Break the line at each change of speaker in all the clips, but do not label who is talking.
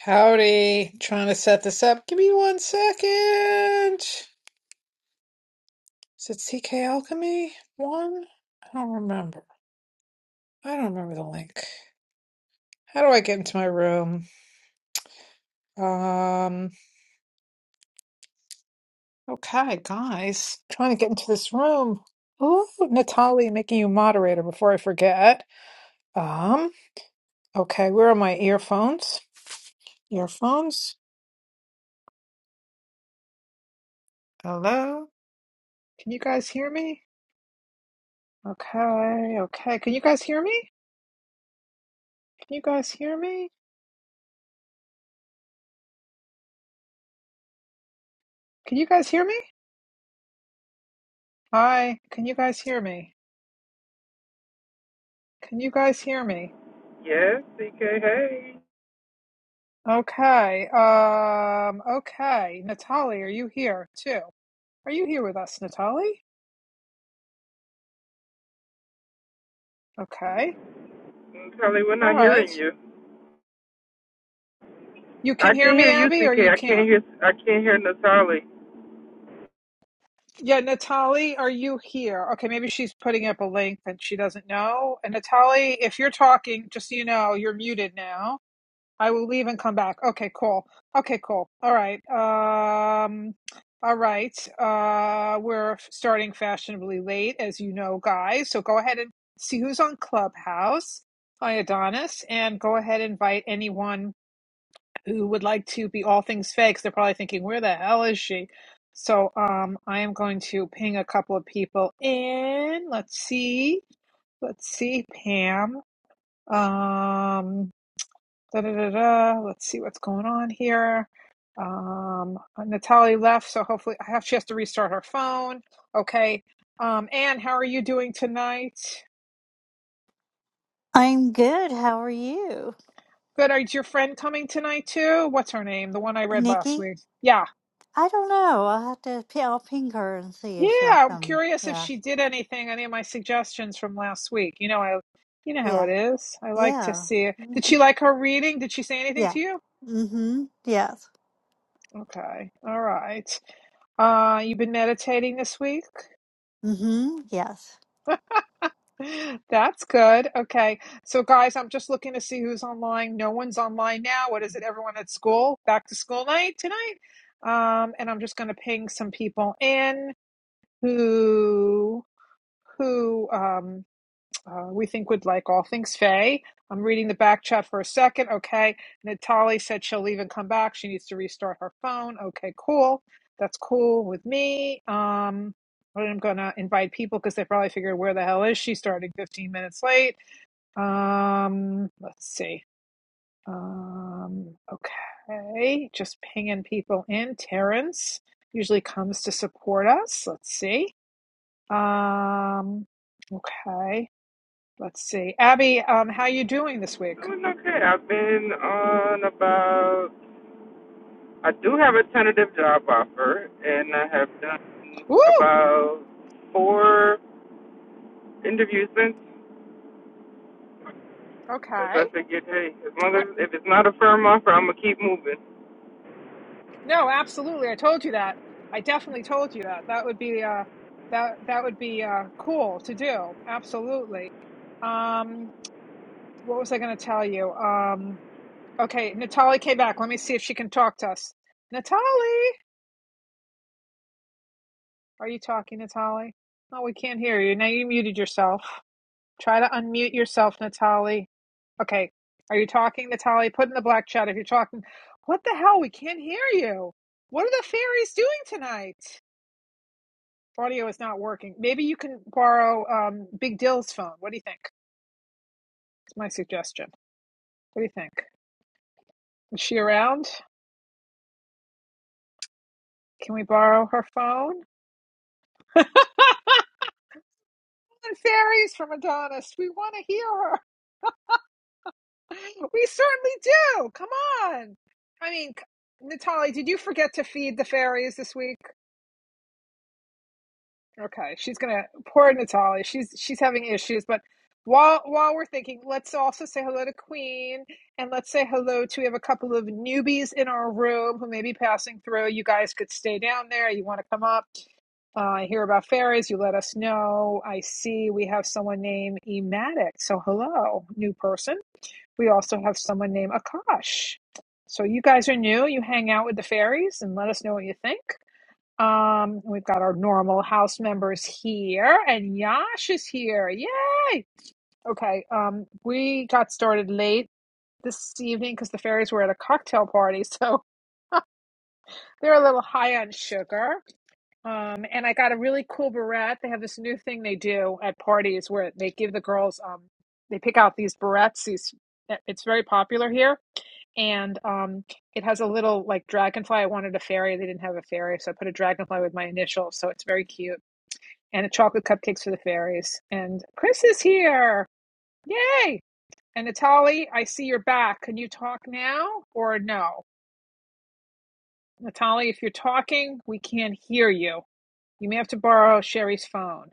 Howdy, trying to set this up. Give me one second. Is it CK Alchemy? One? I don't remember. I don't remember the link. How do I get into my room? Um, okay, guys, trying to get into this room. Ooh, Natalie making you moderator before I forget. Um, okay, where are my earphones? Earphones? Hello? Can you guys hear me? Okay, okay. Can you guys hear me? Can you guys hear me? Can you guys hear me? Hi, can you guys hear me? Can you guys hear me?
Yes, CK. Hey,
Okay, um, okay. Natalie, are you here too? Are you here with us, Natalie? Okay,
Natalie, we're
all
not
right.
hearing you.
You
I
can hear
can
me,
hear you,
Abby, or
CK.
you
I can't
can't?
hear. I can't hear Natalie.
Yeah, Natalie, are you here? Okay, maybe she's putting up a link that she doesn't know. And Natalie, if you're talking, just so you know, you're muted now. I will leave and come back. Okay, cool. Okay, cool. All right. Um, all right. Uh, we're starting fashionably late, as you know, guys. So go ahead and see who's on Clubhouse. Hi, Adonis, and go ahead and invite anyone who would like to be all things fakes. They're probably thinking, "Where the hell is she?" So, um, I am going to ping a couple of people in. Let's see. Let's see, Pam. Um, Da da da da. Let's see what's going on here. Um, uh, Natalie left, so hopefully I have, she has to restart her phone. Okay. Um, Anne, how are you doing tonight?
I'm good. How are you,
Good. Is your friend coming tonight too? What's her name? The one I read last
Nikki?
week. Yeah.
I don't know. I'll have to. p- I'll ping her and see if
Yeah.
she'll
I'm
come.
curious if
Yeah,
she did anything, any of my suggestions from last week. You know, I, you know how
yeah,
it is. I like to
yeah,
see it.
hmm
Did she like her reading? Did she say anything
yeah,
to you?
mm-hmm. yes,
Okay. All right. Uh, you've been meditating this week?
mm-hmm. yes.
That's good. Okay. So, guys, I'm just looking to see who's online. No one's online now. What is it? Everyone at school? Back to school night tonight? Um, and I'm just going to ping some people in who who um, uh, we think would like all things Faye. I'm reading the back chat for a second. Okay. Natalie said she'll leave and come back. She needs to restart her phone. Okay, cool. That's cool with me. Um, I'm going to invite people because they probably figured where the hell is she starting 15 minutes late. Um, let's see. Um, okay. Just pinging people in. Terrence usually comes to support us. Let's see. Um, okay. Let's see. Abby, um, how you doing this week?
Doing okay. I've been on about. I do have a tentative job offer, and I have done
Woo!
about four interviews since. Because I
Okay.
figured, hey, as long
What-
as if it's not a firm offer, I'm gonna keep moving.
No, absolutely. I told you that. I definitely told you that. That would be uh that that would be uh cool to do. Absolutely. Um what was I gonna tell you? Um okay, Natalie came back. Let me see if she can talk to us. Natalie, are you talking, Natalie? No, we can't hear you. Now you muted yourself. Try to unmute yourself, Natali. Okay. Are you talking, Natali? Put in the black chat if you're talking. What the hell? We can't hear you. What are the fairies doing tonight? Audio is not working. Maybe you can borrow um, Big Dill's phone. What do you think? It's my suggestion. What do you think? Is she around? Can we borrow her phone? Come on, fairies from Adonis. We want to hear her. We certainly do. Come on. I mean, Natali, did you forget to feed the fairies this week? Okay, she's gonna poor Natalia. She's she's having issues, but while while we're thinking, let's also say hello to Queen and let's say hello to we have a couple of newbies in our room who may be passing through. You guys could stay down there. You want to come up? Uh, hear about fairies? You let us know. I see we have someone named Ematic. So hello, new person. We also have someone named Akash. So you guys are new. You hang out with the fairies and let us know what you think. Um, we've got our normal house members here, and Yash is here. Yay! Okay, um, we got started late this evening because the fairies were at a cocktail party, so they're a little high on sugar. Um, and I got a really cool beret. They have this new thing they do at parties where they give the girls, um, they pick out these berets. These, eh, it's very popular here. And um, it has a little like dragonfly. I wanted a fairy. They didn't have a fairy, so I put a dragonfly with my initials. So it's very cute and a chocolate cupcakes for the fairies. And Chris is here. Yay! And Natalie, I see you're back. Can you talk now or no? Natalie, if you're talking, we can't hear you. You may have to borrow Sherry's phone.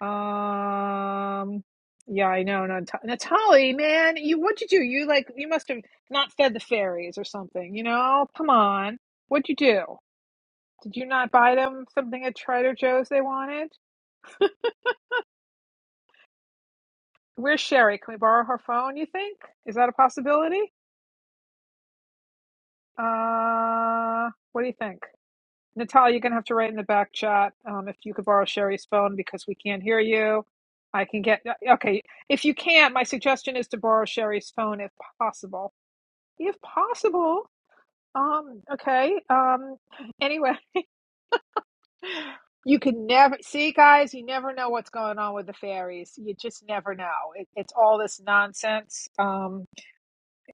Um, yeah, I know. Nat- Natalie, man, you what'd you do? You like you must have not fed the fairies or something. You know, come on. What'd you do? Did you not buy them something at Trader Joe's they wanted? Where's Sherry? Can we borrow her phone, you think? Is that a possibility? Uh, what do you think? Natalia, you're going to have to write in the back chat um, if you could borrow Sherry's phone because we can't hear you. I can get, uh, okay. If you can't, my suggestion is to borrow Sherry's phone if possible. If possible. Um, okay. Um, anyway, you can never see, guys, you never know what's going on with the fairies. You just never know. It, it's all this nonsense. Um,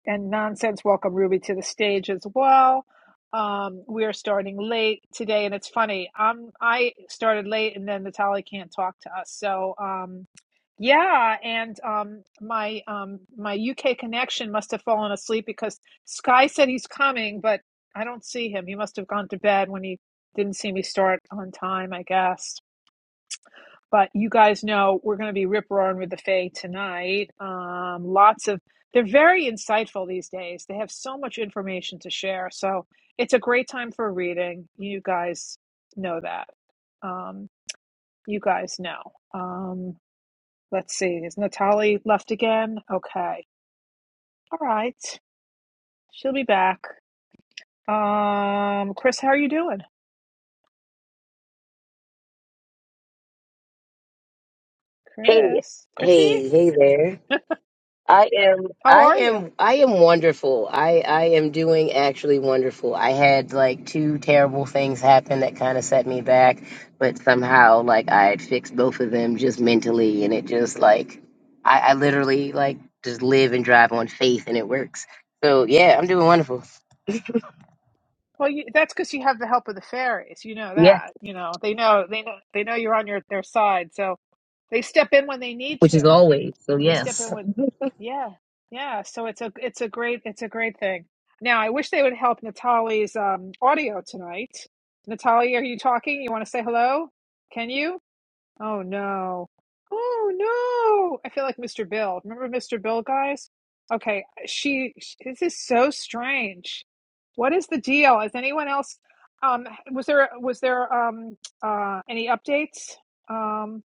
and nonsense. Welcome Ruby to the stage as well. Um, we are starting late today, and it's funny. Um, I started late, and then Natalie can't talk to us. So, um, yeah, and um, my um, my UK connection must have fallen asleep because Sky said he's coming, but I don't see him. He must have gone to bed when he didn't see me start on time, I guess but you guys know we're going to be rip roaring with the Fae tonight. Um, lots of they're very insightful these days. They have so much information to share, so it's a great time for reading. You guys know that. Um, you guys know. Um, let's see, is Natalie left again? Okay, all right, she'll be back. Um, Chris, how are you doing?
Hey,
Chris, Chrissy,
hey, hey there. I am,
how
I
are you?
am, I am wonderful. I, I am doing actually wonderful. I had like two terrible things happen that kind of set me back, but somehow like I had fixed both of them just mentally, and it just like, I, I literally like just live and drive on faith, and it works. So yeah, I'm doing wonderful.
Well, you, that's because you have the help of the fairies. You know
Yes,
that. You know they know they know they know you're on your their side, so they step in when they need
which is
to.
always. So
They step
yes.
in when, yeah, yeah. So it's a it's a great it's a great thing. Now I wish they would help Natalie's um, audio tonight. Natalie, are you talking? You want to say hello? Can you? Oh no. Oh no. I feel like Mr. Bill. Remember Mr. Bill, guys? Okay, she, sh this is so strange. What is the deal? Is anyone else um was there was there um uh any updates? Um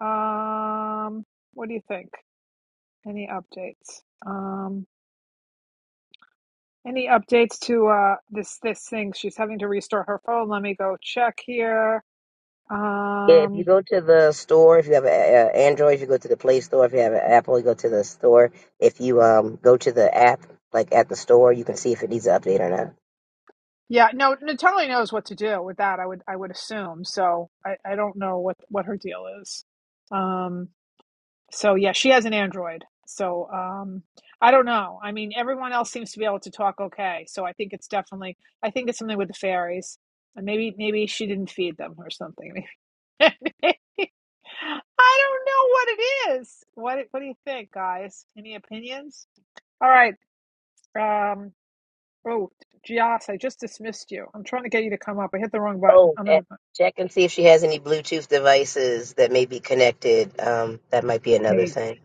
um what do you think? Any updates? Um any updates to uh this this thing she's having to restore her phone. Let me go check here.
Yeah, if you
Um
go to the store, if you have an Android, if you go to the Play Store, if you have an Apple, you go to the store. If you um go to the app, like at the store, you can see if it needs an update or not.
Yeah, no, Natalie knows what to do with that. I would, I would assume. So I, I don't know what what her deal is. Um, so yeah, she has an Android. So um, I don't know. I mean, everyone else seems to be able to talk okay. So I think it's definitely, I think it's something with the fairies, and maybe maybe she didn't feed them or something. I don't know what it is. What what do you think, guys? Any opinions? All right. Um, Oh, Gias, I just dismissed you. I'm trying to get you to come up. I hit the wrong button.
Oh,
I'm
eh,
gonna.
check and see if she has any Bluetooth devices that may be connected. Um, that might be another
Hey,
thing.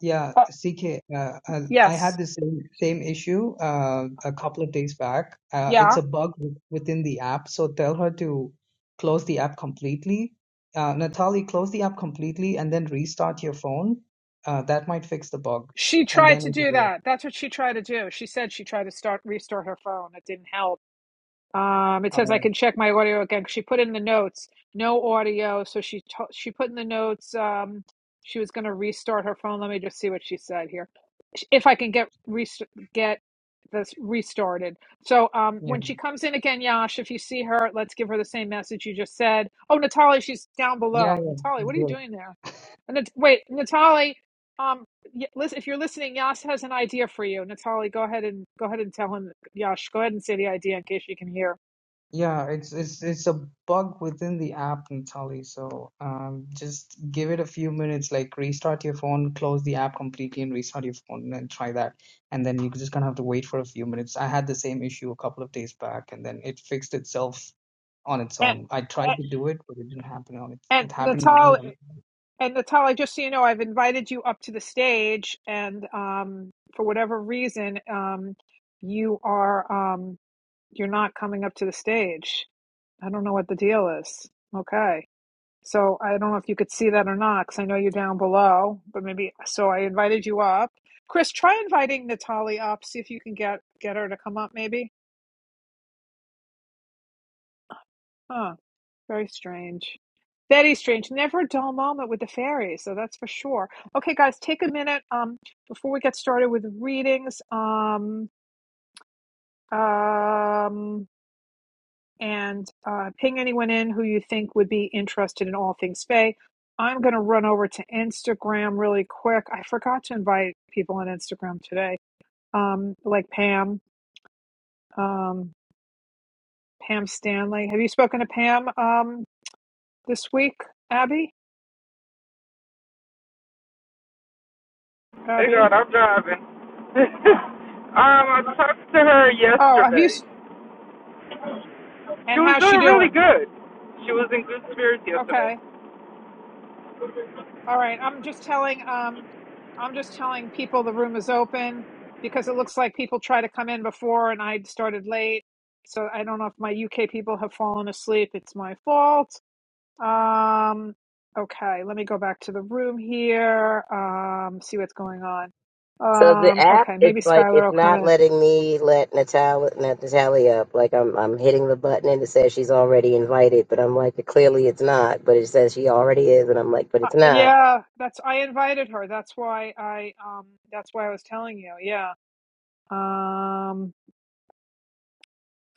yeah,
Oh,
CK, uh, uh, I
yes.
had the same same issue uh, a couple of days back. Uh, it's
Yeah.
a bug w- within the app, so tell her to close the app completely. Uh, Natalie, close the app completely and then restart your phone. Uh, that might fix the bug,
She
and
tried
then
to
it will
do
work.
that. That's what she tried to do. She said she tried to start restart her phone. It didn't help. Um, it says I
Uh,
can check my audio again. 'cause She put in the notes, no audio. So she to- she put in the notes. Um, she was going to restart her phone. Let me just see what she said here. Sh- If I can get rest- get this restarted. So um,
yeah,
when she comes in again, Yash, if you see her, let's give her the same message you just said. Oh, Natalie, she's down
yeah,
below. Natalie, what are you
yeah.
doing there? And Nat- wait, Natalie. Um, y- listen, if you're listening, Yash has an idea for you. Natalie, go ahead and go ahead and tell him. Yash, go ahead and say the idea in case you can hear.
Yeah, it's it's it's a bug within the app, Natalie. So um, just give it a few minutes, like restart your phone, close the app completely, and restart your phone, and try that. And then you're just gonna have to wait for a few minutes. I had the same issue a couple of days back, and then it fixed itself on its
And,
own. I tried
and,
to do it, but it didn't happen on it.
and
It happened only
Natal,
on
and Natal, just so you know, I've invited you up to the stage, and um, for whatever reason, um, you are um, you're not coming up to the stage. I don't know what the deal is. Okay, so I don't know if you could see that or not, because I know you're down below, but maybe. So I invited you up, Chris. Try inviting Natalie up. See if you can get get her to come up, maybe. Huh? Very strange. Very strange. Never a dull moment with the fairies, so that's for sure. Okay, guys, take a minute um before we get started with readings. Um um and uh, ping anyone in who you think would be interested in all things Fae. I'm gonna run over to Instagram really quick. I forgot to invite people on Instagram today. Um, like Pam, um, Pam Stanley. Have you spoken to Pam um this week, Abby?
Hey
Abby?
God, I'm driving. um, I talked to her
Oh, have you?
yesterday. She
And
was
how's she
doing really
doing?
good. She was in good spirits yesterday.
Okay. All right. I'm just telling um I'm just telling people the room is open because it looks like people try to come in before and I started late. So I don't know if my UK people have fallen asleep. It's my fault. Um okay, let me go back to the room here. Um see what's going on.
So the
Um
app,
okay, maybe
it's like
Skylar
it's
will come
not
in.
letting me let Natalia, not Natalia up. Like I'm, I'm hitting the button and it says she's already invited, but I'm like, clearly it's not. But it says she already is, and I'm like, but
Uh,
it's not.
yeah, that's I invited her. That's why I um that's why I was telling you. Yeah. Um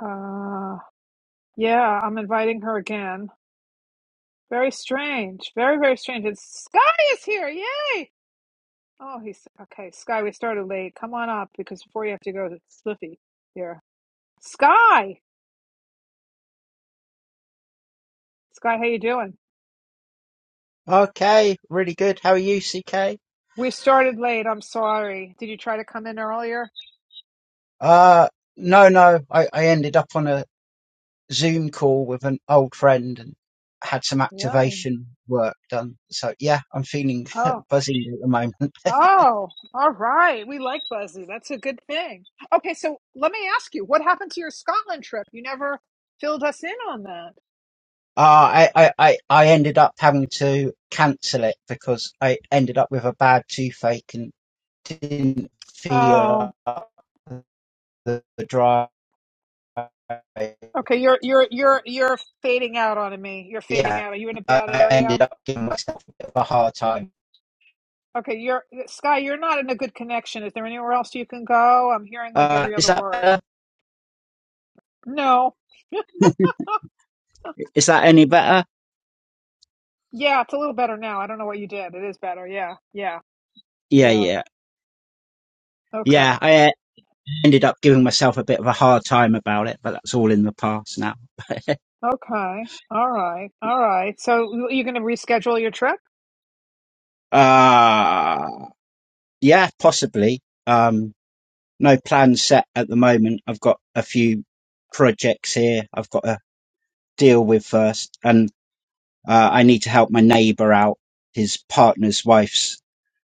uh Yeah, I'm inviting her again. Very strange. Very, very strange. And Sky is here. Yay! Oh, he's okay. Sky, we started late. Come on up because before you have to go to Slippy here. Sky! Sky, how you doing?
Okay, really good. How are you, CK?
We started late. I'm sorry. Did you try to come in earlier?
Uh, no, no. I, I ended up on a Zoom call with an old friend and had some
Really?
activation work done. So yeah, I'm feeling
Oh.
buzzing at the moment.
Oh, all right. We like Buzzy. That's a good thing. Okay, so let me ask you, what happened to your Scotland trip? You never filled us in on that.
Uh, I, I, I, I ended up having to cancel it because I ended up with a bad toothache and didn't
Oh.
feel up the, the drive.
Okay, you're you're you're you're fading out on me. You're fading
Yeah,
out. Are you in a
I
bad area?
ended up giving myself a bit of a hard time.
Okay, you're Sky, you're not in a good connection. Is there anywhere else you can go? I'm hearing like
Uh,
every
is
other
that better?
word. No.
Is that any better?
Yeah, it's a little better now. I don't know what you did. It is better. Yeah. Yeah.
Yeah,
Yeah.
yeah. Yeah,
Okay.
I uh, ended up giving myself a bit of a hard time about it, but that's all in the past now.
Okay. All right. All right. So you- you're going to reschedule your trip?
Uh, yeah, possibly. Um, no plans set at the moment. I've got a few projects here I've got to deal with first, and uh, I need to help my neighbour out. His partner's wife's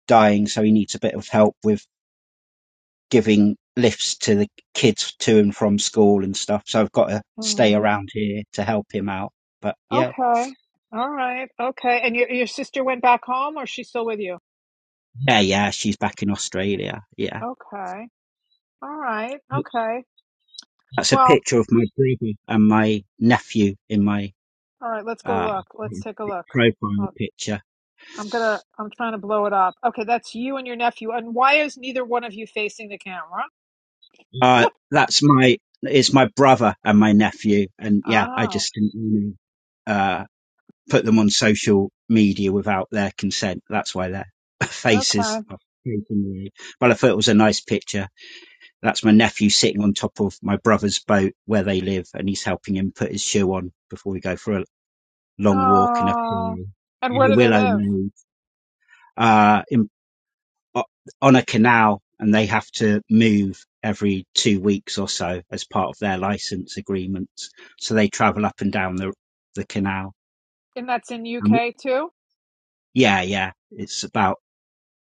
dying, so he needs a bit of help with giving lifts to the kids to and from school and stuff. So I've got to
Hmm.
stay around here to help him out. But yeah,
Okay. All right. Okay. And your your sister went back home or she's still with you?
yeah, yeah, she's back in Australia. Yeah.
Okay. All right. Okay.
That's a
Well,
picture of my brother and my nephew in my
All right, let's go
um,
look. Let's take a look.
profile
Well,
picture.
I'm gonna, I'm trying to blow it up. Okay, that's you and your nephew. And why is neither one of you facing the camera?
Uh, that's my, it's my brother and my nephew. And yeah, I
Oh,
just didn't want to uh, put them on social media without their consent. That's why their faces
okay.
are taken away. But I thought it was a nice picture That's my nephew sitting on top of my brother's boat where they live, and he's helping him put his shoe on before we go for a long walk in a
Oh,
pool,
and
in
where
a
do they
willow
live?
mead, uh, in, on a canal, and they have to move every two weeks or so as part of their license agreements. So they travel up and down the the canal.
And that's in
And
UK too?
yeah, yeah, it's about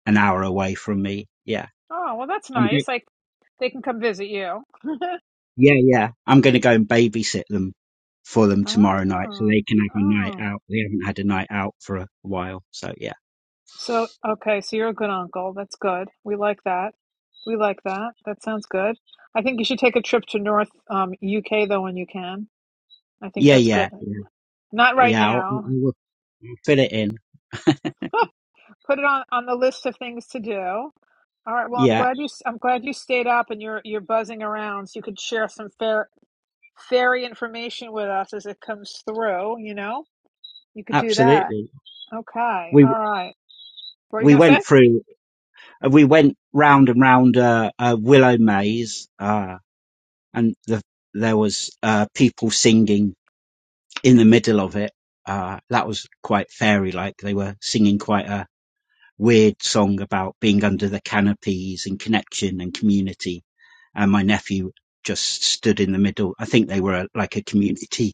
an hour away from me. Yeah.
Oh, well, that's
I'm
nice. Like they can come visit you.
Yeah, yeah. I'm going to go and babysit them for them tomorrow night so
Oh,
they can have a night
oh.
out. They haven't had a night out for a while. So, yeah.
So, okay, so you're a good uncle. That's good. We like that. We like that. That sounds good. I think you should take a trip to North um, UK though when you can. I think
Yeah,
that's good.
yeah. Yeah,
Not right
yeah I'll,
now.
I'll I'll fill it in.
Put it on on the list of things to do. All right. Well, I'm
Yeah,
glad you i I'm glad you stayed up and you're you're buzzing around so you could share some fair fairy information with us as it comes through, you know? You could do that.
absolutely.
Okay.
We,
All right. What are you
we
going to say?
went through, uh, we went round and round a, a willow maze, uh, and the, there was, uh, people singing in the middle of it. Uh, that was quite fairy like. They were singing quite a, weird song about being under the canopies and connection and community. And my nephew just stood in the middle. I think they were a, like a community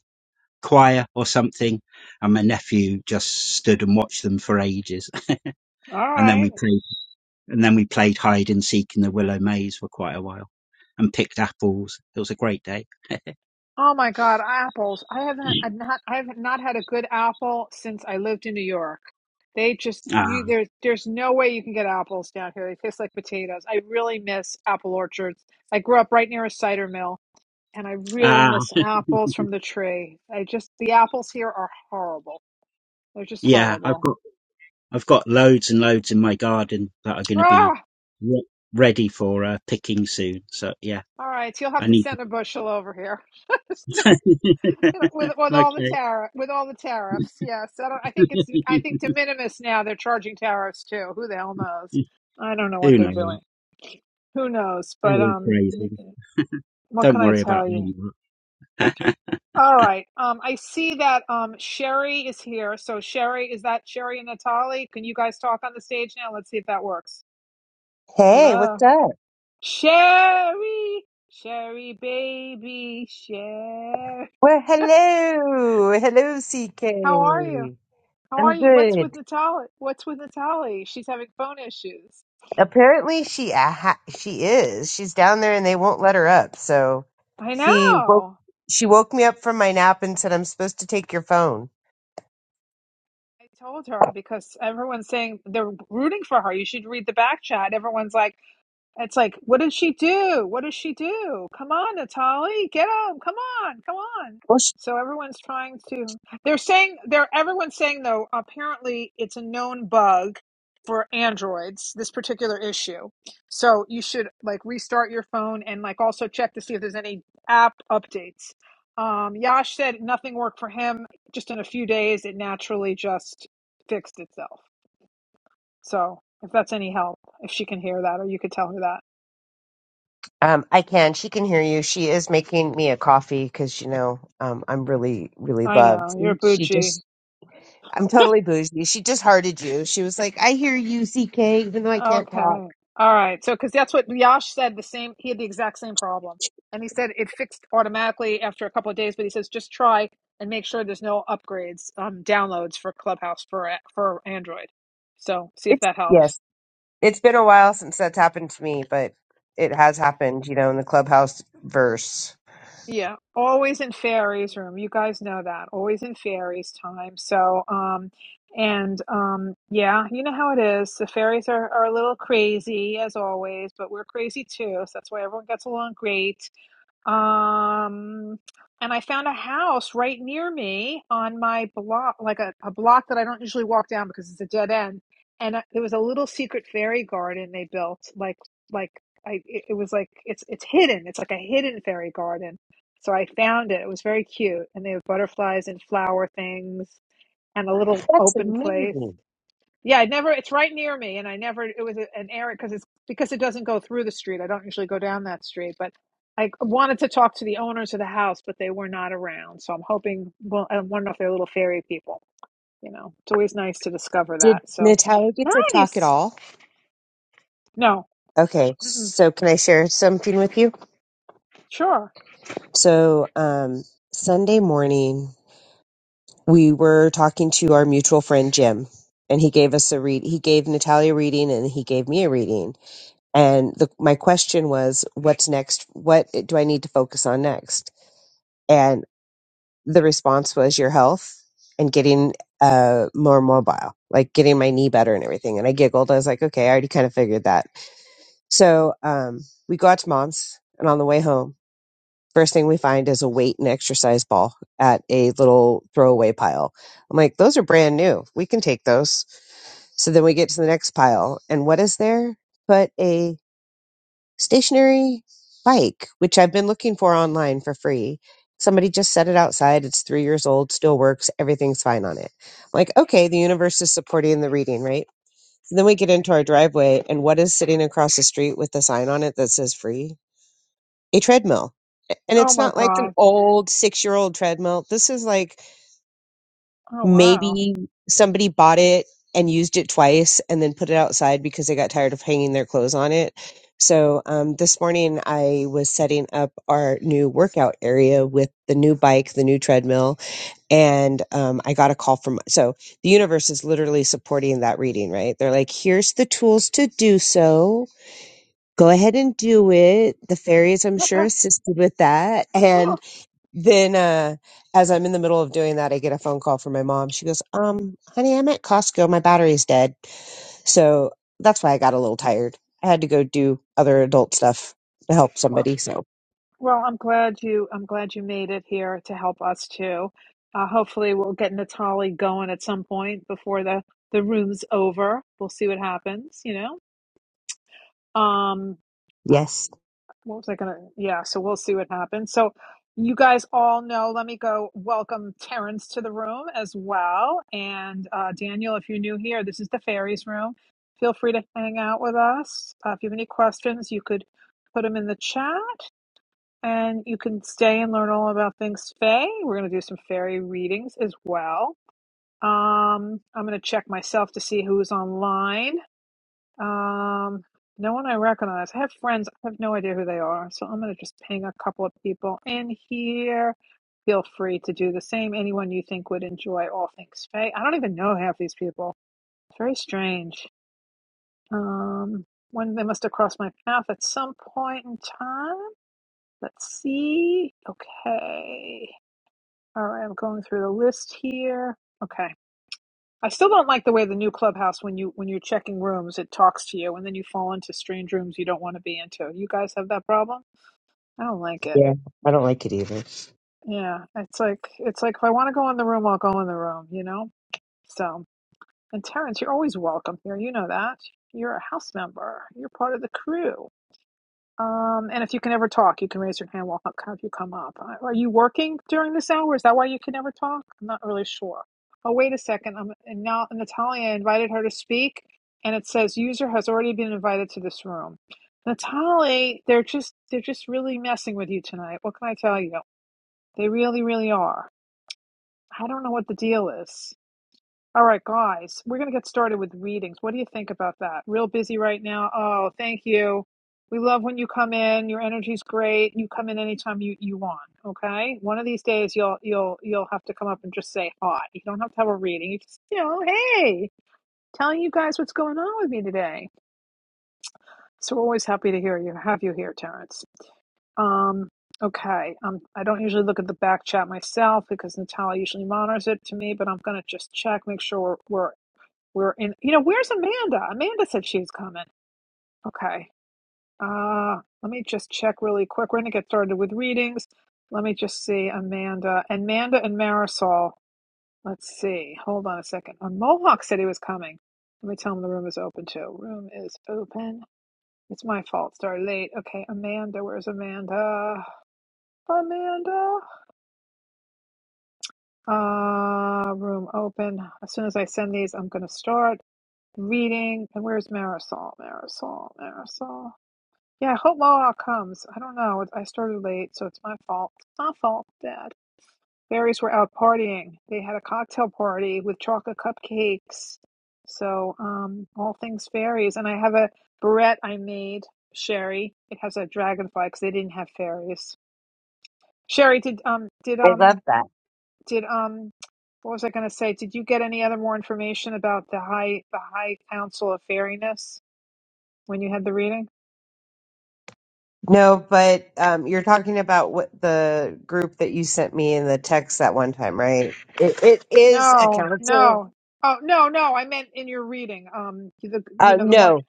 choir or something. And my nephew just stood and watched them for ages.
All
And then
right.
we played, and then we played hide and seek in the willow maze for quite a while and picked apples. It was a great day.
Oh my god, apples. I haven't I've not I have not had a good apple since I lived in New York. They just
Ah,
you there's there's no way you can get apples down here. They taste like potatoes. I really miss apple orchards. I grew up right near a cider mill and I really
ah,
miss apples from the tree. I just the apples here are horrible. They're just
yeah, I've
horrible.
got, I've got loads and loads in my garden that are going to be
Ah,
re- ready for uh, picking soon. So yeah,
all right, you'll have
I
to
need
send a bushel over here with with
okay.
all the tariff with all the tariffs. Yes, I don't. I think it's I think de minimis now. They're charging tariffs too. Who the hell knows? I don't know what
Who
they're
knows?
doing. Who knows?
They're
But
all
um,
crazy.
what
Don't
can I
worry about
tell you?
them.
All right. Um, I see that um Sherry is here. So Sherry, is that Sherry and Natali? Can you guys talk on the stage now? Let's see if that works.
Hey,
Hello.
what's up?
Sherry. Sherry baby. Sherry.
Well, hello, hello,
How are you?
CK.
How are
I'm
you? What's with
good.
Natalie? What's with Natalie? She's having phone issues.
Apparently, she a ha- she is. She's down there, and they won't let her up. So
I
she woke
know.
she woke me up from my nap and said, "I'm supposed to take your phone."
I told her because everyone's saying they're rooting for her. You should read the back chat. Everyone's like, It's like, what did she do? What does she do? Come on, Natali, get up. Come on, come on.
Well, sh
So everyone's trying to. They're saying they're. Everyone's saying though. Apparently, it's a known bug for androids. This particular issue. So you should like restart your phone and like also check to see if there's any app updates. Um, Yash said nothing worked for him. Just in a few days, it naturally just fixed itself. So if that's any help, if she can hear that, or you could tell her that.
Um, I can. She can hear you. She is making me a coffee because you know um, I'm really, really
I
loved.
know you're
She
Bucci.
just, I'm totally bougie. She just hearted you. She was like, "I hear you, CK," even though I can't
Okay,
talk.
all right. So because that's what Yash said. The same. He had the exact same problem, and he said it fixed automatically after a couple of days. But he says just try and make sure there's no upgrades, um, downloads for Clubhouse for for Android. So see if
It's
that helps.
yes, it's been a while since that's happened to me, but it has happened. You know, in the clubhouse verse.
Yeah, always in fairies room. You guys know that. Always in fairies time. So, um, and um, yeah, you know how it is. The fairies are, are a little crazy as always, but we're crazy too. So that's why everyone gets along great. Um, and I found a house right near me on my block, like a, a block that I don't usually walk down because it's a dead end. And uh, there was a little secret fairy garden they built, like like I it, it was like it's it's hidden. It's like a hidden fairy garden. So I found it. It was very cute, and they have butterflies and flower things and a little
That's
open place.
amazing.
Yeah, I never. It's right near me, and I never. It was a- an error because it's because it doesn't go through the street. I don't usually go down that street, but I wanted to talk to the owners of the house, but they were not around. So I'm hoping. Well, I don't know if they're little fairy people. You know, it's always nice to discover
Did
that. So
Natalia get to talk at
nice.
all?
No,
Okay,
Mm-mm.
so can I share something with you?
sure.
So um, Sunday morning, we were talking to our mutual friend Jim, and he gave us a read. He gave Natalia a reading, and he gave me a reading. And the, my question was, "What's next? What do I need to focus on next?" And the response was, "Your health and getting uh, more mobile, like getting my knee better and everything." And I giggled. I was like, "Okay, I already kind of figured that." So um, we got to mom's, and on the way home. First thing we find is a weight and exercise ball at a little throwaway pile. I'm like, those are brand new. We can take those. So then we get to the next pile. And what is there but a stationary bike, which I've been looking for online for free. Somebody just set it outside. It's three years old, still works. Everything's fine on it. I'm like, okay, the universe is supporting the reading, right? So then we get into our driveway, and what is sitting across the street with the sign on it that says free? a treadmill. A- And
Oh
it's
my
not like an
god.
old six year old treadmill. This is like
Oh wow.
maybe somebody bought it and used it twice and then put it outside because they got tired of hanging their clothes on it. So um, this morning I was setting up our new workout area with the new bike, the new treadmill, and um, I got a call from. So the universe is literally supporting that reading, right? They're like, "Here's the tools to do so go ahead and do it. The fairies, I'm sure, assisted with that. And then, uh, as I'm in the middle of doing that, I get a phone call from my mom. She goes, "Um, honey, I'm at Costco. My battery's dead, so that's why I got a little tired. I had to go do other adult stuff to help
Wow.
somebody." So,
Well, I'm glad you I'm glad you made it here to help us too. Uh, hopefully we'll get Natalie going at some point before the the room's over. We'll see what happens, you know. Um uh,
yes,
what was I gonna yeah, so we'll see what happens. So you guys all know, let me go welcome Terrence to the room as well. And uh, Daniel, if you're new here, this is the fairies room. Feel free to hang out with us. Uh, if you have any questions, you could put them in the chat and you can stay and learn all about things Fae. We're going to do some fairy readings as well. Um, I'm going to check myself to see who's online. Um, no one I recognize. I have friends. I have no idea who they are. So I'm going to just ping a couple of people in here. Feel free to do the same. Anyone you think would enjoy all things Fae. I don't even know half these people. It's very strange. Um, when they must have crossed my path at some point in time. Let's see. Okay. All right, I'm going through the list here. Okay. I still don't like the way the new clubhouse when you when you're checking rooms, it talks to you and then you fall into strange rooms you don't want to be into. You guys have that problem? I don't like it.
yeah, I don't like it either.
Yeah. It's like it's like if I want to go in the room, I'll go in the room, you know? So and Terrence, you're always welcome here. You know that. You're a house member. You're part of the crew. Um, and if you can ever talk, you can raise your hand. We'll have you come up. Uh, Are you working during this hour? Is that why you can never talk? I'm not really sure. Oh, wait a second. I'm, and now Natalia invited her to speak, and it says user has already been invited to this room. Natalie, they're just they're just really messing with you tonight. What can I tell you? They really, really are. I don't know what the deal is. All right, guys, we're going to get started with readings. What do you think about that? Real busy right now. Oh, thank you. We love when you come in. Your energy's great. You come in anytime you, you want. Okay. One of these days you'll you'll you'll have to come up and just say hi. You don't have to have a reading. You just you know, hey, telling you guys what's going on with me today. So we're always happy to hear you have you here, Terrence. Um. Okay. Um. I don't usually look at the back chat myself because Natalia usually monitors it to me, but I'm going to just check, make sure we're, we're we're in, you know, where's Amanda? Amanda said she was coming. Okay. Uh, let me just check really quick. We're going to get started with readings. Let me just see Amanda. And Amanda and Marisol. Let's see. Hold on a second. Uh, Mohawk said he was coming. Let me tell him the room is open too. Room is open. It's my fault. Started late. Okay. Amanda. Where's Amanda? Amanda. Uh, room open. As soon as I send these, I'm going to start reading. And where's Marisol? Marisol, Marisol. Yeah, I hope Moloch comes. I don't know. It's- I started late, so it's my fault. It's not fault, Dad. Fairies were out partying. They had a cocktail party with chocolate cupcakes. So, um, all things fairies. And I have a barrette I made, Sherry. It has a dragonfly because they didn't have fairies. Sherry, did um, did
I love
um,
that.
did um, what was I going to say? Did you get any other more information about the high the high council of fairiness when you had the reading?
No, but um, you're talking about what the group that you sent me in the text that one time, right? It, it is a
No,
council
no. Oh, no, no. I meant in your reading. Um, the you
Uh,
know the one.
no,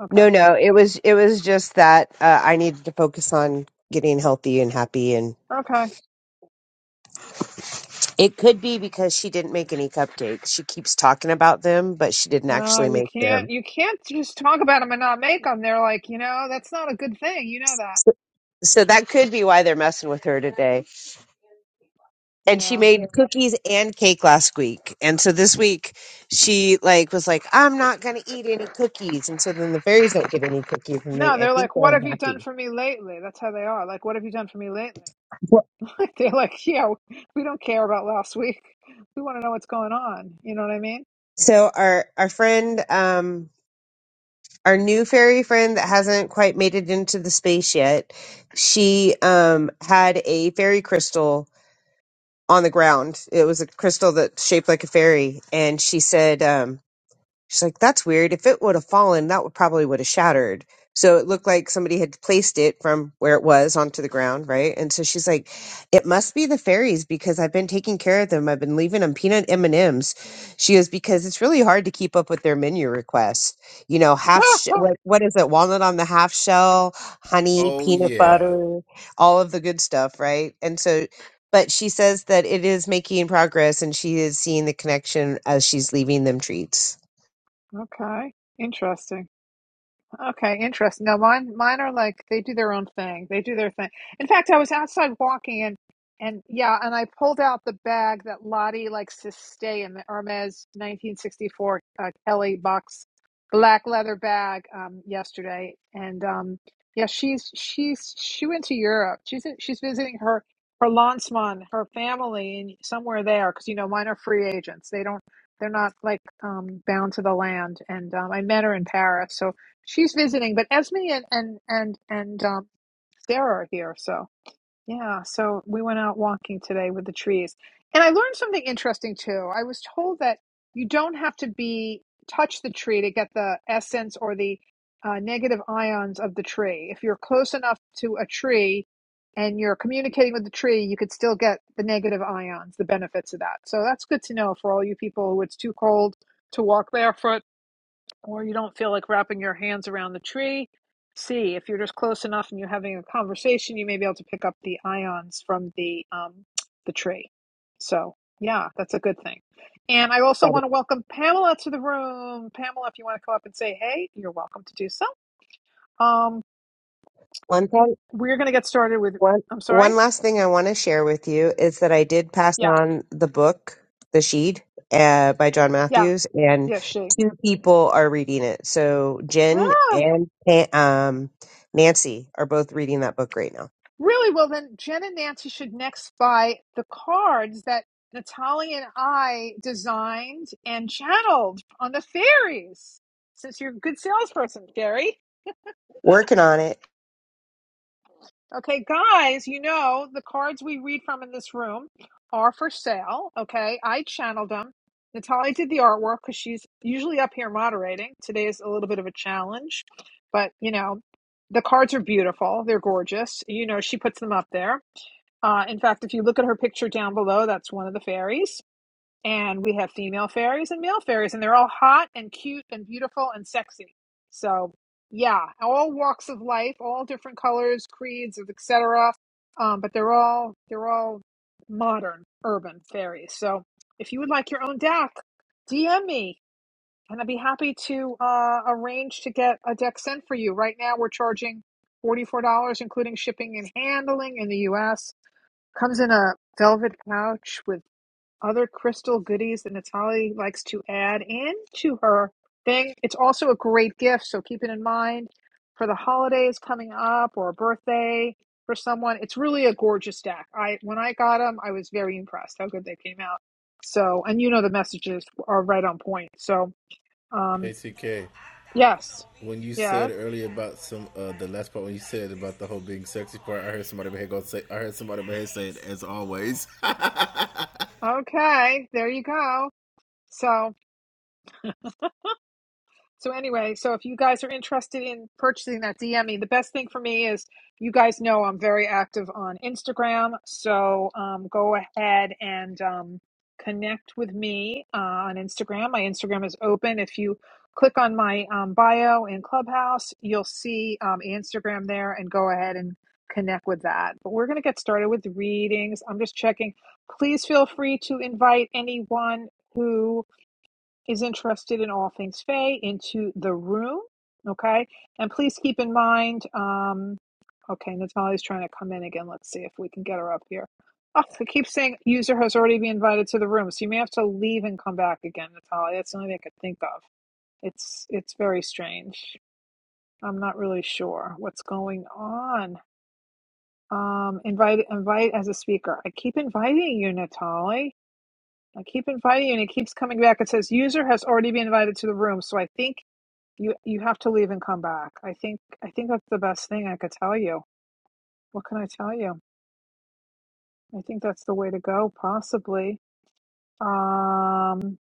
Okay,
no, no. It was it was just that uh, I needed to focus on getting healthy and happy, and
okay.
it could be because she didn't make any cupcakes. She keeps talking about them, but she didn't
No,
actually
you
make them.
can't. You can't just talk about them and not make them. They're like, you know, that's not a good thing. You know that.
So, so that could be why they're messing with her today. And she
Yeah.
made cookies and cake last week, and so this week she like was like, "I'm not going to eat any cookies," and so then the fairies don't get any cookies, and they
No,
I
they're
think
like,
they're
what have you done
unhappy.
for me lately? That's how they are. Like, what have you done for me lately?
Well,
Like, they're like, yeah, we don't care about last week. We want to know what's going on. You know what I mean?
So our our friend um our new fairy friend that hasn't quite made it into the space yet, she um had a fairy crystal on the ground. It was a crystal that's shaped like a fairy, and she said, um, She's like, that's weird. If it would have fallen, that would probably would have shattered. So it looked like somebody had placed it from where it was onto the ground, right? And so she's like, it must be the fairies because I've been taking care of them. I've been leaving them peanut M&Ms. She goes, because it's really hard to keep up with their menu requests. You know, half, sh- what, what is it? Walnut on the half shell, honey,
Oh
peanut
yeah,
butter, all of the good stuff, right? And so, but she says that it is making progress and she is seeing the connection as she's leaving them treats.
okay. Interesting. Okay, interesting. No, mine mine are like they do their own thing. They do their thing. In fact, I was outside walking and and yeah, and I pulled out the bag that Lottie likes to stay in the Hermes 1964 uh, Kelly box black leather bag um yesterday and um yeah, she's she's she went to Europe. She's in, she's visiting her her Landsmann, her family in somewhere there because you know mine are free agents. They don't they're not like um bound to the land and um I met her in Paris. So She's visiting, but Esme and and and and um, Sarah are here. So yeah, so we went out walking today with the trees, and I learned something interesting too. I was told that you don't have to be touch the tree to get the essence or the uh, negative ions of the tree. If you're close enough to a tree and you're communicating with the tree, you could still get the negative ions, the benefits of that. So that's good to know for all you people who it's too cold to walk barefoot or you don't feel like wrapping your hands around the tree. C, if you're just close enough and you're having a conversation, you may be able to pick up the ions from the um, the tree. So yeah, that's a good thing. And I also
Got
want
it.
to welcome Pamela to the room. Pamela, if you want to come up and say hey, you're welcome to do so. Um,
One thing,
we're going to get started with.
one
I'm
one
sorry.
last thing I want to share with you is that I did pass
Yeah,
on the book, The Sheed, uh, by John
yeah,
Matthews, and
yeah. She.
two people are reading it. So Jen
ah.
and um, Nancy are both reading that book right now,
Really? Well, then Jen and Nancy should next buy the cards that Natalia and I designed and channeled on the fairies. Since you're a good salesperson, Gary.
working on it.
Okay, guys, you know the cards we read from in this room are for sale. Okay, I channeled them. Natalia did the artwork because she's usually up here moderating. Today is a little bit of a challenge, but you know, the cards are beautiful. They're gorgeous. You know, she puts them up there. Uh, in fact, if you look at her picture down below, that's one of the fairies. And we have female fairies and male fairies, and they're all hot and cute and beautiful and sexy. So, yeah, all walks of life, all different colors, creeds, et cetera. Um, but they're all they're all modern urban fairies. So, if you would like your own deck, DM me, and I'd be happy to uh, arrange to get a deck sent for you. Right now, we're charging forty four dollars, including shipping and handling in the U.S Comes in a velvet pouch with other crystal goodies that Natali likes to add into her thing. It's also a great gift, so keep it in mind for the holidays coming up or a birthday for someone. It's really a gorgeous stack. I when I got them, I was very impressed how good they came out. So, and you know the messages are right on point. So, um,
hey CK.
yes,
When you said
yes,
earlier about some uh, the last part when you said about the whole being sexy part, I heard somebody over here go say. I heard somebody over here say it as always.
okay, there you go. So. So anyway, so if you guys are interested in purchasing that, DM me. The best thing for me is you guys know I'm very active on Instagram, so um, go ahead and um, connect with me uh, on Instagram. My Instagram is open. If you click on my um, bio in Clubhouse, you'll see um, Instagram there, and go ahead and connect with that. But we're gonna get started with readings. I'm just checking. Please feel free to invite anyone who is interested in all things Faye into the room. Okay. And please keep in mind, um, okay, Natalia's trying to come in again. Let's see if we can get her up here. Oh, I keep saying user has already been invited to the room. So you may have to leave and come back again, Natalia. That's the only thing I could think of. It's it's very strange. I'm not really sure what's going on. Um, invite invite as a speaker. I keep inviting you, Natalie. I keep inviting you, and it keeps coming back. It says user has already been invited to the room. So I think you you have to leave and come back. I think I think that's the best thing I could tell you. What can I tell you? I think that's the way to go, possibly. Um,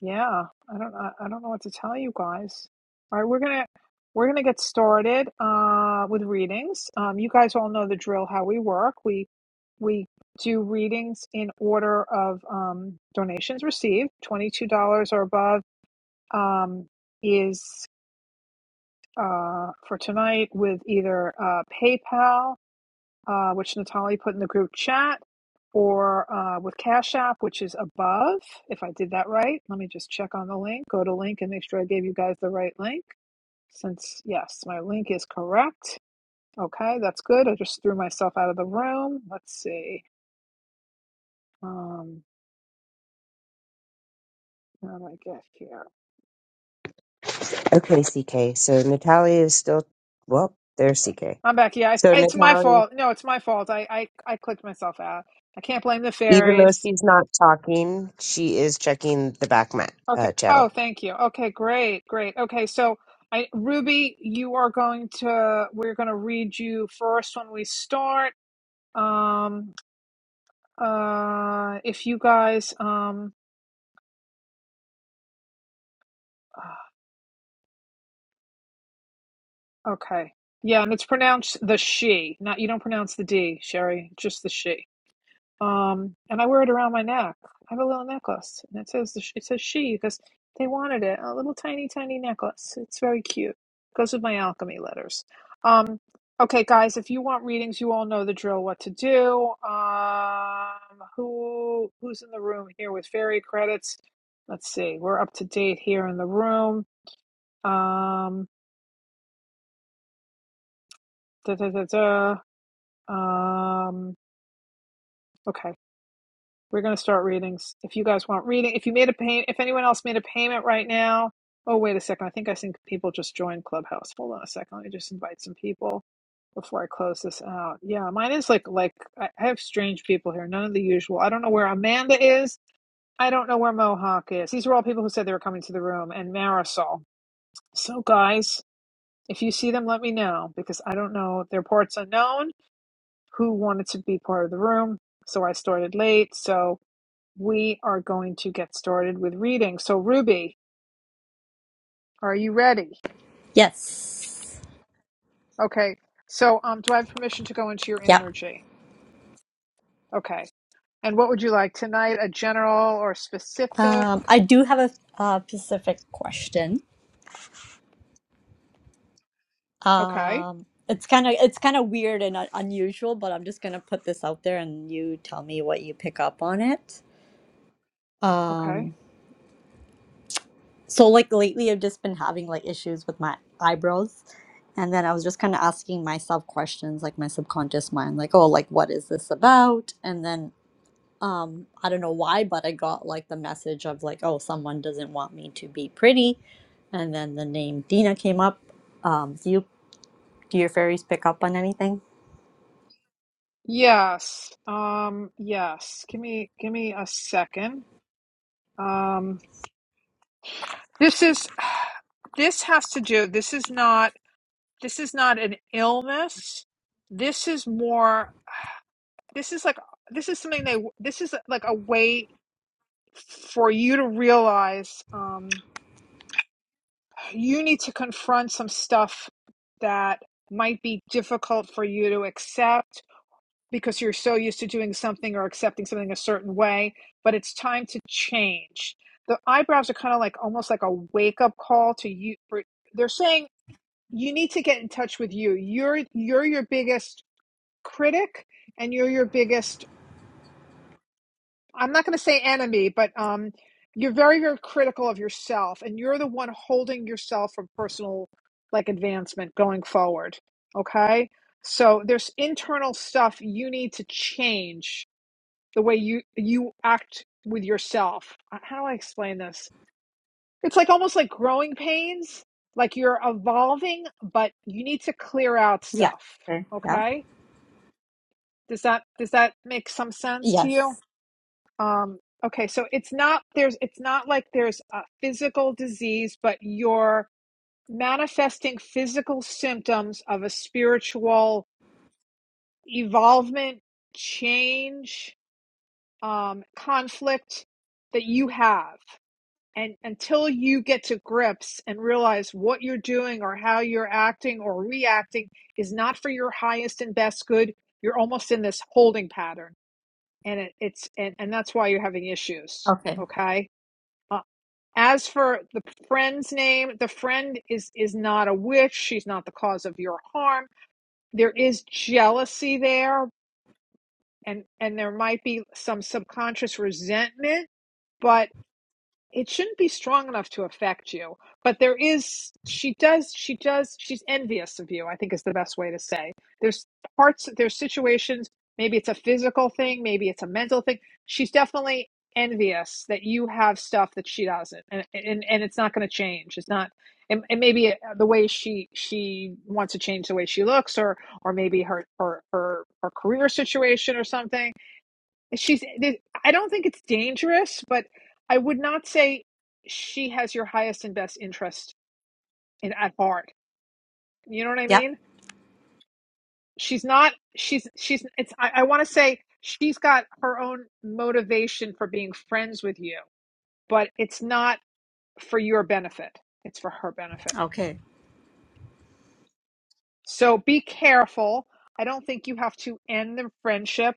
yeah, I don't I, I don't know what to tell you guys. All right, we're gonna we're gonna get started uh with readings. Um, you guys all know the drill how we work. We we do readings in order of um donations received. Twenty two dollars or above um is uh, for tonight with either uh, PayPal, uh, which Natalie put in the group chat, or uh, with Cash App, which is above. If I did that right, let me just check on the link. Go to link and make sure I gave you guys the right link. Since, yes, my link is correct. Okay, that's good. I just threw myself out of the room. Let's see. Um, how do I get here?
Okay, CK. So Natalia is still well. There's CK.
I'm back. Yeah,
So
I, it's my
Natalia.
fault. No, it's my fault. I, I, I clicked myself out. I can't blame the
Even though
fairies.
she's not talking, she is checking the back ma-
Okay.
uh, channel.
Oh, thank you. Okay, great, great. Okay, so I, Ruby, you are going to, we're going to read you first when we start. Um, uh, if you guys, um, uh, okay. Yeah, and it's pronounced the she, not, you don't pronounce the D, Sherry, just the she. Um, and I wear it around my neck. I have a little necklace, and it says it says she because they wanted it. A little tiny, tiny necklace. It's very cute. Goes with my alchemy letters. Um, okay, guys, if you want readings, you all know the drill. What to do? Um, who who's in the room here with fairy credits? Let's see. We're up to date here in the room. Um, da da da da. Um, okay. We're going to start readings. If you guys want reading, if you made a pay, if anyone else made a payment right now, oh wait a second. I think I think people just joined Clubhouse. Hold on a second. Let me just invite some people before I close this out. Yeah, mine is like like I I have strange people here. None of the usual. I don't know where Amanda is. I don't know where Mohawk is. These are all people who said they were coming to the room and Marisol. So guys, if you see them, let me know because I don't know their parts unknown. Who wanted to be part of the room? So I started late. So we are going to get started with reading. So, Ruby, are you ready?
Yes.
Okay. So, um, do I have permission to go into your
Yep.
energy? Okay. And what would you like tonight? A general or specific?
Um, I do have a, uh specific question.
Okay.
Um, it's kind of it's kind of weird and uh, unusual, but I'm just gonna put this out there, and you tell me what you pick up on it.
Okay.
Um, so like lately, I've just been having like issues with my eyebrows, and then I was just kind of asking myself questions, like my subconscious mind, like, oh, like what is this about? And then um i don't know why but i got like the message of like oh someone doesn't want me to be pretty and then the name dina came up um do you do your fairies pick up on anything
Yes. Um, yes. Give me, give me a second. Um, this is, this has to do, this is not, this is not an illness. This is more, this is like, this is something they, this is like a way for you to realize um, you need to confront some stuff that might be difficult for you to accept because you're so used to doing something or accepting something a certain way, but it's time to change. The eyebrows are kind of like almost like a wake up call to you. For, they're saying you need to get in touch with you. You're you're your biggest critic, and you're your biggest I'm not going to say enemy, but um, you're very, very critical of yourself, and you're the one holding yourself from personal like advancement going forward. Okay, so there's internal stuff you need to change the way you you act with yourself. Uh, How do I explain this? It's like almost like growing pains. Like you're evolving, but you need to clear out
yeah
stuff.
okay yeah
Okay, does that does that make some sense to you?
yes
Um, okay, so it's not there's it's not like there's a physical disease, but you're manifesting physical symptoms of a spiritual evolvement, change, um, conflict that you have. And until you get to grips and realize what you're doing or how you're acting or reacting is not for your highest and best good, you're almost in this holding pattern. And it, it's and, and that's why you're having issues.
okay
Okay As for the friend's name, the friend is is not a witch. She's not the cause of your harm. There is jealousy there, and and there might be some subconscious resentment, but it shouldn't be strong enough to affect you but there is she does she does she's envious of you i think is the best way to say there's parts there's situations maybe it's a physical thing maybe it's a mental thing she's definitely envious that you have stuff that she doesn't and and, and it's not going to change it's not and, and maybe uh, the way she she wants to change the way she looks or or maybe her her her, her career situation or something she's i don't think it's dangerous but i would not say she has your highest and best interest in at heart you know what i
yep
mean she's not she's she's it's i, I want to say she's got her own motivation for being friends with you but it's not for your benefit it's for her benefit
okay
So be careful. I don't think you have to end the friendship,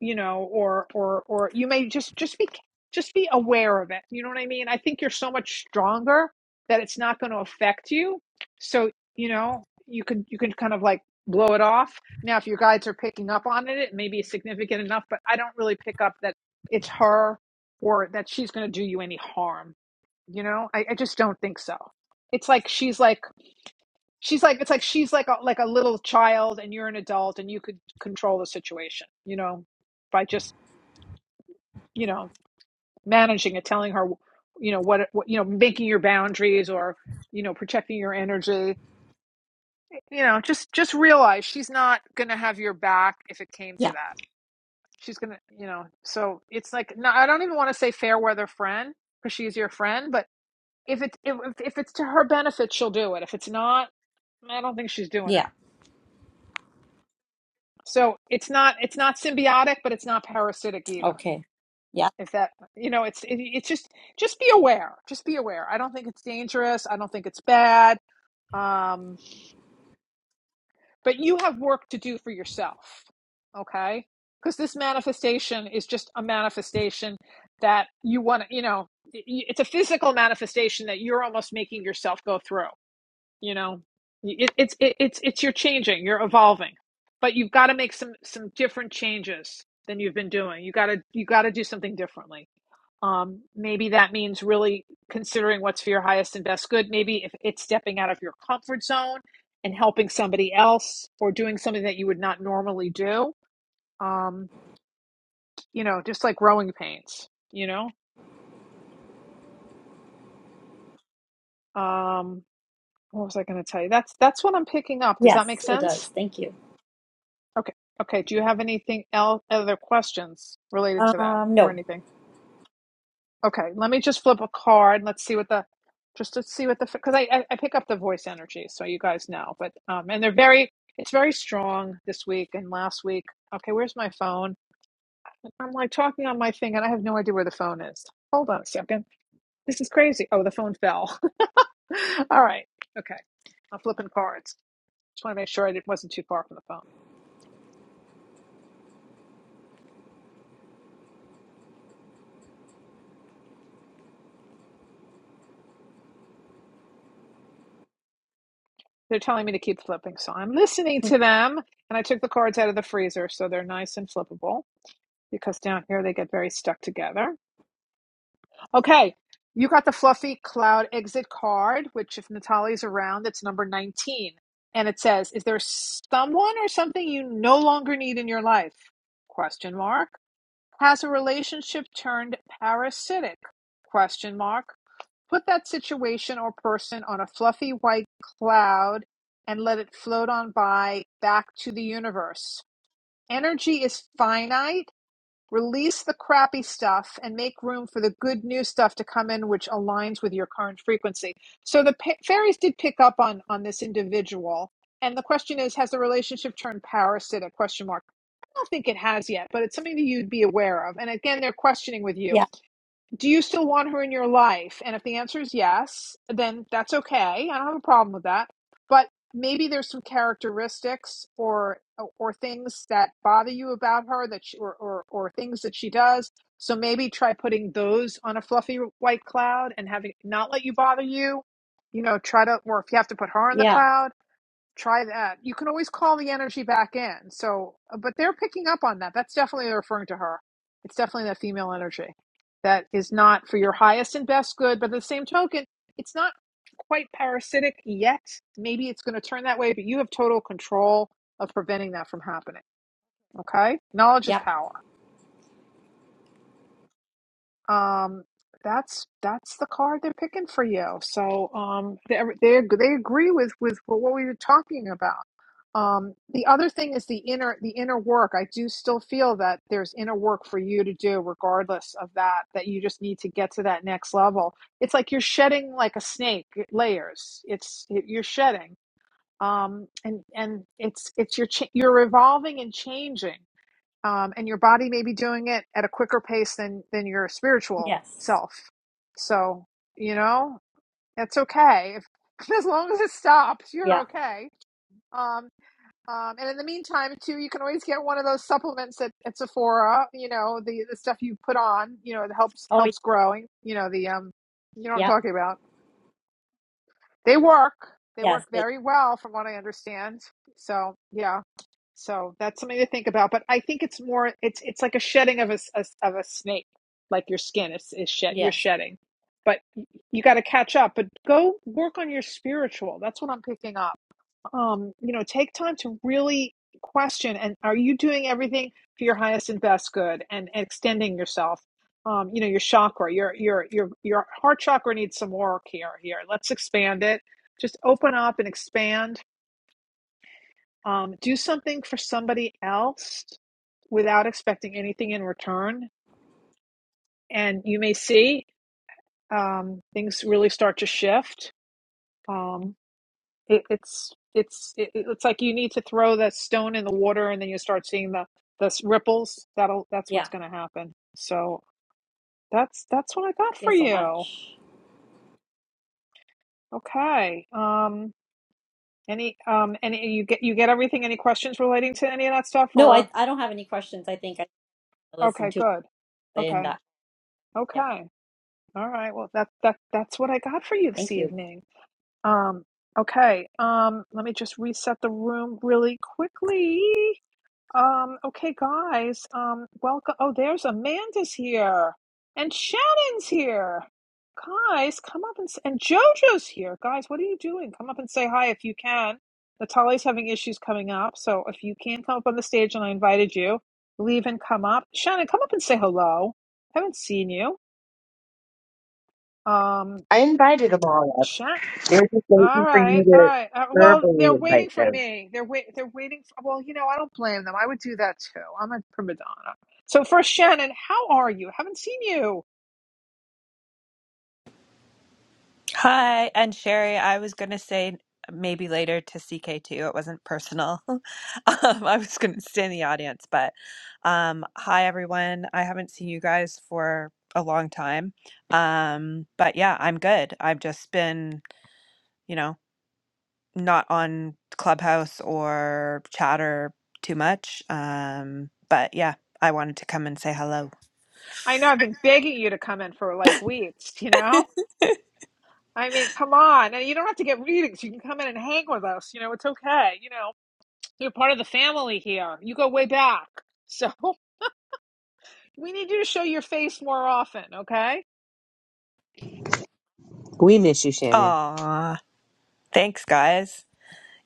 you know, or or or you may just just be just be aware of it. You know what I mean? I think you're so much stronger that it's not going to affect you. So, you know, you can you can kind of like blow it off. Now if your guides are picking up on it, it may be significant enough, but I don't really pick up that it's her or that she's going to do you any harm, you know? I, I just don't think so. It's like she's like she's like it's like she's like a, like a little child and you're an adult and you could control the situation you know by just you know managing it telling her you know what, what you know making your boundaries or you know protecting your energy you know just just realize she's not going to have your back if it came to
yeah
that she's going to you know so it's like no i don't even want to say fair weather friend because she's your friend but if it's if, if it's to her benefit she'll do it if it's not i don't think she's doing it
yeah
So it's not it's not symbiotic, but it's not parasitic either.
okay yeah
If that you know, it's it, it's just just be aware. Just be aware. I don't think it's dangerous. I don't think it's bad. Um, but you have work to do for yourself, okay? Because this manifestation is just a manifestation that you want to, you know, it's a physical manifestation that you're almost making yourself go through. you know it, it's it, it's it's you're changing you're evolving but you've got to make some some different changes than you've been doing you got to you got to do something differently um maybe that means really considering what's for your highest and best good maybe if it's stepping out of your comfort zone and helping somebody else or doing something that you would not normally do um you know just like growing pains you know um what was i going to tell you that's that's what i'm picking up does that make
yes it
sense
does thank you
Okay. Okay. Do you have anything else, other questions related to that
um
or
no
anything? Okay. Let me just flip a card. Let's see what the, just to see what the, because I, I, I pick up the voice energy. So you guys know, but, um, and they're very, it's very strong this week and last week. Okay. Where's my phone? I'm like talking on my thing and I have no idea where the phone is. Hold on a second. This is crazy. Oh, the phone fell. All right. Okay. I'm flipping cards. Just want to make sure I didn't- wasn't too far from the phone. They're telling me to keep flipping, so I'm listening
Mm.
to them. And I took the cards out of the freezer, so they're nice and flippable because down here they get very stuck together. Okay, you got the fluffy cloud exit card, which, if Natalie's around, it's number 19. And it says, Is there someone or something you no longer need in your life? Question mark. Has a relationship turned parasitic? Question mark. Put that situation or person on a fluffy white cloud and let it float on by back to the universe. Energy is finite Release the crappy stuff and make room for the good new stuff to come in, which aligns with your current frequency. So the pa- fairies did pick up on on this individual, and the question is, has the relationship turned parasitic? Question mark. I don't think it has yet, but it's something that you'd be aware of. And again, they're questioning with you
yeah
do you still want her in your life? And if the answer is yes, then that's okay. I don't have a problem with that. But maybe there's some characteristics or or things that bother you about her that she, or, or or things that she does. So maybe try putting those on a fluffy white cloud and having not let you bother you. You know, try to or if you have to put her in the
yeah
cloud try that. You can always call the energy back in. So, uh, but they're picking up on that. That's definitely referring to her. It's definitely that female energy that is not for your highest and best good. But at the same token, it's not quite parasitic yet. Maybe it's going to turn that way, but you have total control of preventing that from happening. Okay. Knowledge is
yeah
power. Um, that's that's the card they're picking for you. So um, they they they agree with with what we were talking about. Um, the other thing is the inner the inner work. I do still feel that there's inner work for you to do, regardless of that. That you just need to get to that next level. It's like you're shedding like a snake layers. It's you're shedding, um, and and it's it's your ch- you're evolving and changing, um, and your body may be doing it at a quicker pace than than your spiritual
yes
self. So you know that's okay if as long as it stops, you're
yeah
okay. Um, um, and in the meantime, too, you can always get one of those supplements at, at Sephora. You know, the the stuff you put on. You know, it helps
oh yeah
helps growing. You know, the um, you know what I'm
yeah
talking about. They work. They
yes
work
it,
very well, from what I understand. So yeah, so that's something to think about. But I think it's more. It's it's like a shedding of a a of a snake. Like your skin is is shed. You're
yes
shedding, but you got to catch up. But go work on your spiritual. That's what I'm picking up um, you know, take time to really question and are you doing everything for your highest and best good and, and extending yourself? Um, you know, your chakra, your your your your heart chakra needs some work here. Here, let's expand it. Just open up and expand. Um, do something for somebody else without expecting anything in return, and you may see um, things really start to shift. Um, it, it's it's it, it's like you need to throw the stone in the water and then you start seeing the the s- ripples that'll that's
yeah
what's going to happen so that's that's what i got
Thank you
for
so
you
much
okay um any um any you get you get everything any questions relating to any of that stuff
no i
or
i don't have any questions i think i listened
okay
to
good
in
okay
that. Yeah.
okay all right well that that that's what i got for you this
Thank you.
evening um okay um let me just reset the room really quickly Um, okay, guys. Um, welcome. Oh, there's Amanda's here, and Shannon's here. Guys, come up and s- and JoJo's here. Guys, what are you doing? Come up and say hi if you can. Natalia's having issues coming up, so if you can come up on the stage, and I invited you, leave and come up. Shannon, come up and say hello. Haven't seen you. Um,
I invited them all up.
Sha.
They're just
All
waiting for you
right, all
to
right. Uh, well,
verbally
they're waiting
invite
for
them.
me. They're wait. They're waiting for. Well, you know, I don't blame them. I would do that too. I'm a prima donna. So first, Shannon, how are you? Haven't seen you.
Hi, and Sherry, I was going to say maybe later to ck too. It wasn't personal. um, I was going to stay in the audience, but um, hi, everyone. I haven't seen you guys for a long time. Um, but yeah, I'm good. I've just been, you know, not on Clubhouse or Chatter too much. Um, but yeah, I wanted to come and say hello.
I know I've been begging you to come in for like weeks. You know, I mean, come on. And you don't have to get readings. You can come in and hang with us. You know, it's okay. You know, you're part of the family here. You go way back. So we need you to show your face more often. Okay.
We miss you, Shannon.
Aw, thanks, guys.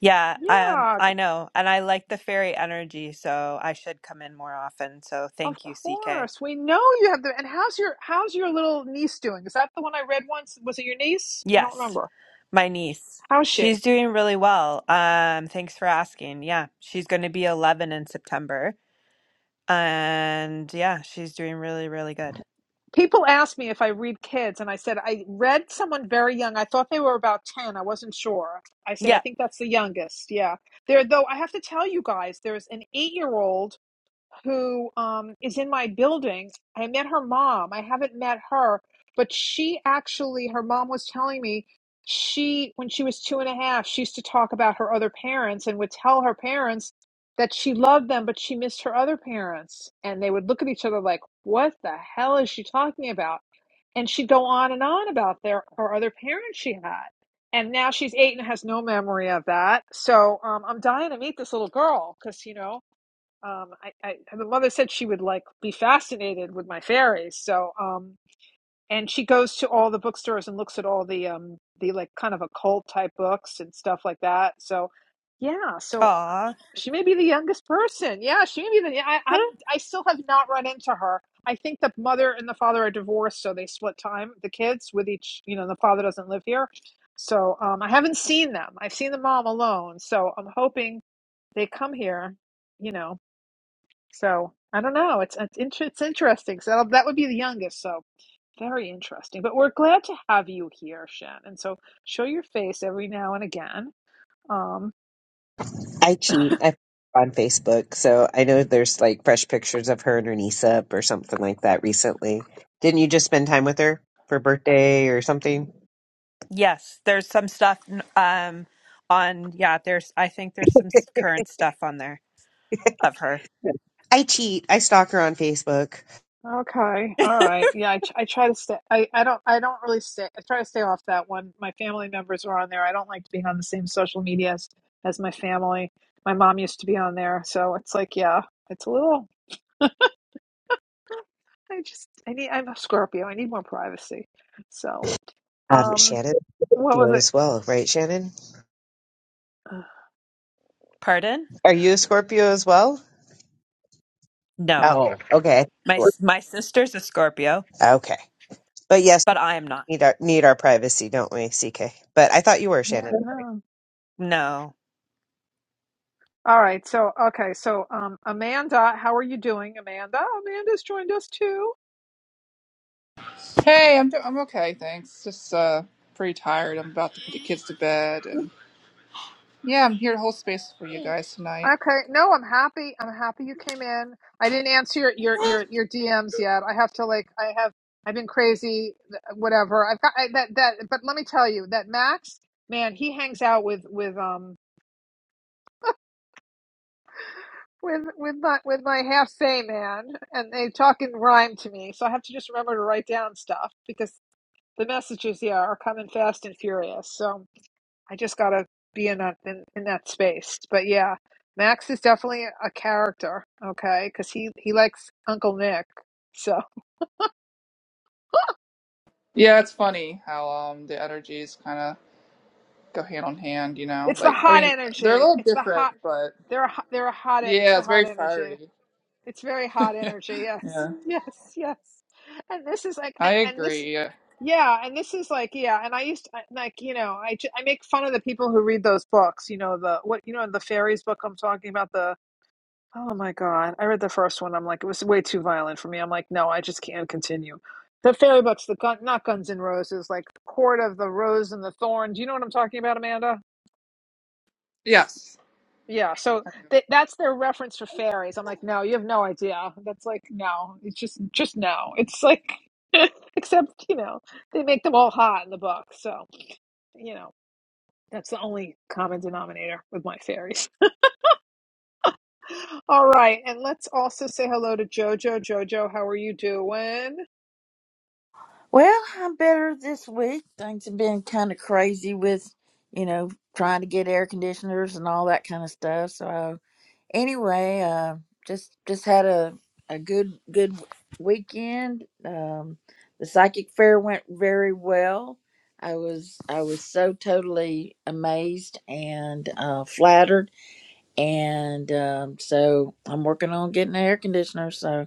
Yeah, um,
Yeah.
I know. And I like the fairy energy, so I should come in more often. So
Of
thank you, CK.
course, we know you have the. And how's your how's your little niece doing? Is that the one I read once? Was it your niece? I don't
Yes,
remember.
my niece.
How's she?
She's doing really well. Um, thanks for asking. Yeah, she's going to be 11 in September. And yeah, she's doing really, really good.
People ask me if I read kids, and I said I read someone very young. I thought they were about ten. I wasn't sure. I said I
Yeah.
think that's the youngest. Yeah, there though. I have to tell you guys, there's an eight year old who um, is in my building. I met her mom. I haven't met her, but she actually, her mom was telling me she, when she was two and a half, she used to talk about her other parents and would tell her parents that she loved them, but she missed her other parents. And they would look at each other like, what the hell is she talking about? And she'd go on and on about their her other parents she had. And now she's eight and has no memory of that. So um, I'm dying to meet this little girl because, you know, um, I, I, the mother said she would like be fascinated with my fairies. So, um, and she goes to all the bookstores and looks at all the um, the like kind of occult type books and stuff like that. So, yeah. So uh,
Aw.
she may be the youngest person. Yeah, she may be the. yeah, I, I'm.
Hmm?
I still have not run into her. I think the mother and the father are divorced, so they split time the kids with each. You know, the father doesn't live here, so um, I haven't seen them. I've seen the mom alone. So I'm hoping they come here. You know. So I don't know. It's it's, inter- it's interesting. So that would be the youngest. So very interesting. But we're glad to have you here, Shen. And So show your face every now and again. Um.
I cheat. I on Facebook, so I know there's like fresh pictures of her and her niece up or something like that recently. Didn't you just spend time with her for birthday or something?
Yes, there's some stuff n- um on yeah, there's I think there's some s- current stuff on there of her.
I cheat. I stalk her on Facebook.
Okay. All right. Yeah. I, tr- I try to stay. I, I don't. I don't really stay. I try to stay off that one. My family members are on there. I don't like being on the same social media as, as my family. My mom used to be on there, so it's like, yeah, it's a little. I just. I need. I'm a Scorpio. I need more privacy. So,
Um,
um,
Shannon,
what
Scorpio
was
as
it?
well, right, Shannon?
Pardon?
Are you a Scorpio as well?
No.
Oh, No. okay,
My s- my sister's a Scorpio,
okay. But yes,
but I am not.
we need our need our privacy, don't we, CK? But I thought you were
Yeah,
Shannon.
no.
No.
All right. So, okay. So, um, Amanda, how are you doing, Amanda? Amanda's joined us too.
Hey, I'm do- I'm okay, thanks. Just uh pretty tired. I'm about to put the kids to bed and yeah, I'm here to hold space for you guys tonight.
Okay. No, I'm happy. I'm happy you came in. I didn't answer your your your, your DMs yet. I have to like. I have. I've been crazy. th- Whatever. I've got I, that that. But let me tell you that Max, man, he hangs out with with um with with my with my half say man, and they talk in rhyme to me. So I have to just remember to write down stuff because the messages yeah are coming fast and furious. So. I just gotta be in that in, in that space. But yeah, Max is definitely a character, okay? Because he he likes Uncle Nick. So
Yeah, it's funny how um the energies kind of go hand on hand, you know?
it's the
Like I
hot
mean, they're a
energy.
little
It's the
different,
hot.
but
They're a, hot- they're a hot. e- It's
yeah,
the
it's
hot
very
energy.
fiery.
It's very hot energy. Yes,
yeah.
yes, yes. And this is like,
I
and, and this,
agree.
yeah, and this is like, yeah. And I used to, I- like, you know, I j- I make fun of the people who read those books. You know the what? You know the fairies book I'm talking about. the. Oh my God. I read the first one. I'm like, it was way too violent for me. I'm like, no, I just can't continue. The Fairy Butts, the gun, not Guns N' Roses, like Court of the Rose and the Thorn. Do you know what I'm talking about, Amanda?
Yes.
Yeah. So th- that's their reference for fairies. I'm like, no, you have no idea. That's like, no, it's just, just no. It's like, except, you know, they make them all hot in the book. So, you know, that's the only common denominator with my fairies. All right. And let's also say hello to Jojo. Jojo, how are you doing?
Well, I'm better this week. Things have been kind of crazy with, you know, trying to get air conditioners and all that kind of stuff. So uh, anyway, uh, just just had a a good good weekend. Um, the psychic fair went very well. I was I was so totally amazed and uh, flattered, and um, so I'm working on getting an air conditioner. So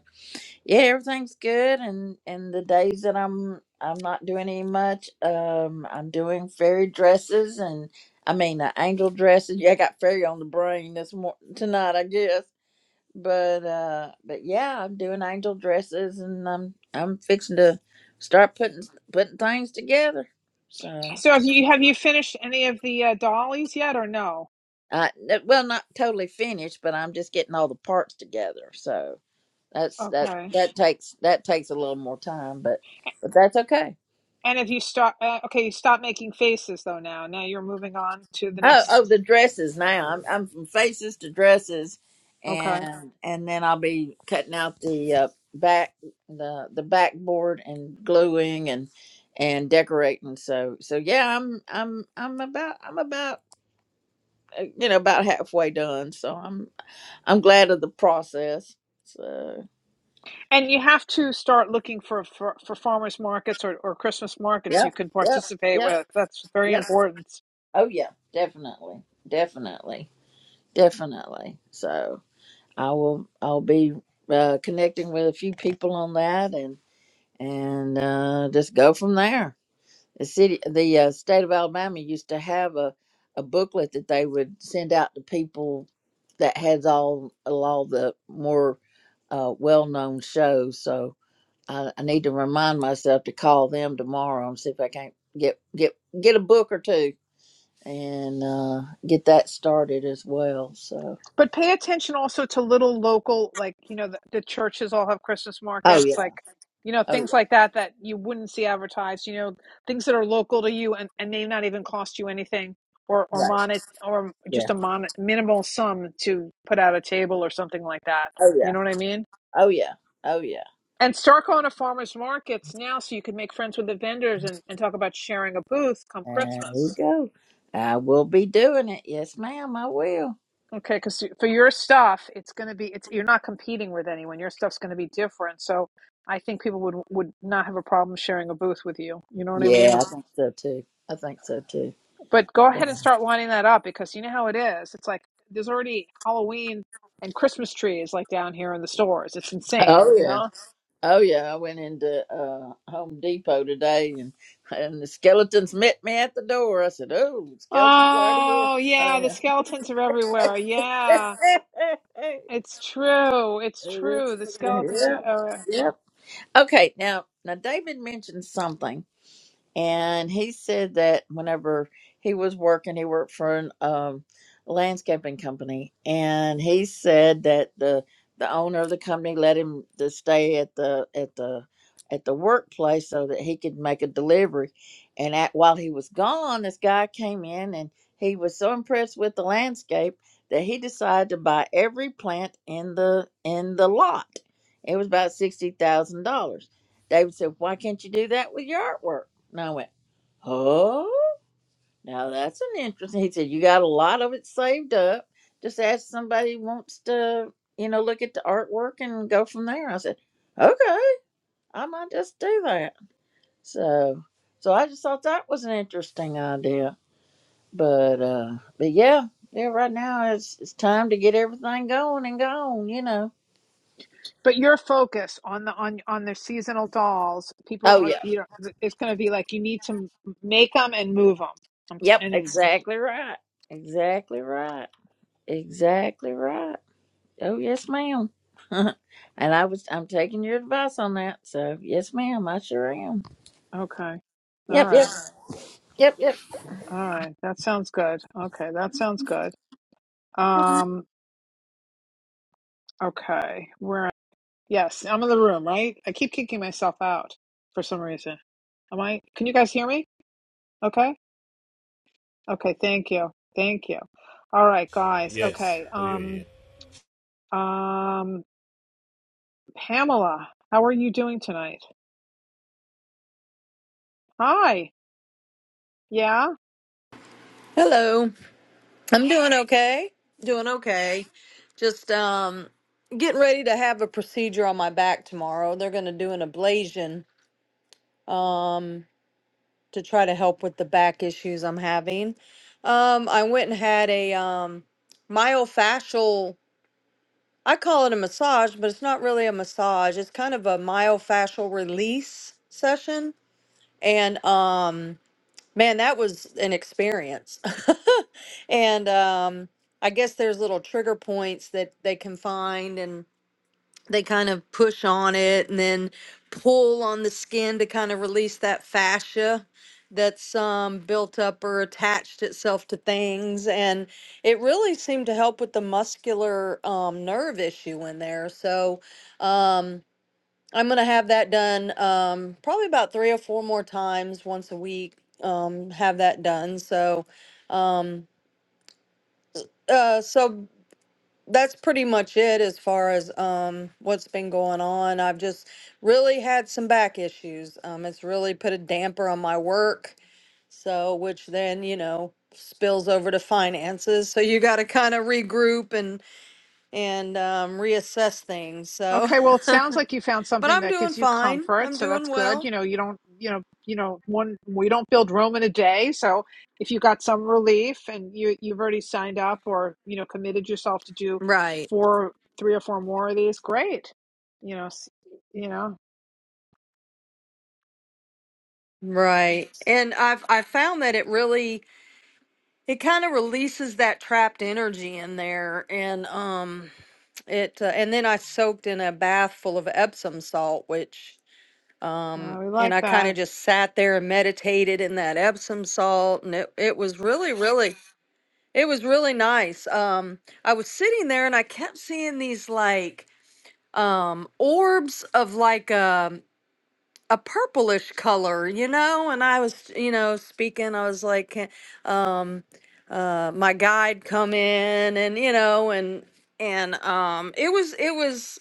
yeah, everything's good and and the days that I'm I'm not doing any much, um I'm doing fairy dresses and I mean uh, angel dresses. Yeah, I got fairy on the brain this mor tonight, I guess. But uh but yeah, I'm doing angel dresses and I'm I'm fixing to start putting putting things together. So
So have you have you finished any of the uh, dollies yet or no?
I that- well not totally finished, but I'm just getting all the parts together. So that's that
Okay.
that takes that takes a little more time, but but that's okay.
And if you stop, uh, okay, you stop making faces though now. Now you're moving on to the
Oh,
next.
oh, the dresses now. I'm I'm from faces to dresses,
Okay.
and and then I'll be cutting out the uh, back the the backboard and gluing and and decorating. So so yeah, I'm I'm I'm about I'm about uh, you know about halfway done. So I'm I'm glad of the process. So
And you have to start looking for for, for farmers markets or, or Christmas markets you
yep
can
yep
participate
yep
with. That's very
yep.
important.
Oh yeah, definitely definitely definitely. So. I will I'll be uh, connecting with a few people on that and and uh, just go from there. The city, the uh, state of Alabama used to have a, a booklet that they would send out to people that has all all the more uh, well known shows. So I, I need to remind myself to call them tomorrow and see if I can't get get get a book or two and uh, get that started as well. So
But pay attention also to little local, like, you know, the, the churches all have Christmas
oh
markets,
yeah,
like, you know,
oh
things like that that you wouldn't see advertised, you know, things that are local to you and, and may not even cost you anything or, or
yeah, right,
monet or just
yeah,
a mon- minimal sum to put out a table or something like that.
oh yeah.
You know what I mean?
Oh yeah. Oh yeah.
And start going to farmers markets now so you can make friends with the vendors and, and talk about sharing a booth come
There
Christmas.
we go. I will be doing it. Yes, ma'am. I will.
Okay, because for your stuff, it's going to be it's you're not competing with anyone. Your stuff's going to be different. So I think people would would not have a problem sharing a booth with you. You know what I mean?
Yeah, I
If-
think so too. I think so too.
But go ahead and start lining that up because you know how it is. It's like there's already Halloween and Christmas trees like down here in the stores. It's insane, you
Oh yeah.
know?
Oh yeah. I went into uh Home Depot today and and the skeletons met me at the door. I said, Oh, the skeletons are already here.
Oh, yeah,
Oh
the skeletons are everywhere. Yeah.
yeah.
It's true. It's
It is-
true. The skeletons are
yeah.
everywhere.
Yep. Okay, now now David mentioned something. and he said that whenever he was working, he worked for an um, landscaping company, and he said that the the owner of the company let him to stay at the at the at the workplace so that he could make a delivery. And at, while he was gone, this guy came in and he was so impressed with the landscape that he decided to buy every plant in the in the lot. It was about sixty thousand dollars. David said, "Why can't you do that with your artwork?" And I went, Oh, now that's an interesting. He said, You got a lot of it saved up. Just ask somebody who wants to, you know, look at the artwork and go from there. I said, Okay, I might just do that. So, so I just thought that was an interesting idea. But, uh, but yeah, yeah, right now it's, it's time to get everything going and gone, you know.
But your focus on the on on the seasonal dolls, people
Oh,
are
yeah.
you know it's going to be like you need to m- make them and move them,
Yep.
and it's
Exactly right. Exactly right. Exactly right. Oh yes, ma'am. and I was I'm taking your advice on that. So yes, ma'am, I sure am.
okay. All
Yep, yep,
right,
yep, yep.
all right, that sounds good. Okay, that sounds good. Um, okay, we're yes, I'm in the room, right? I keep kicking myself out for some reason. Am I? Can you guys hear me? Okay, okay, thank you, thank you. All right, guys.
Yes,
Okay,
we hear you.
um, um, Pamela, how are you doing tonight? Hi. Yeah.
Hello. I'm doing okay. Doing okay. Just um getting ready to have a procedure on my back tomorrow. They're going to do an ablation um to try to help with the back issues I'm having. Um I went and had a um myofascial I call it a massage, but it's not really a massage. It's kind of a myofascial release session and um Man, that was an experience. And um, I guess there's little trigger points that they can find and they kind of push on it and then pull on the skin to kind of release that fascia that's um, built up or attached itself to things. And it really seemed to help with the muscular um, nerve issue in there. So, um, I'm gonna have that done um, probably about three or four more times once a week. Um, have that done. So, um, uh, so that's pretty much it as far as um, what's been going on. I've just really had some back issues. Um, it's really put a damper on my work. So, which then you know spills over to finances. So you got to kind of regroup and and um, reassess things. So,
Okay. Well, it sounds like you found
but
something
I'm
that
doing
gives you
fine.
comfort,
I'm
so that's
doing
good.
well.
You know, you don't, you know, you know, one we don't build Rome in a day. So if you got some relief and you you've already signed up or you know committed yourself to do
Right.
four, three or four more of these, great. You know, s- you know,
Right. And I've I found that it really it kind of releases that trapped energy in there and um it uh, and then I soaked in a bath full of Epsom salt which
uh,
um
we like
and I kind
that.
of just sat there and meditated in that Epsom salt and it it was really really it was really nice. Um I was sitting there and I kept seeing these like um orbs of like um. a purplish color, you know? And I was, you know, speaking, I was like, "Can- um, uh, my guide come in and, you know, and, and, um, it was, it was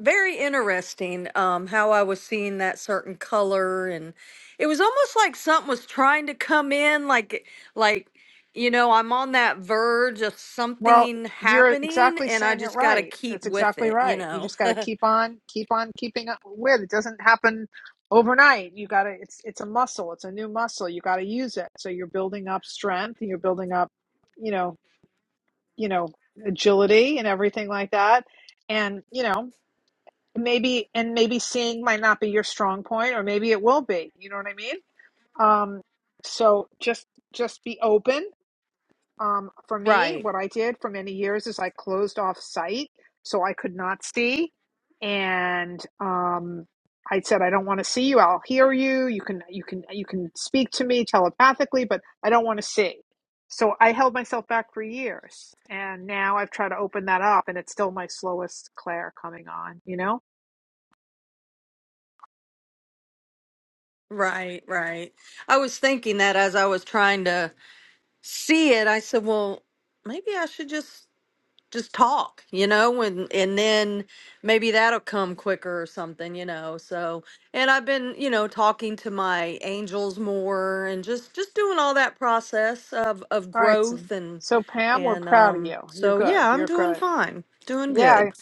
very interesting, um, how I was seeing that certain color and it was almost like something was trying to come in, like, like, you know, I'm on that verge of
Well,
something
you're
happening
exactly
and I
saying it
just got to
right.
keep
That's
with
exactly
it, you
right. You
know?
just got to keep on, keep on keeping up with. It doesn't happen overnight. You got to it's it's a muscle. It's a new muscle. You got to use it. So you're building up strength and you're building up, you know, you know, agility and everything like that. And, you know, maybe and maybe seeing might not be your strong point or maybe it will be. You know what I mean? Um so just just be open um, for me,
Right.
what I did for many years is I closed off sight, so I could not see. And um, I said, I don't want to see you. I'll hear you. You can you can you can speak to me telepathically, but I don't want to see. So I held myself back for years, and now I've tried to open that up, and it's still my slowest Claire coming on. You know.
Right, right. I was thinking that as I was trying to see it, I said, well, maybe I should just just talk, you know, and and then maybe that'll come quicker or something, you know. So, and I've been, you know, talking to my angels more and just just doing all that process of of
All right. So
growth and
so, Pam, we're
and
proud of you.
um
You're
so
good.
yeah, I'm
You're
doing
good.
fine. Doing
Yeah,
good.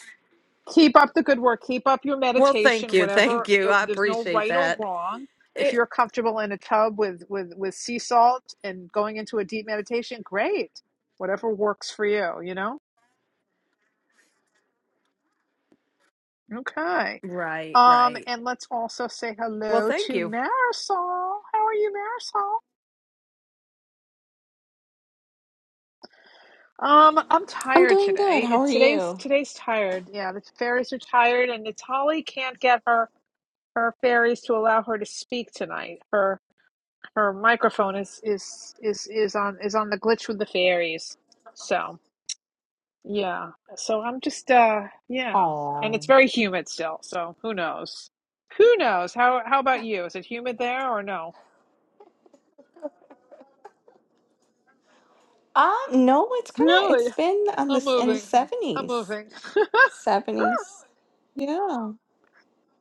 Keep up the good work. Keep up your
Well, thank
meditation.
you.
Whatever.
Thank you.
It,
I
there's no
appreciate
right or
that.
wrong. If
It,
you're comfortable in a tub with with with sea salt and going into a deep meditation, great. Whatever works for you. You know. Okay.
right,
Um.
right.
And let's also say
Well,
hello
thank
to
you.
Marisol. How are you, Marisol? Um, I'm
I'm
tired
doing good.
today.
How are
It's today's
you?
today's tired. Yeah, the fairies are tired, and Natali can't get her her fairies to allow her to speak tonight. Her her microphone is is is is on is on the glitch with the fairies. So yeah, so I'm just uh yeah, and it's
Oh,
very humid still. So who knows? Who knows? How how about you? Is it humid there or no?
um, no, it's kind of it's
Really?
been on
I'm
this in the
moving. I'm
seventies,
moving.
seventies. Yeah,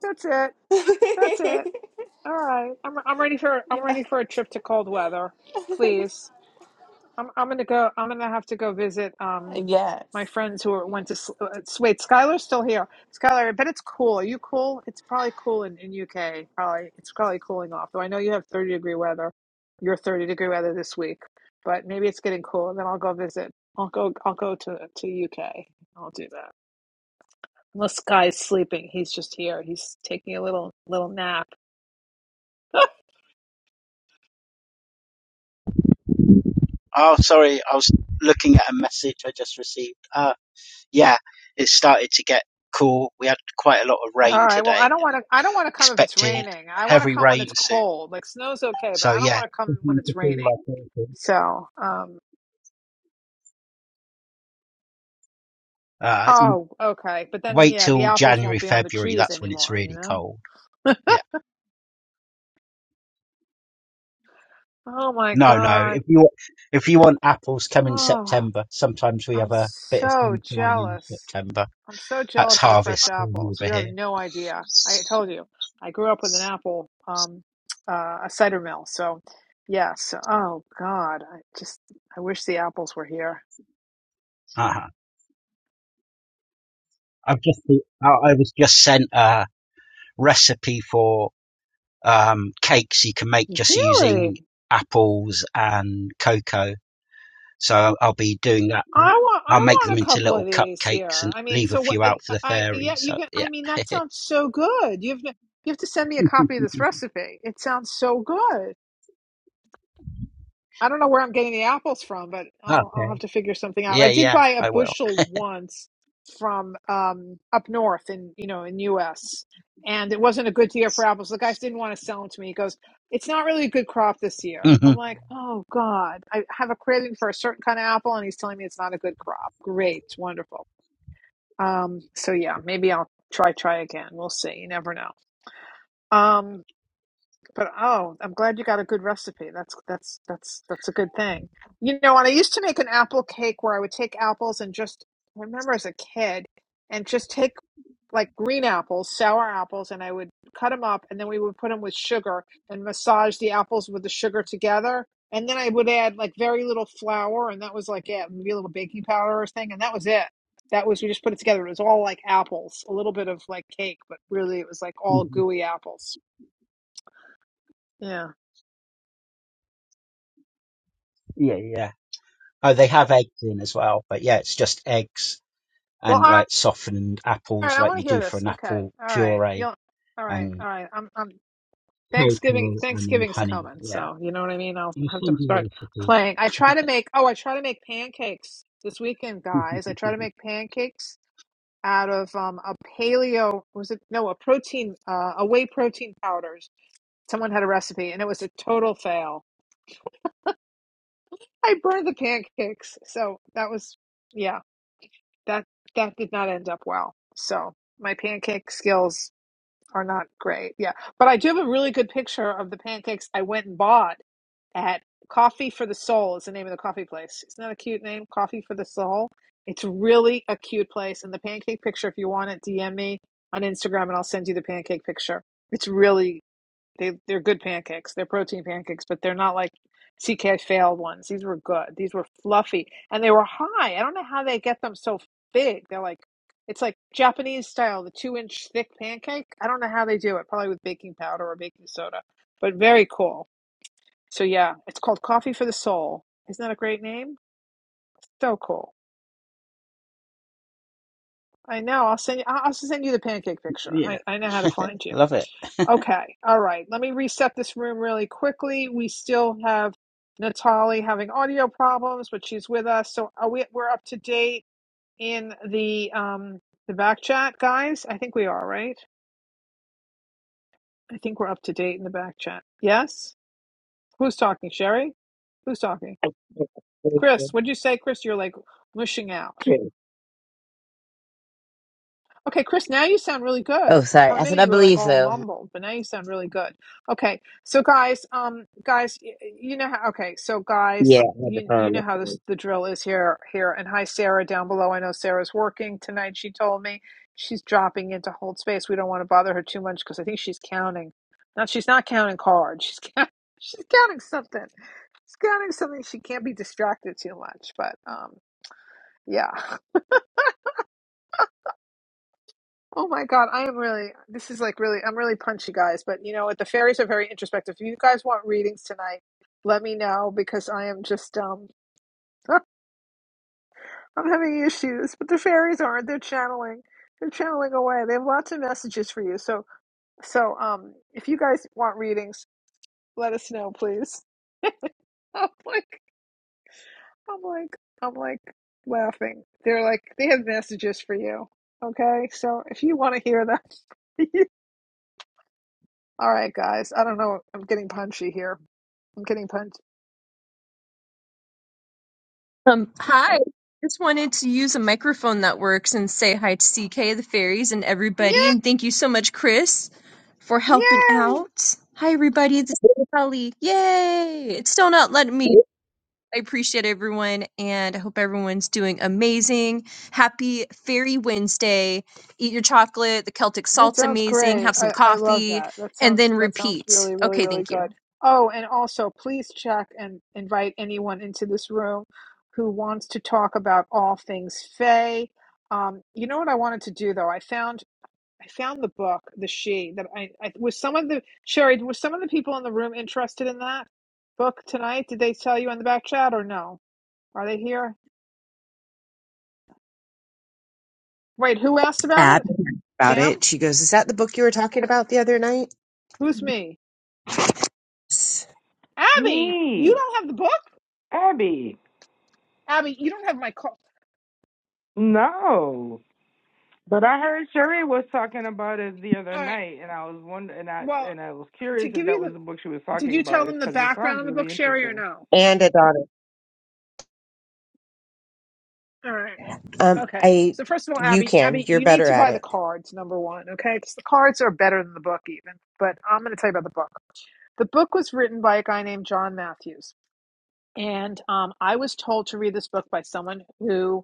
That's it. That's it. All right. I'm I'm ready for I'm
yeah,
ready for a trip to cold weather. Please. I'm I'm gonna go. I'm gonna have to go visit um
yes,
my friends who are,
yes.
went to. S- Uh, s- wait, Skylar's still here. Skylar, I bet it's cool. Are you cool? It's probably cool in in UK. Probably it's probably cooling off. Though I know you have 30 degree weather. Your 30 degree weather this week, but maybe it's getting cool. And then I'll go visit. I'll go. I'll go to to UK. I'll do that. Unless Sky's sleeping, he's just here. He's taking a little little nap.
Oh, sorry, I was looking at a message I just received. Uh, yeah, it started to get cool. We had quite a lot of
All
rain
right. Well, I
today
don't want
and
to. I don't want to come if it's
expected
raining. I want to
heavy
come when
rain
it's
soon.
cold. Like snow's okay, but
So
I don't
yeah,
want to come when it's raining.
like
So, um.
uh,
Oh, okay. But then,
wait
yeah, the
till
apples won't
January,
be on the
February.
trees
That's when it's
anymore. You
really
know.
cold. Yeah.
Oh my
No, no.
God.
If you if you want apples, come in
Oh,
September. Sometimes we
I'm
have a bit of
so
sunshine in
jealous.
September.
I'm so
That's
jealous of the fresh
harvest
apples. You
over
have
here.
no idea. I told you. I grew up with an apple, um, uh, a cider mill. So, yes. Oh God. I just. I wish the apples were here.
uh I've just I was just sent a recipe for um, cakes you can make just
Really?
using apples and cocoa. So I'll be doing that.
I want I
I'll make
want
them
a
into
couple
little
of these
cupcakes
here.
and
I mean,
leave a
so what?
few
I,
out for the
I yeah,
fairies.
you
So
can. I
yeah.
mean, that
okay.
sounds so good. You have you have to send me a copy of this recipe. It sounds so good. I don't know where I'm getting the apples from, but I'll I'll have to figure something out.
Yeah,
I did
yeah.
buy a
I will.
bushel once from um, up north in you know in U.S. and it wasn't a good year for apples. The guys didn't want to sell them to me. He goes, "It's not really a good crop this year."
hmm
I'm like, "Oh God, I have a craving for a certain kind of apple," and he's telling me it's not a good crop. Great, wonderful. Um, so yeah, maybe I'll try try again. We'll see. You never know. Um. But oh, I'm glad you got a good recipe. That's that's that's that's a good thing. You know, and I used to make an apple cake where I would take apples and just I remember as a kid and just take like green apples, sour apples, and I would cut them up and then we would put them with sugar and massage the apples with the sugar together. And then I would add like very little flour and that was like it, maybe a little baking powder or thing, and that was it. That was we just put it together. It was all like apples, a little bit of like cake, but really it was like all
hmm
gooey apples. Yeah.
Yeah, yeah. Oh, they have eggs in as well, but yeah, it's just eggs.
Well,
and
all right.
like softened
All right,
apples
I
like
want to
you
hear
do for
this.
an
Okay.
apple
All right.
puree
You'll all right,
and
all right. I'm I'm Thanksgiving
cocoa and then
Thanksgiving's
honey.
coming,
Yeah.
so you know what I mean? I'll
I'll
have to
send
start
you the
playing. I try to make oh, I try to make pancakes this weekend, guys. I try to
recipe.
make pancakes out of um a paleo was it no, a protein uh a whey protein powders. Someone had a recipe and it was a total fail. I burned the pancakes. So that was yeah, that that did not end up well. So my pancake skills are not great. Yeah. But I do have a really good picture of the pancakes I went and bought at Coffee for the Soul is the name of the coffee place. Isn't that a cute name? Coffee for the Soul. It's really a cute place. And the pancake picture, if you want it, DM me on Instagram and I'll send you the pancake picture. It's really they they're good pancakes. They're protein pancakes, but they're not like CK failed ones. These were good. These were fluffy and they were high. I don't know how they get them so big. They're like it's like Japanese style, the two inch thick pancake. I don't know how they do it. Probably with baking powder or baking soda, but very cool. So yeah, it's called Coffee for the Soul. Isn't that a great name? So cool. I know. I'll send you. I'll send you the pancake picture.
yeah.
I, I know how to find you.
Love it.
Okay, all right. Let me reset this room really quickly. We still have Natalie having audio problems, but she's with us. So are we we're up to date in the um the back chat, guys? I think we are, right? I think we're up to date in the back chat. Yes? Who's talking? Sherry? Who's talking? Chris, what'd you say? Chris, you're like mushing out. Okay, Chris, now you sound really
Oh,
good.
sorry.
For a
I said
minute
I
you were like
believe
all
so.
mumbled, but now you sound really good. Okay. So guys, um guys, y- you know how okay, so
Yeah,
guys,
I had the
you you know
phone.
how this the drill is here here and hi Sarah down below. I know Sarah's working tonight, she told me. She's dropping into hold space. We don't want to bother her too much because I think she's counting. Now she's not counting cards. She's count, she's counting something. She's counting something. She can't be distracted too much, but um yeah. Oh my God, I am really, this is like really, I'm really punchy, guys. But you know what? The fairies are very introspective. If you guys want readings tonight, let me know because I am just, um, I'm having issues. But the fairies aren't. They're channeling. They're channeling away. They have lots of messages for you. So, so, um, if you guys want readings, let us know, please. I'm like, I'm like, I'm like laughing. They're like, they have messages for you. Okay, so if you want to hear them, all right, guys. I don't know. I'm getting punchy here, I'm getting punched.
Um, hi. Just wanted to use a microphone that works and say hi to CK, the fairies, and everybody.
Yeah,
And thank you so much, Chris, for helping
yay!
out. Hi, everybody. This is Kelly. Yay! It's still not letting me. I appreciate everyone and I hope everyone's doing amazing. Happy Fairy Wednesday. Eat your chocolate. The Celtic
That
salt's
sounds
amazing.
great.
Have some
I, I love
coffee
that. That
and
sounds
then
that sounds
repeat.
really, really,
Okay,
really
thank you.
good. Oh, and also please check and invite anyone into this room who wants to talk about all things Faye. Um, you know what I wanted to do though? I found I found the book, The She, that I, I was some of the Sherry, was some of the people in the room interested in that book tonight? Did they tell you in the back chat or no? Are they here? Wait, who asked about
Ab
it?
about
Pam?
it. She goes, Is that the book you were talking about the other night?
Who's me? Abby, you
Me,
don't have the book?
Abby.
Abby, you don't have my call.
No. But I heard Sherry was talking about it the other
All right.
night, and I was wonder, and I
Well,
and I was
to
curious if
give
that
you the
was the book she was
did
talking
you tell
about. It's
them the
because it sounds
background of the book,
really
Sherry, or
interesting.
no?
And a daughter.
All right.
Um,
Okay.
I
So first of all,
you
Abby,
can.
Abby,
You're
you need
better
to
at
buy the
it.
cards, number one, okay? Because the cards are better than the book even. But I'm gonna tell you about the book. The book was written by a guy named John Matthews. And um, I was told to read this book by someone who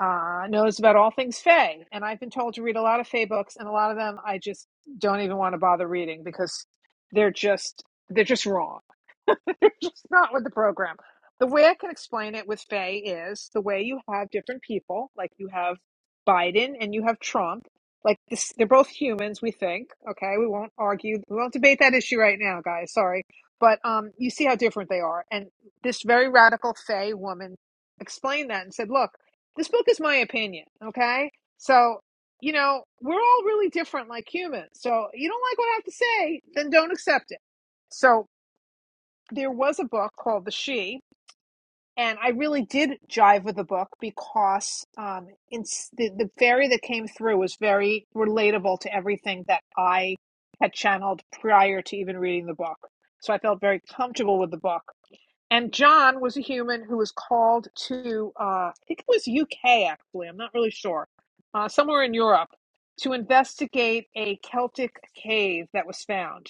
uh, knows about all things Fae. And I've been told to read a lot of Fae books, and a lot of them I just don't even want to bother reading because they're just they're just wrong. They're just not with the program. The way I can explain it with Faye is the way you have different people, like you have Biden and you have Trump. Like this, they're both humans, we think. Okay, we won't argue, we won't debate that issue right now, guys. Sorry, but um, you see how different they are. And this very radical Faye woman explained that and said, "Look, this book is my opinion. Okay, so you know we're all really different, like humans. So you don't like what I have to say, then don't accept it." So there was a book called The She, and I really did jive with the book because um, it's, the, the fairy that came through was very relatable to everything that I had channeled prior to even reading the book. So I felt very comfortable with the book. And John was a human who was called to, uh, I think it was UK actually, I'm not really sure, uh, somewhere in Europe, to investigate a Celtic cave that was found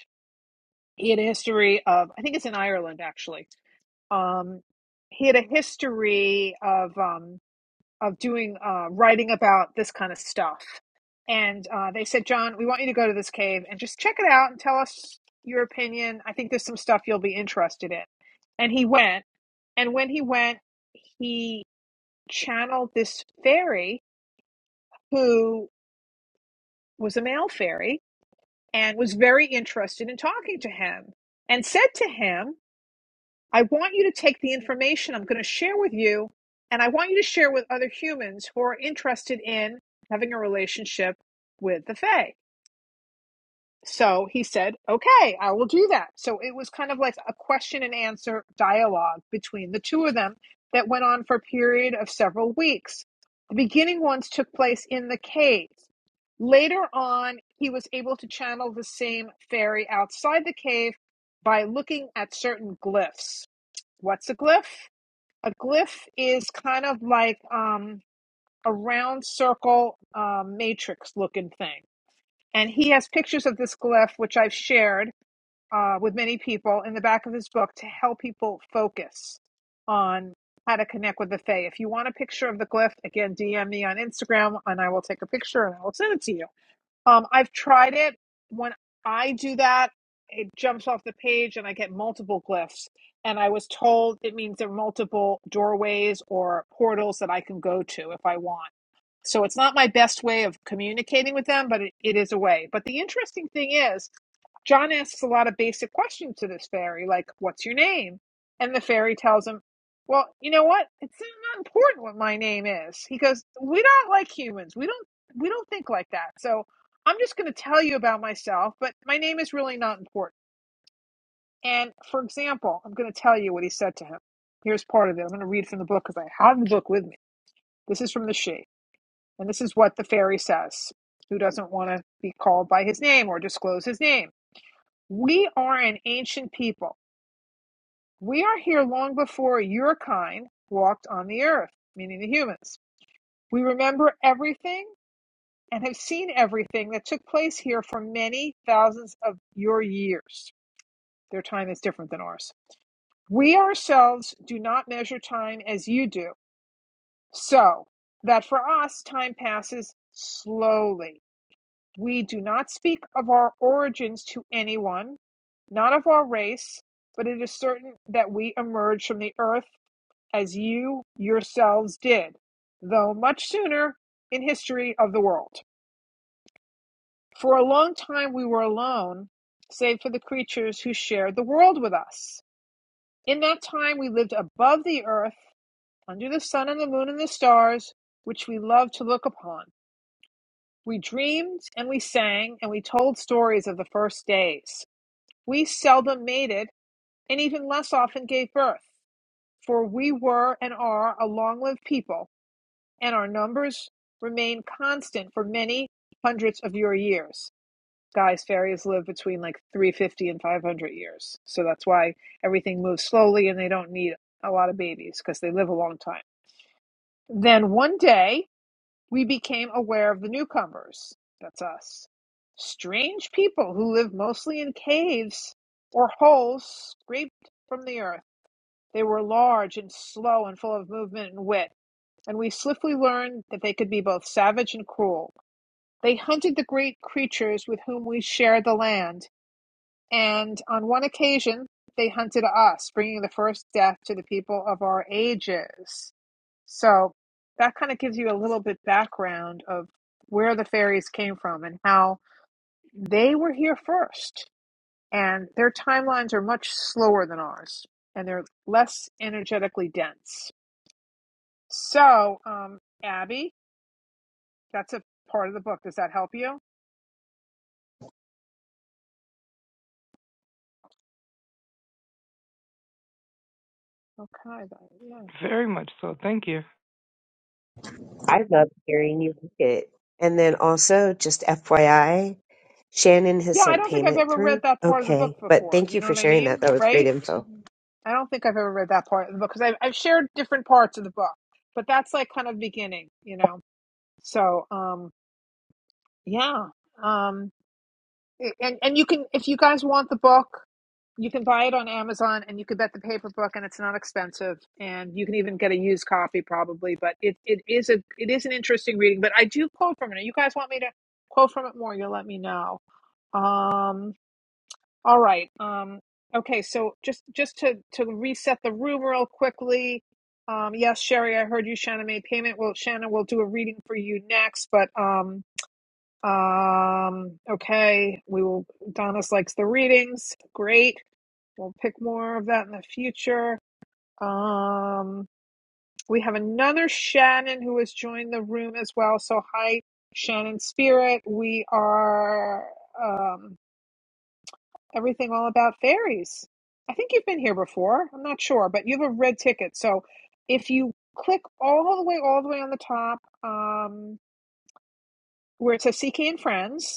in a history of, I think it's in Ireland actually um, he had a history of um, of doing uh, writing about this kind of stuff, and uh, they said, John, we want you to go to this cave and just check it out and tell us your opinion. I think there's some stuff you'll be interested in, and he went. And when he went, he channeled this fairy who was a male fairy and was very interested in talking to him and said to him I want you to take the information I'm going to share with you and I want you to share with other humans who are interested in having a relationship with the Fae. So he said, Okay, I will do that. So it was kind of like a question and answer dialogue between the two of them that went on for a period of several weeks. The beginning ones took place in the caves. Later on, he was able to channel the same fairy outside the cave by looking at certain glyphs. What's a glyph? A glyph is kind of like um, a round circle um, matrix looking thing. And he has pictures of this glyph, which I've shared uh, with many people in the back of his book to help people focus on how to connect with the Fae. If you want a picture of the glyph, again, DM me on Instagram and I will take a picture and I will send it to you. Um, I've tried it. When I do that, it jumps off the page and I get multiple glyphs. And I was told it means there are multiple doorways or portals that I can go to if I want. So it's not my best way of communicating with them, but it, it is a way. But the interesting thing is, John asks a lot of basic questions to this fairy, like, What's your name? And the fairy tells him, Well, you know what? It's not important what my name is. He goes, We don't like humans. We don't we don't think like that. So I'm just gonna tell you about myself, but my name is really not important. And for example, I'm gonna tell you what he said to him. Here's part of it. I'm gonna read from the book because I have the book with me. This is from the she. And this is what the fairy says, who doesn't want to be called by his name or disclose his name. We are an ancient people We are here long before your kind walked on the earth, meaning the humans. We remember everything and have seen everything that took place here for many thousands of your years. Their time is different than ours. We ourselves do not measure time as you do, so that for us time passes slowly. We do not speak of our origins to anyone, not of our race, but it is certain that we emerged from the earth as you yourselves did, though much sooner in history of the world. For a long time we were alone, save for the creatures who shared the world with us. In that time we lived above the earth, under the sun and the moon and the stars, which we loved to look upon. We dreamed and we sang and we told stories of the first days. We seldom mated and even less often gave birth, for we were and are a long lived people and our numbers remain constant for many hundreds of your years. Guys, fairies live between like 350 and 500 years. So that's why everything moves slowly and they don't need a lot of babies because they live a long time. Then one day, we became aware of the newcomers. That's us. Strange people who live mostly in caves or holes scraped from the earth. They were large and slow and full of movement and wit and we swiftly learned that they could be both savage and cruel. They hunted the great creatures with whom we shared the land, and on one occasion they hunted us, bringing the first death to the people of our ages. So that kind of gives you a little bit background of where the fairies came from and how they were here first. And their timelines are much slower than ours, and they're less energetically dense. So, um, Abby, That's a part of the book. Does that help you? Okay. Yeah.
Very much so. Thank you.
I love hearing you read it. And then also, just FYI, Shannon has
Yeah. I
sent
don't think I've
payment
ever read
through.
that part of the book
Okay, but
before.
thank
You
you
know
for
what I
sharing that.
mean?
That was great
Right?
info.
I don't think I've ever read that part of the book because I've, I've shared different parts of the book, but that's like kind of beginning, you know? So, um, yeah. Um, and and you can if you guys want the book you can buy it on amazon and you can get the paper book and it's not expensive and you can even get a used copy probably but it, it is a it is an interesting reading but i do quote from it you guys want me to quote from it more you'll let me know um all right um okay so just just to to reset the room real quickly um yes sherry i heard you shannon made payment well shannon will do a reading for you next but um um, okay, we will. Donis likes the readings. Great. We'll pick more of that in the future. Um, we have another Shannon who has joined the room as well. So, hi, Shannon Spirit. We are um, everything all about fairies. I think you've been here before. I'm not sure, but you have a red ticket. So, if you click all the way, all the way on the top, um, where it says CK and Friends,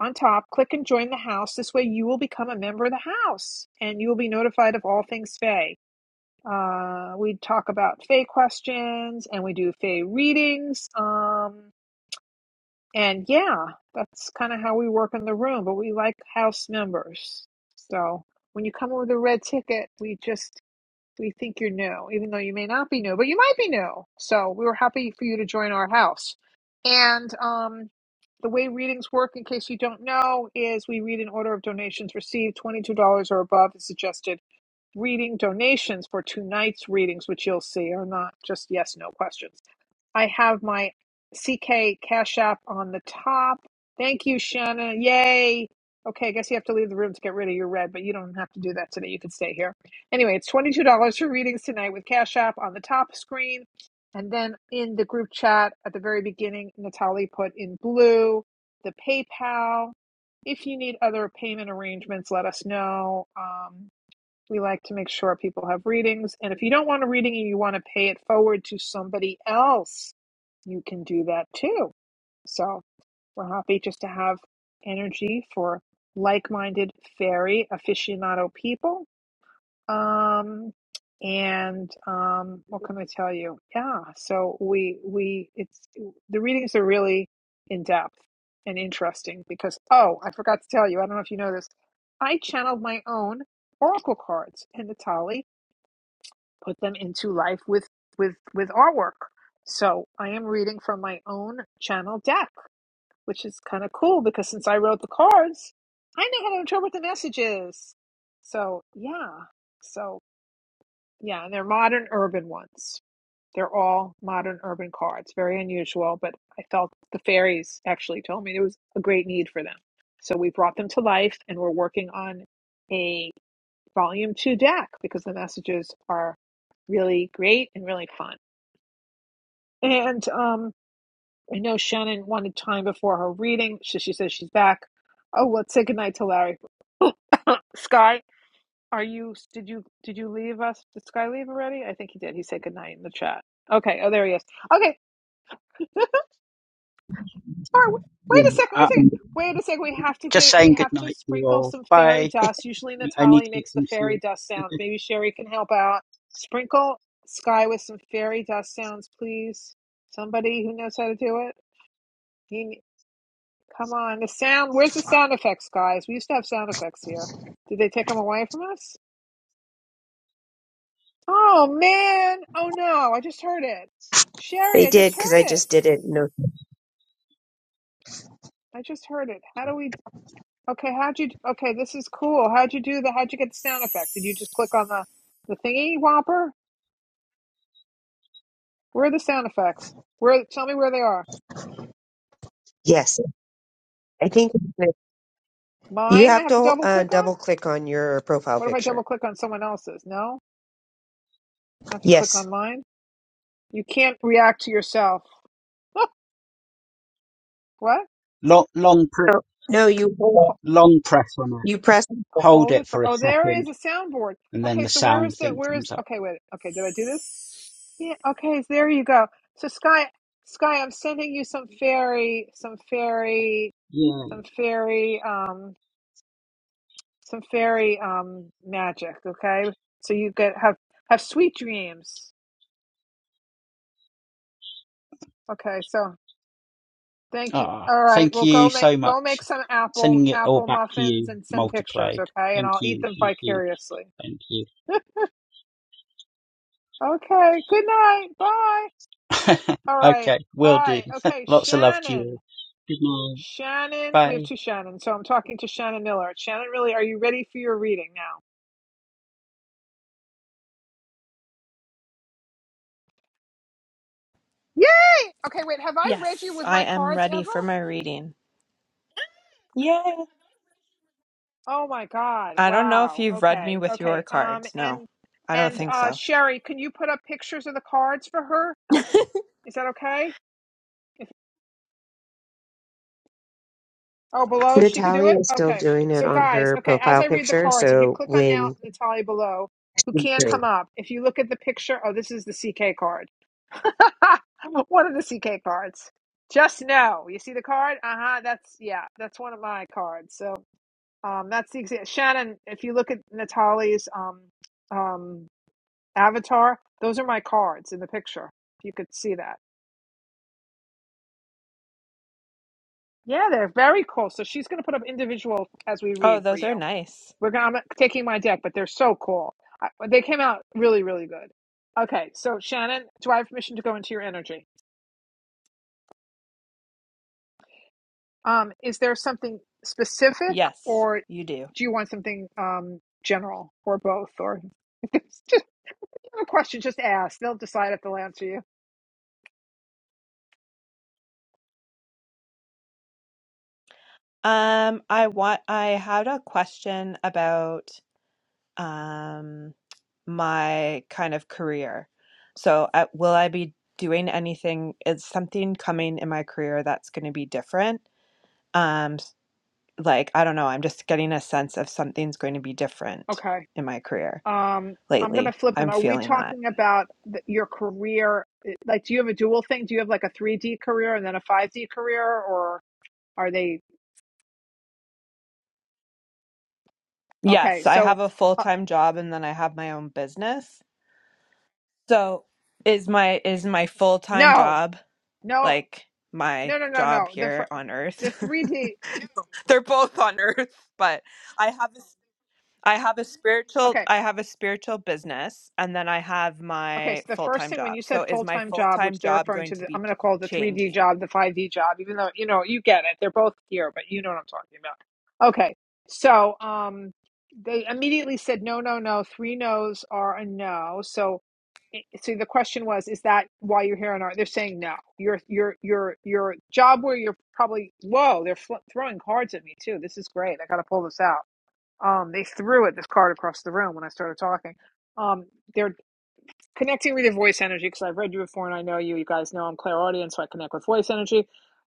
on top, click and join the house. This way, you will become a member of the house and you will be notified of all things Fae. Uh, we talk about Fae questions and we do Fae readings. Um, and yeah, that's kind of how we work in the room, but we like house members. So when you come in with a red ticket, we just we think you're new, even though you may not be new, but you might be new. So we were happy for you to join our house. And um, the way readings work, in case you don't know, is we read in order of donations received. $22 or above is suggested. Reading donations for tonight's readings, which you'll see, are not just yes, no questions. I have my CK Cash App on the top. Thank you, Shanna. Yay. Okay, I guess you have to leave the room to get rid of your red, but you don't have to do that today. You can stay here. Anyway, it's $22 for readings tonight with Cash App on the top screen. And then in the group chat at the very beginning, Natalie put in blue the PayPal. If you need other payment arrangements, let us know. Um, we like to make sure people have readings. And if you don't want a reading and you want to pay it forward to somebody else, you can do that too. So we're happy just to have energy for like minded fairy aficionado people. Um, and um, what can I tell you? Yeah, so we we it's the readings are really in depth and interesting because oh, I forgot to tell you. I don't know if you know this. I channeled my own oracle cards in the Tali put them into life with with with artwork. So I am reading from my own channel deck, which is kind of cool because since I wrote the cards, I know how to interpret the messages. So yeah, so yeah, and they're modern urban ones. They're all modern urban cards, very unusual, but I felt the fairies actually told me there was a great need for them. So we brought them to life, and we're working on a volume two DAC because the messages are really great and really fun. And um, I know Shannon wanted time before her reading, so she says she's back. Oh, let's say goodnight to Larry. Sky, are you? Did you did you leave us? Did Sky leave already? I think he did. He said goodnight in the chat. Okay. Oh, there he is. Okay. Or
Yeah.
wait a second, wait a second,
Um,
wait a second. We have to give
just
it. We
saying good
have to
night to you
sprinkle
all.
some fairy
Bye.
dust. Usually
I need
Natalie
to get
makes the
some
fairy
sleep.
dust sound. Maybe Sherry can help out. Sprinkle Sky with some fairy dust sounds, please. Somebody who knows how to do it. He, come on, the sound. Where's the sound effects, guys? We used to have sound effects here. Did they take them away from us? Oh man! Oh no! I just heard it. Sherry,
They
I
did
just
because I
heard it.
just did it. No,
I just heard it. How do we? Okay, how'd you? Okay, this is cool. How'd you do the? How'd you get the sound effect? Did you just click on the the thingy whopper? Where are the sound effects? Where? Tell me where they are.
yes, I think you
Mine? I
have
have to
to
double
uh,
click on.
double click on your profile
What if I double
picture.
click on someone else's? No, I have to click
Yes.
on mine. You can't react to yourself. what?
long, long, pr-
No, no, you
Ho-
long press on it.
you press.
Hold
hold it
it for
for.
a
Oh, there
second
is a soundboard.
and then
Okay,
the
so where
sound
is the?
thing
Where is?
comes up.
Okay, wait. Okay, did I do this? Yeah. Okay, there you go. So Sky, Sky, I'm sending you some fairy, some fairy,
Yeah.
some fairy. Um some fairy um magic okay so you get have have sweet dreams okay so thank you
Ah,
all right
thank
well go
you
make
so
go make
much.
some apple
Sending it all
apple
back to
muffins
you
and send pictures
multiplied.
okay and
Thank
i'll
you.
eat them
Thank you.
vicariously
Thank you.
okay good night bye all right
okay, will do.
bye okay
Lots of love to you
shannon
all. Good night.
shannon we
Bye.
have two shannon so i'm talking to shannon miller shannon really are you ready for your reading now yay okay wait have i read you
Yes,
with
I
my
am
cards
ready
ever
for my reading. Yay!
Oh my God.
I don't know if
Wow.
you've read me
Okay.
with your
Okay. Um
cards. No,
and
I don't
and
think
uh
so.
Sherry, can you put up pictures of the cards for her? Is that okay? If oh below she could do
Natalie
it?
is still
Okay.
doing it
So
on
guys,
her
okay, as
profile
I read the
picture,
cards, if you
so
click on now
when
Natalia below, who
she's
can't
doing
come
it,
up, if you look at the picture, oh this is the CK card. one of the CK cards. Just know. You see the card? Uh-huh. That's yeah, that's one of my cards. So um that's the exa- Shannon, if you look at Natalia's um um Avatar. Those are my cards in the picture. If you could see that. Yeah, they're very cool. So she's going to put up individual as we
Oh,
read for
those are
you.
nice.
We're gonna, I'm taking my deck, but they're so cool. I, they came out really, really good. Okay, so Shannon, do I have permission to go into your energy? Um, is there something specific,
Yes,
or
you do.
do you want something um, general, or both, or just a question? Just ask. They'll decide if they'll answer you.
Um, I want I had a question about um my kind of career. So, uh, will I be doing anything? Is something coming in my career that's going to be different? Um, s- like I don't know. I'm just getting a sense of something's going to be different
Okay.
in my career.
um i'm gonna
lately.
flip them
I'm
are we
feeling that.
talking about th- your career like do you have a dual thing do you have like a 3d career and then a 5d career or are they okay
Yes, I
so
have a
uh,
full-time job and then I have my own business. So, is my is my full-time
no
job
no
like my
no no no no
job
the
here on
the
earth?
3d
No, They're both on earth, but I have a, s- I have a spiritual
okay.
I have a spiritual business and then I have
Okay,
my
so the first
full-time
thing when
job.
you said
So, is my
full-time job,
full-time
which they're
job
referring
going
to,
to
the, I'm
be
going to call the 3D
changing?
job the 5D job, even though you know you get it. They're both here, but you know what I'm talking about. Okay, so um, they immediately said no, no, no. Three no's are a no. So, i- so the question was, is that why you're here? And are they're saying no? Your your your your job where you're probably whoa, they're fl- throwing cards at me too. This is great. I got to pull this out. Um, they threw it this card across the room when I started talking. Um, they're connecting with your voice energy because I've read you before and I know you. You guys know I'm clairaudient, so I connect with voice energy.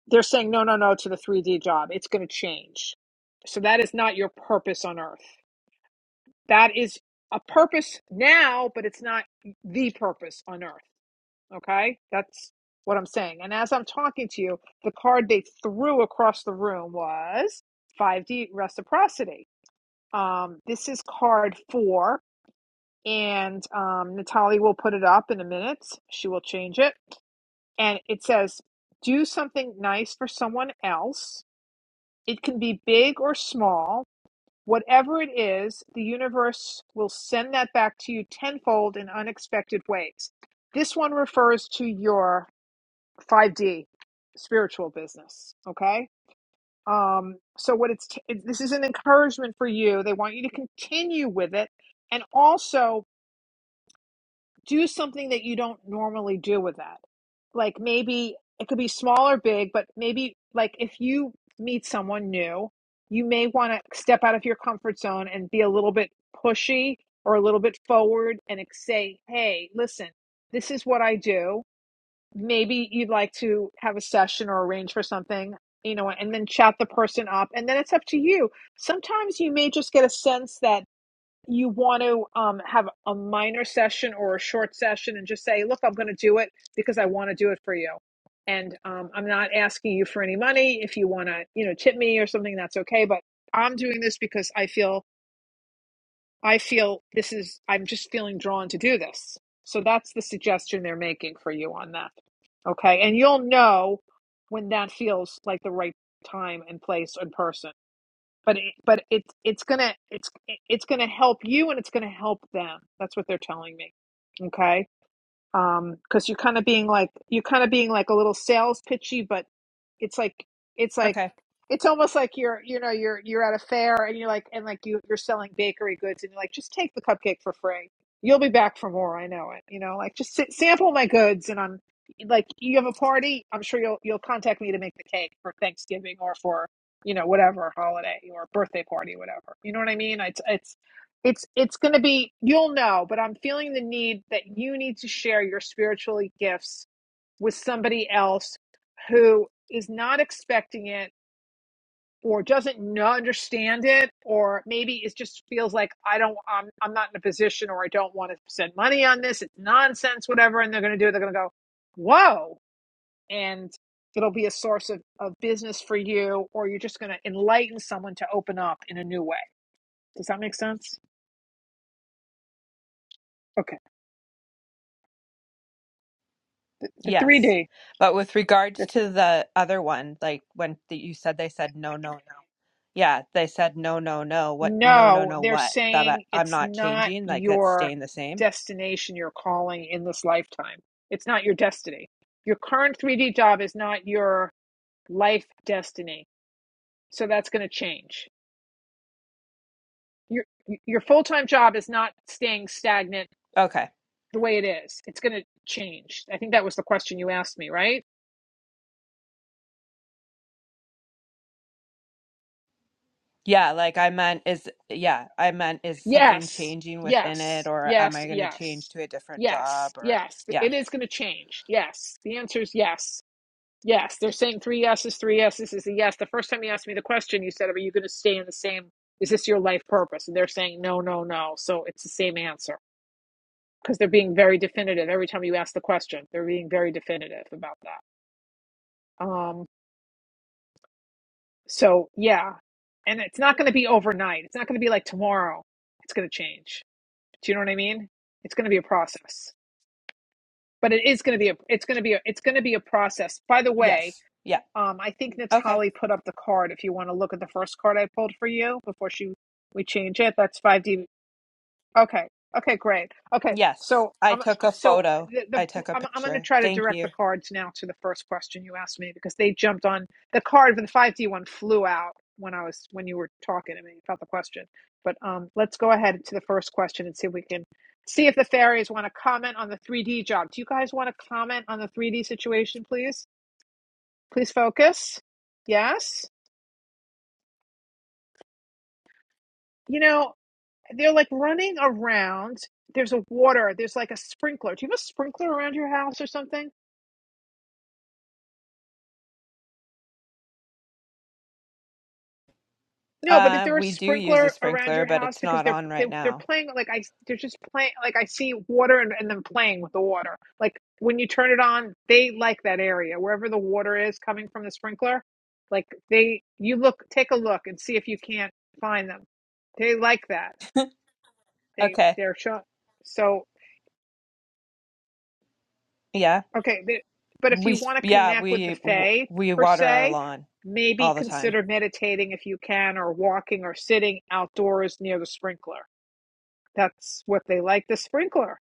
They're saying no, no, no to the 3D job. It's going to change. So that is not your purpose on earth. That is a purpose now, but it's not the purpose on earth. Okay, that's what I'm saying. And as I'm talking to you, the card they threw across the room was 5D reciprocity. Um, this is card four and um, Natalie will put it up in a minute. She will change it. And it says, Do something nice for someone else. It can be big or small. Whatever it is, the universe will send that back to you tenfold in unexpected ways. This one refers to your 5D spiritual business. Okay. Um, so, what it's t- this is an encouragement for you. They want you to continue with it. And also, do something that you don't normally do with that. Like maybe it could be small or big, but maybe like if you meet someone new, you may want to step out of your comfort zone and be a little bit pushy or a little bit forward and say, hey, listen, this is what I do. Maybe you'd like to have a session or arrange for something, you know, and then chat the person up. And then it's up to you. Sometimes you may just get a sense that you want to um, have a minor session or a short session and just say, look, I'm going to do it because I want to do it for you. And um, I'm not asking you for any money. If you want to, you know, tip me or something, that's okay. But I'm doing this because I feel, I feel this is, I'm just feeling drawn to do this. So that's the suggestion they're making for you on that. Okay. And you'll know when that feels like the right time and place and person but it, but it's it's gonna it's it's gonna help you and it's gonna help them. That's what they're telling me. Okay um because you're kind of being like you're kind of being like a little sales pitchy but it's like it's like
Okay.
it's almost like you're you know you're you're at a fair and you're like and like you you're selling bakery goods and you're like just take the cupcake for free you'll be back for more i know it you know like just sit, sample my goods and i'm like you have a party i'm sure you'll you'll contact me to make the cake for thanksgiving or for you know whatever holiday or birthday party whatever you know what i mean it's it's it's it's going to be you'll know but i'm feeling the need that you need to share your spiritually gifts with somebody else who is not expecting it or doesn't know, understand it or maybe it just feels like i don't I'm, I'm not in a position or i don't want to spend money on this it's nonsense whatever and they're going to do it they're going to go whoa and it'll be a source of, of business for you or you're just going to enlighten someone to open up in a new way does that make sense okay the, the
Yes.
3d
But with
the.
regards to the other one, like when th- you said they said no, no, Yeah, they said no, no, no. What? No, no,
No,
no.
they're
What? That I,
saying
I'm
it's
not
not
changing. Like it's
your
staying the same.
destination, your calling in this lifetime. It's not your destiny. Your current 3D job is not your life destiny. So that's going to change. Your your full-time job is not staying stagnant
Okay.
the way it is. It's going to change. I think that was the question you asked me, right?
Yeah, like I meant is yeah, I meant is something
Yes.
changing within it
Yes.
or am
Yes,
I going to change
yes.
to a different
Yes.
job or
Yes.
yeah.
It is going to change. Yes. The answer is yes Yes, they're saying three yeses, three yeses is a yes. The first time you asked me the question, you said, Are you going to stay in the same? Is this your life purpose? And they're saying, No, no, no. So it's the same answer because they're being very definitive every time you ask the question. They're being very definitive about that. Um, so, yeah. And it's not going to be overnight. It's not going to be like tomorrow. It's going to change. Do you know what I mean? It's going to be a process. But it is going to be a it's going to be a, it's going to be a process. By the way,
Yes. Yeah.
Um, I think
Okay.
Natalie put up the card. If you want to look at the first card I pulled for you before she we change it, that's five D. Okay, okay, great. Okay,
Yes.
so
I
I'm
took a
so
photo.
the,
I
the
took a
I'm I'm going to
picture.
try to
Thank
direct
you.
the cards now to the first question you asked me because they jumped on the card for the five D one flew out when I was when you were talking to me about the question. But um, let's go ahead to the first question and see if we can see if the fairies want to comment on the three D job. Do you guys want to comment on the three D situation, please? Please focus. Yes. You know, they're like running around. There's a water. There's like a sprinkler. Do you have a sprinkler around your house or something? No, but is
Uh
there a
we do use a
sprinkler around
sprinkler,
your
but
house
it's
because
not
they're
on
they,
right
they're
now.
playing like I they're just playing like I see water and, and them playing with the water. Like when you turn it on, they like that area wherever the water is coming from the sprinkler. Like they you look take a look and see if you can't find them. They like that. They
Okay.
they're show, so.
Yeah.
Okay, but, but if
We
you
s-
want to
yeah,
connect with the
we w-
Fae
we
per
water our
se,
lawn
maybe
all the time.
consider meditating if you can, or walking or sitting outdoors near the sprinkler. That's what they like the sprinkler.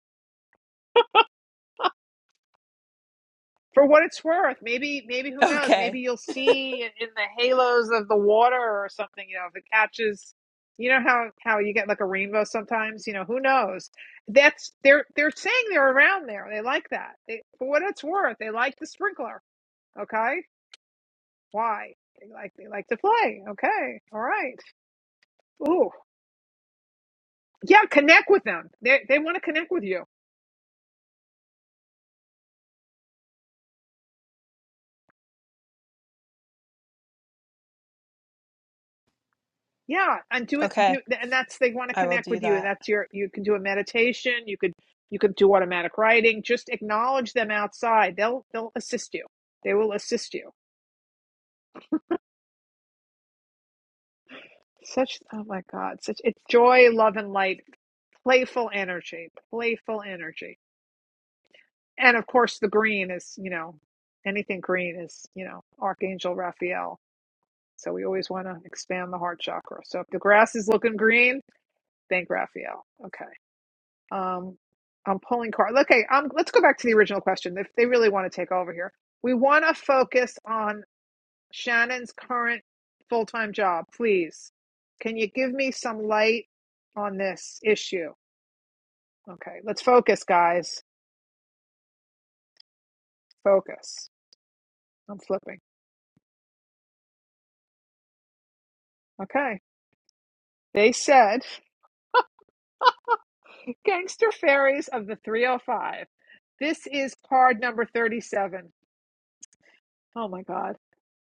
For what it's worth, maybe, maybe who knows?
Okay.
Maybe you'll see in, in the halos of the water or something. You know, if it catches, you know how how you get like a rainbow sometimes. You know, who knows? That's they're they're saying they're around there. They like that. They, for what it's worth, they like the sprinkler. Okay. Why? They like they like to play. Okay. All right. Ooh. Yeah, connect with them. They they want to connect with you. Yeah, and do it
Okay,
do, and that's they want to
I will
connect
do
with you and
that.
that's your you can do a meditation, you could you could do automatic writing, just acknowledge them outside. They'll they'll assist you. They will assist you. Such oh my god, such it's joy, love and light, playful energy, playful energy. And of course the green is, you know, anything green is, you know, Archangel Raphael So we always want to expand the heart chakra. So if the grass is looking green, thank Raphael. Okay. Um, I'm pulling cards. Okay. Um, let's go back to the original question. If they really want to take over here, we want to focus on Shannon's current full time job, please. Can you give me some light on this issue? Okay. Let's focus, guys. Focus. I'm flipping. Okay. They said, Gangster Fairies of the 305. This is card number 37. Oh my God.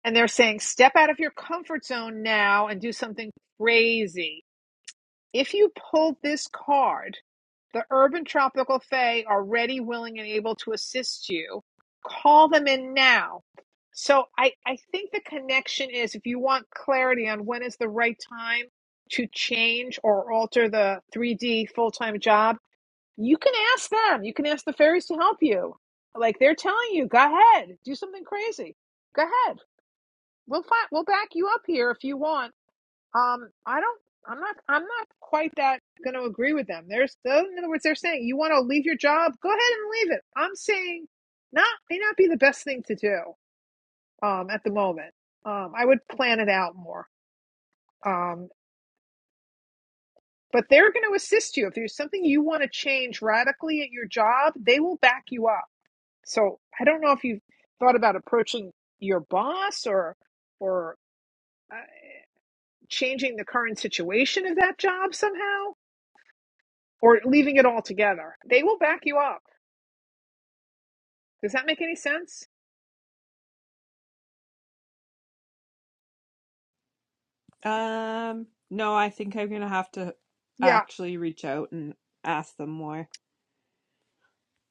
And they're saying, step out of your comfort zone now and do something crazy. If you pulled this card, the Urban Tropical Fae are ready, willing, and able to assist you. Call them in now. So I, I think the connection is if you want clarity on when is the right time to change or alter the 3D full time job, you can ask them. You can ask the fairies to help you. Like they're telling you, go ahead, do something crazy. Go ahead we'll find we'll back you up here if you want. Um, I don't. I'm not. I'm not quite that going to agree with them. There's in other words, they're saying you want to leave your job, go ahead and leave it. I'm saying, not may not be the best thing to do. Um, at the moment, um, I would plan it out more. Um, but they're going to assist you if there's something you want to change radically at your job. They will back you up. So I don't know if you've thought about approaching your boss or or uh, changing the current situation of that job somehow or leaving it all together. They will back you up. Does that make any sense?
Um, no, I think I'm gonna have to
Yeah,
actually reach out and ask them more.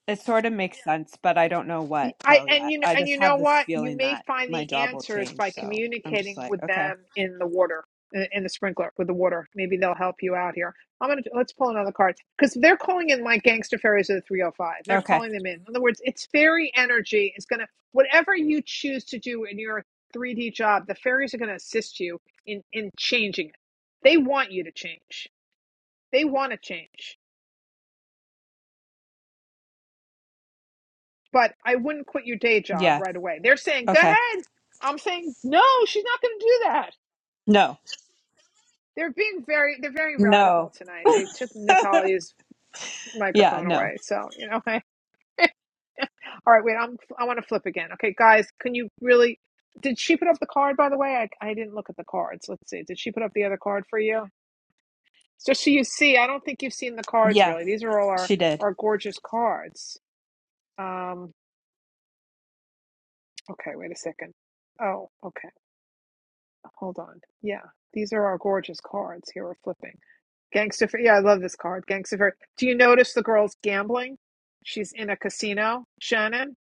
It sort of makes Yeah. sense, but I don't know what
I
though
and
yet.
you know
I
and
just
you
have
know
this
what? You
feeling
may
that
find
my
the
job will
answers
change,
by
so I'm just
communicating
like,
with
okay.
them in the water, in in the sprinkler with the water. Maybe they'll help you out here. I'm gonna let's pull another card because they're calling in like gangster fairies of the 305. They're
Okay.
calling them in. In other words, it's fairy energy. It's gonna whatever you choose to do in your 3D job, the fairies are gonna assist you in in changing it. They want you to change. They want to change but I wouldn't quit your day job
Yeah.
right away. They're saying, go
Okay.
ahead. I'm saying, no, she's not going to do that.
No.
They're being very, they're very radical
No.
tonight. They took Natalia's
Yeah,
microphone
no.
away. So, you know, all right, wait, I'm, I want to flip again. Okay, guys, can you really, did she put up the card, by the way? I, I didn't look at the cards. Let's see. Did she put up the other card for you? Just so you see, I don't think you've seen the cards
Yeah,
really. These are all our,
she did.
our gorgeous cards. Um, okay, wait a second. Oh, okay. Hold on. Yeah. These are our gorgeous cards here we're flipping. Gangsta Fair. Yeah, I love this card. Gangsta Fair. Do you notice the girl's gambling? She's in a casino, Shannon.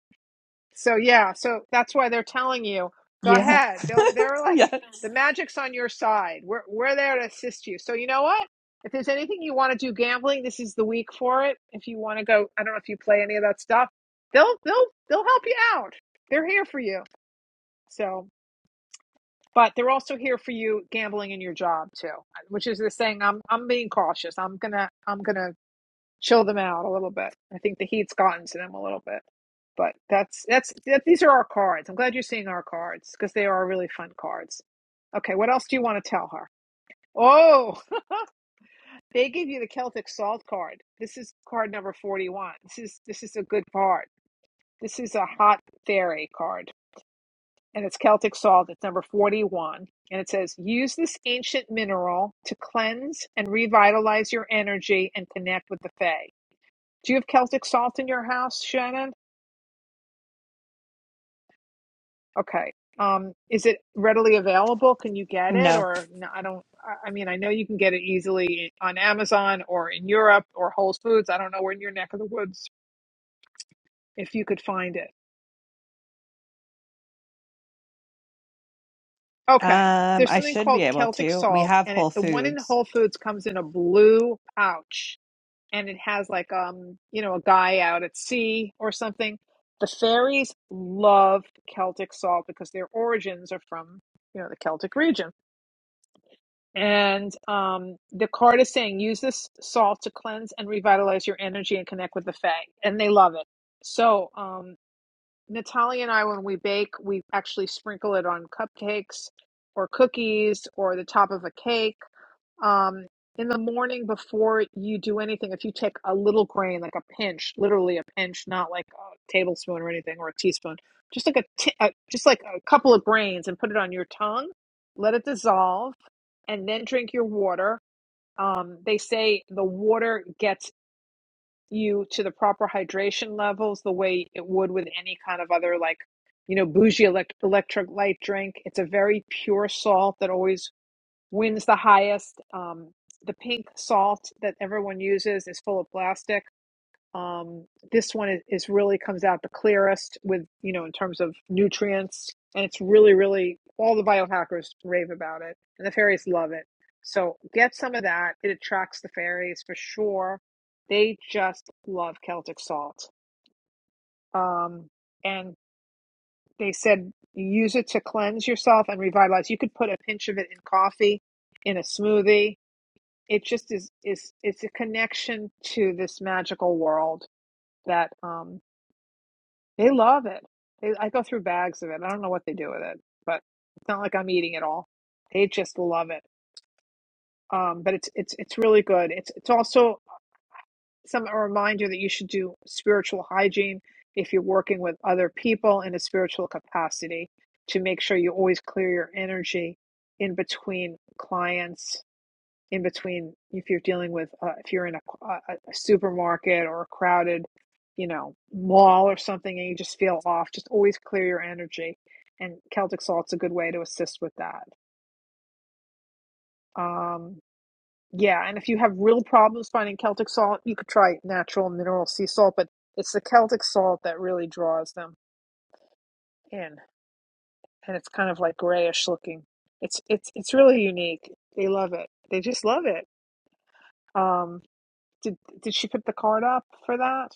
So yeah, so that's why they're telling you, go
Yeah.
ahead. They'll they're like
yeah.
the magic's on your side. We're we're there to assist you. So you know what? If there's anything you want to do gambling, this is the week for it. If you want to go, I don't know if you play any of that stuff. They'll they'll they'll help you out. They're here for you. So but they're also here for you gambling in your job too which is the saying i'm i'm being cautious i'm gonna i'm gonna chill them out a little bit i think the heat's gotten to them a little bit but that's that's that, these are our cards i'm glad you're seeing our cards because they are really fun cards okay what else do you want to tell her oh they give you the celtic salt card this is card number 41 this is this is a good card this is a hot fairy card and it's Celtic salt. It's number 41. And it says, use this ancient mineral to cleanse and revitalize your energy and connect with the Fae. Do you have Celtic salt in your house, Shannon? Okay. Um, is it readily available? Can you get it?
No.
Or no, I don't, I I mean, I know you can get it easily on Amazon or in Europe or Whole Foods. I don't know where in your neck of the woods if you could find it. Okay.
Um,
There's
I
something
should be
called
able
Celtic
to. We
salt,
have
and it,
Whole
the one in
Foods.
Whole Foods comes in a blue pouch and it has like um you know a guy out at sea or something the fairies love celtic salt because their origins are from you know the celtic region and um the card is saying use this salt to cleanse and revitalize your energy and connect with the fae and they love it so um natalia and i when we bake we actually sprinkle it on cupcakes or cookies or the top of a cake um, in the morning before you do anything, if you take a little grain, like a pinch, literally a pinch, not like a tablespoon or anything or a teaspoon, just like a, t- a just like a couple of grains, and put it on your tongue, let it dissolve, and then drink your water. Um, they say the water gets you to the proper hydration levels the way it would with any kind of other like you know bougie elect- electric light drink it's a very pure salt that always wins the highest. Um, the pink salt that everyone uses is full of plastic. Um, this one is, is really comes out the clearest with, you know, in terms of nutrients. And it's really, really, all the biohackers rave about it. And the fairies love it. So get some of that. It attracts the fairies for sure. They just love Celtic salt. Um, and they said use it to cleanse yourself and revitalize. You could put a pinch of it in coffee, in a smoothie it just is is it's a connection to this magical world that um they love it. They, I go through bags of it. I don't know what they do with it, but it's not like I'm eating it all. They just love it. Um, but it's it's it's really good. It's it's also some a reminder that you should do spiritual hygiene if you're working with other people in a spiritual capacity to make sure you always clear your energy in between clients in between if you're dealing with uh, if you're in a, a supermarket or a crowded you know mall or something and you just feel off just always clear your energy and celtic salt's a good way to assist with that um yeah and if you have real problems finding celtic salt you could try natural mineral sea salt but it's the celtic salt that really draws them in and it's kind of like grayish looking it's it's it's really unique they love it they just love it Um, Did did she put the card up for that?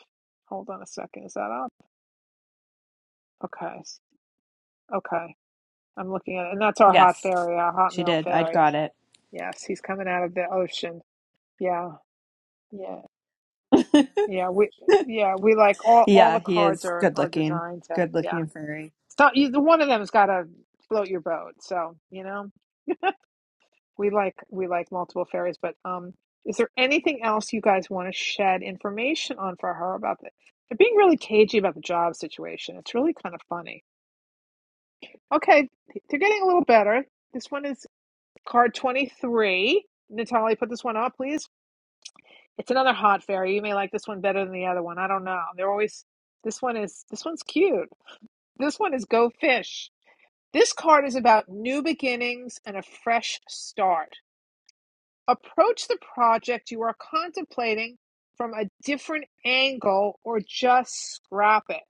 Hold on a second. Is that up? Okay. Okay. I'm looking at it. And that's our hot
Yes,
fairy, our hot
she
male
did. I
fairy.
got it.
Yes, he's coming out of the ocean. Yeah. Yeah. Yeah. We yeah, we like all all
Yeah,
the
he
cards
is
are
good
are
looking.
designed to
Good
yeah.
looking furry.
So you, the one of them's gotta float your boat. So, you know? We like we like multiple fairies, but um, is there anything else you guys want to shed information on for her about the? They're being really cagey about the job situation. It's really kind of funny. Okay, they're getting a little better. This one is card twenty three. Natalie, put this one up, please. It's another hot fairy. You may like this one better than the other one. I don't know. They're always this one is this one's cute. This one is go fish. This card is about new beginnings and a fresh start. Approach the project you are contemplating from a different angle or just scrap it.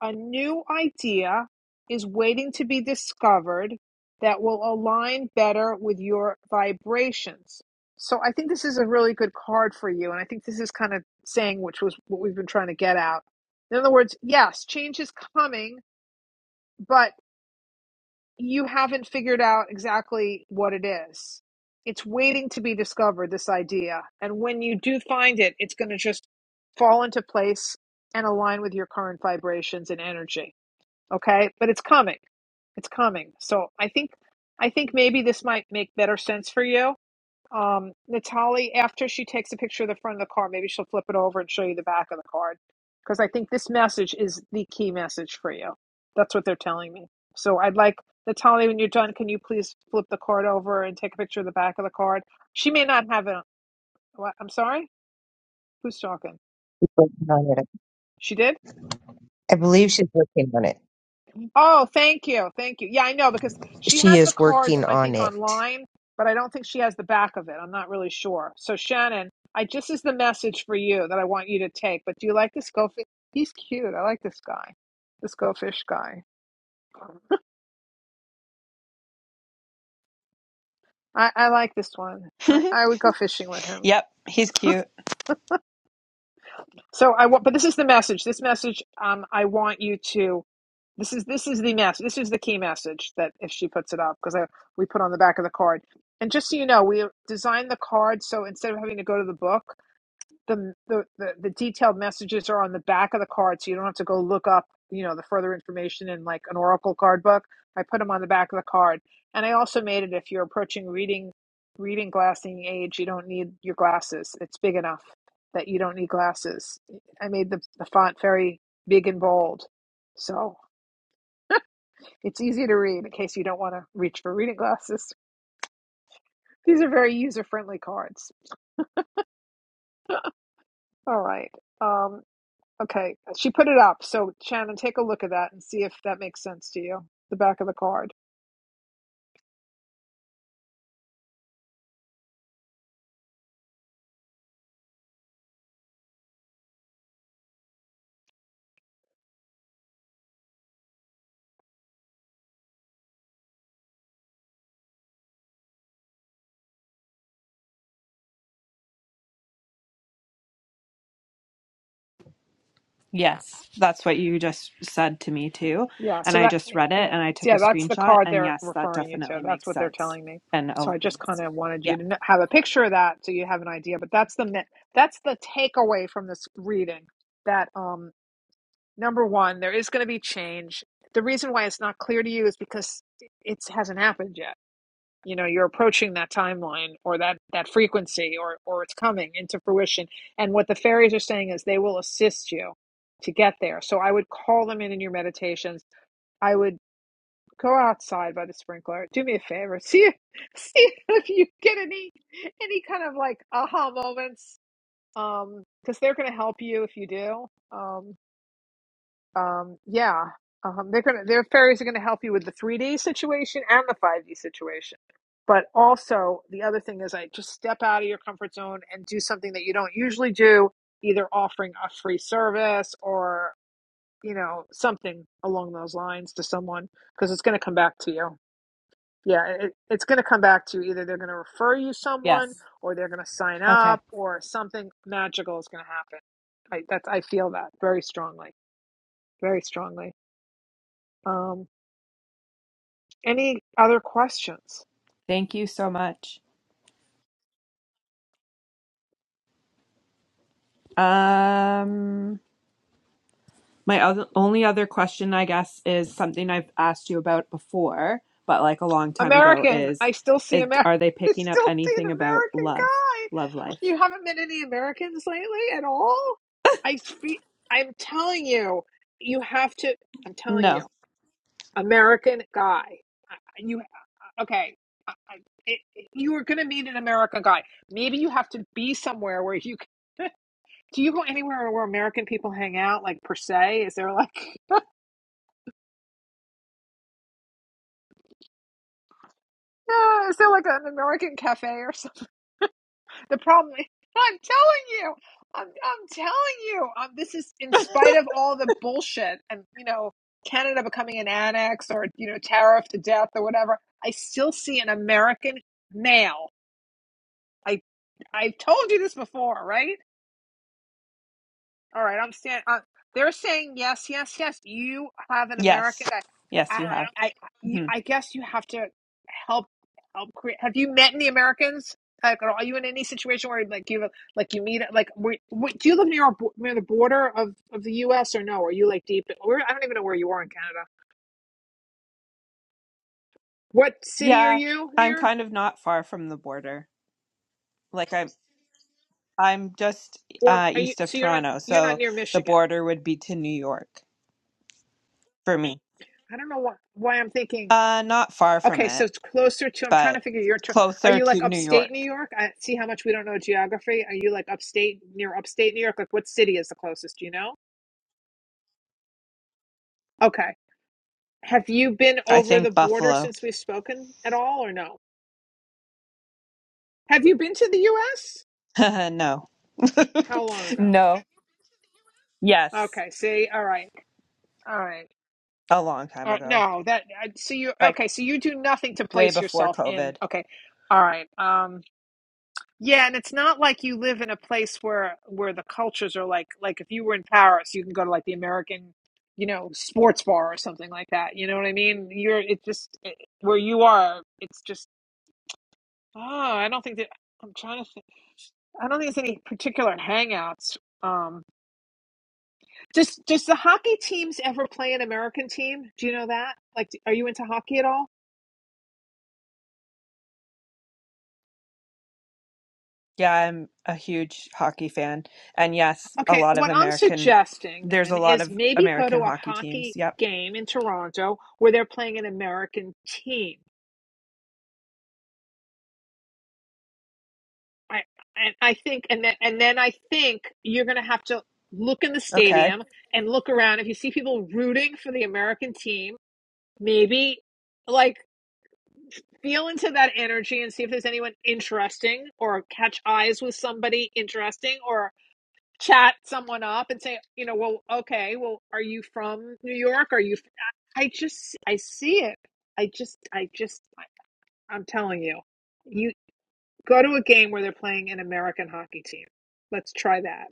A new idea is waiting to be discovered that will align better with your vibrations. So I think this is a really good card for you. And I think this is kind of saying, which was what we've been trying to get out. In other words, yes, change is coming, but you haven't figured out exactly what it is. It's waiting to be discovered, this idea. And when you do find it, it's going to just fall into place and align with your current vibrations and energy. Okay? But it's coming. It's coming. So I think I think maybe this might make better sense for you um, Natali, after she takes a picture of the front of the card, maybe she'll flip it over and show you the back of the card. Because I think this message is the key message for you. That's what they're telling me. So I'd like, Natali, when you're done, can you please flip the card over and take a picture of the back of the card? She may not have it. What? I'm sorry? Who's talking?
she's working on it.
She did?
I believe she's working on it.
Oh, thank you. Thank you. Yeah, I know because she
She
has the
is
cards,
working
I
on
think,
it.
online, but I don't think she has the back of it. I'm not really sure. So, Shannon, I just is the message for you that I want you to take. But do you like this goldfish? He's cute. I like this guy, this goldfish guy. I, I like this one. I, I would go fishing with him.
yep, he's cute.
So I want, but this is the message. This message, um, I want you to This is this is the mess. This is the key message that if she puts it up because we put on the back of the card. And just so you know, we designed the card so instead of having to go to the book, the the the, the detailed messages are on the back of the card, so you don't have to go look up you know the further information in like an oracle card book. I put them on the back of the card, and I also made it if you're approaching reading reading glassing age, you don't need your glasses. It's big enough that you don't need glasses. I made the the font very big and bold. So it's easy to read in case you don't want to reach for reading glasses. These are very user-friendly cards. All right. Um, okay. She put it up. So Shannon, take a look at that and see if that makes sense to you. The back of the card.
Yes, that's what you just said to me too.
Yeah.
And
So
I
that,
just
eh,
read it
yeah.
and I took a
Yeah. That's the
screenshot.
card
And
they're
yes, that
referring you to.
definitely
That's
makes
what they're
sense
telling me.
and
So I just kind
aligns.
of wanted
Yeah,
you to kn- have a picture of that so you have an idea. But that's the, me- that's the takeaway from this reading that, um number one, there is going to be change. The reason why it's not clear to you is because it hasn't happened yet. You know, you're approaching that timeline or that that frequency or or it's coming into fruition. And what the fairies are saying is they will assist you to get there. So I would call them in in your meditations. I would go outside by the sprinkler. Do me a favor. See see if you get any any kind of like aha moments um because they're going to help you if you do. Um um, yeah, um, they're gonna their fairies are gonna help you with the 3D situation and the 5D situation. But also the other thing is, I like, just step out of your comfort zone and do something that you don't usually do, either offering a free service or you know something along those lines to someone because it's gonna come back to you. Yeah, it, it's gonna come back to you. Either they're gonna refer you someone,
yes.
or they're gonna sign
Okay.
up, or something magical is gonna happen. I that's I feel that very strongly, very strongly. Um. Any other questions?
Thank you so much. Um, My other, only other question, I guess, is something I've asked you about before, but like a long time ago,
American.
is,
I still see
is
American.
are they
I
picking up
still see
anything
an
about
American
love, love
guy.
life?
You haven't met any Americans lately at all. I fe- I'm telling you, you have to. I'm telling
No.
you, American guy. You okay? I, I, it, you are going to meet an American guy. Maybe you have to be somewhere where you. Do you go anywhere where American people hang out, like per se? Is there like, uh, is there like an American cafe or something? The problem is, I'm telling you, I'm, I'm telling you, um, this is in spite of all the bullshit and, you know, Canada becoming an annex or, you know, tariff to death or whatever. I still see an American male. I, I've told you this before, right? All right, I'm saying uh, they're saying yes, yes, yes. You have an American
Yes.
guy.
Yes,
I,
you have.
I, you,
hmm
I guess you have to help help create. Have you met any Americans? Like, are you in any situation where like you like you meet like where, where, do you live near our near the border of of the U.S. or no? Are you like deep? Where I don't even know where you are in Canada. What city are
Yeah,
you
I'm
near?
kind of not far from the border. Like I'm, I'm just
Or
uh,
are you?
east of
So you're not
Toronto,
you're not
so
near
the
Michigan.
border would be to New York for me.
I don't know why why I'm thinking.
Uh, not far from
Okay, so
it,
it's closer to. I'm trying
but
to figure your. Ter- are
closer
you
to
like
New
upstate New
York.
York? I see how much we don't know geography. Are you like upstate near upstate New York? Like what city is the closest? Do you know? Okay. Have you been
I
over the
think
border
Buffalo.
since we've spoken at all, or no? Have you been to the U.S.?
no.
How long ago?
no, Yes,
Okay. See. All right. All right.
a long time
Uh,
ago,
no, that. I- So you.
like
Okay. So you do nothing to
way
place
before
yourself in.
COVID.
Okay. All right. Um. Yeah, and it's not like you live in a place where where the cultures are like like if you were in Paris, you can go to like the American, you know, sports bar or something like that. You know what I mean? You're it just it, where you are. It's just oh, I don't think that I'm trying to think. I don't think there's any particular hangouts. Um, does does the hockey teams ever play an American team? Do you know that? Like, are you into hockey at all?
Yeah, I'm a huge hockey fan. And yes, a
Okay,
lot of
what I'm
American,
suggesting
there's
then
a lot
is
of
maybe go to
American
a
hockey teams.
hockey
Yep.
game in Toronto where they're playing an American team. I and I think and then and then I think you're going to have to look in the
Okay.
stadium and look around if you see people rooting for the American team, maybe like feel into that energy and see if there's anyone interesting or catch eyes with somebody interesting or. chat someone up and say, you know, well, okay, well, are you from New York? Are you? I just, I see it. I just, I just, I- am telling you, you go to a game where they're playing an American hockey team. Let's try that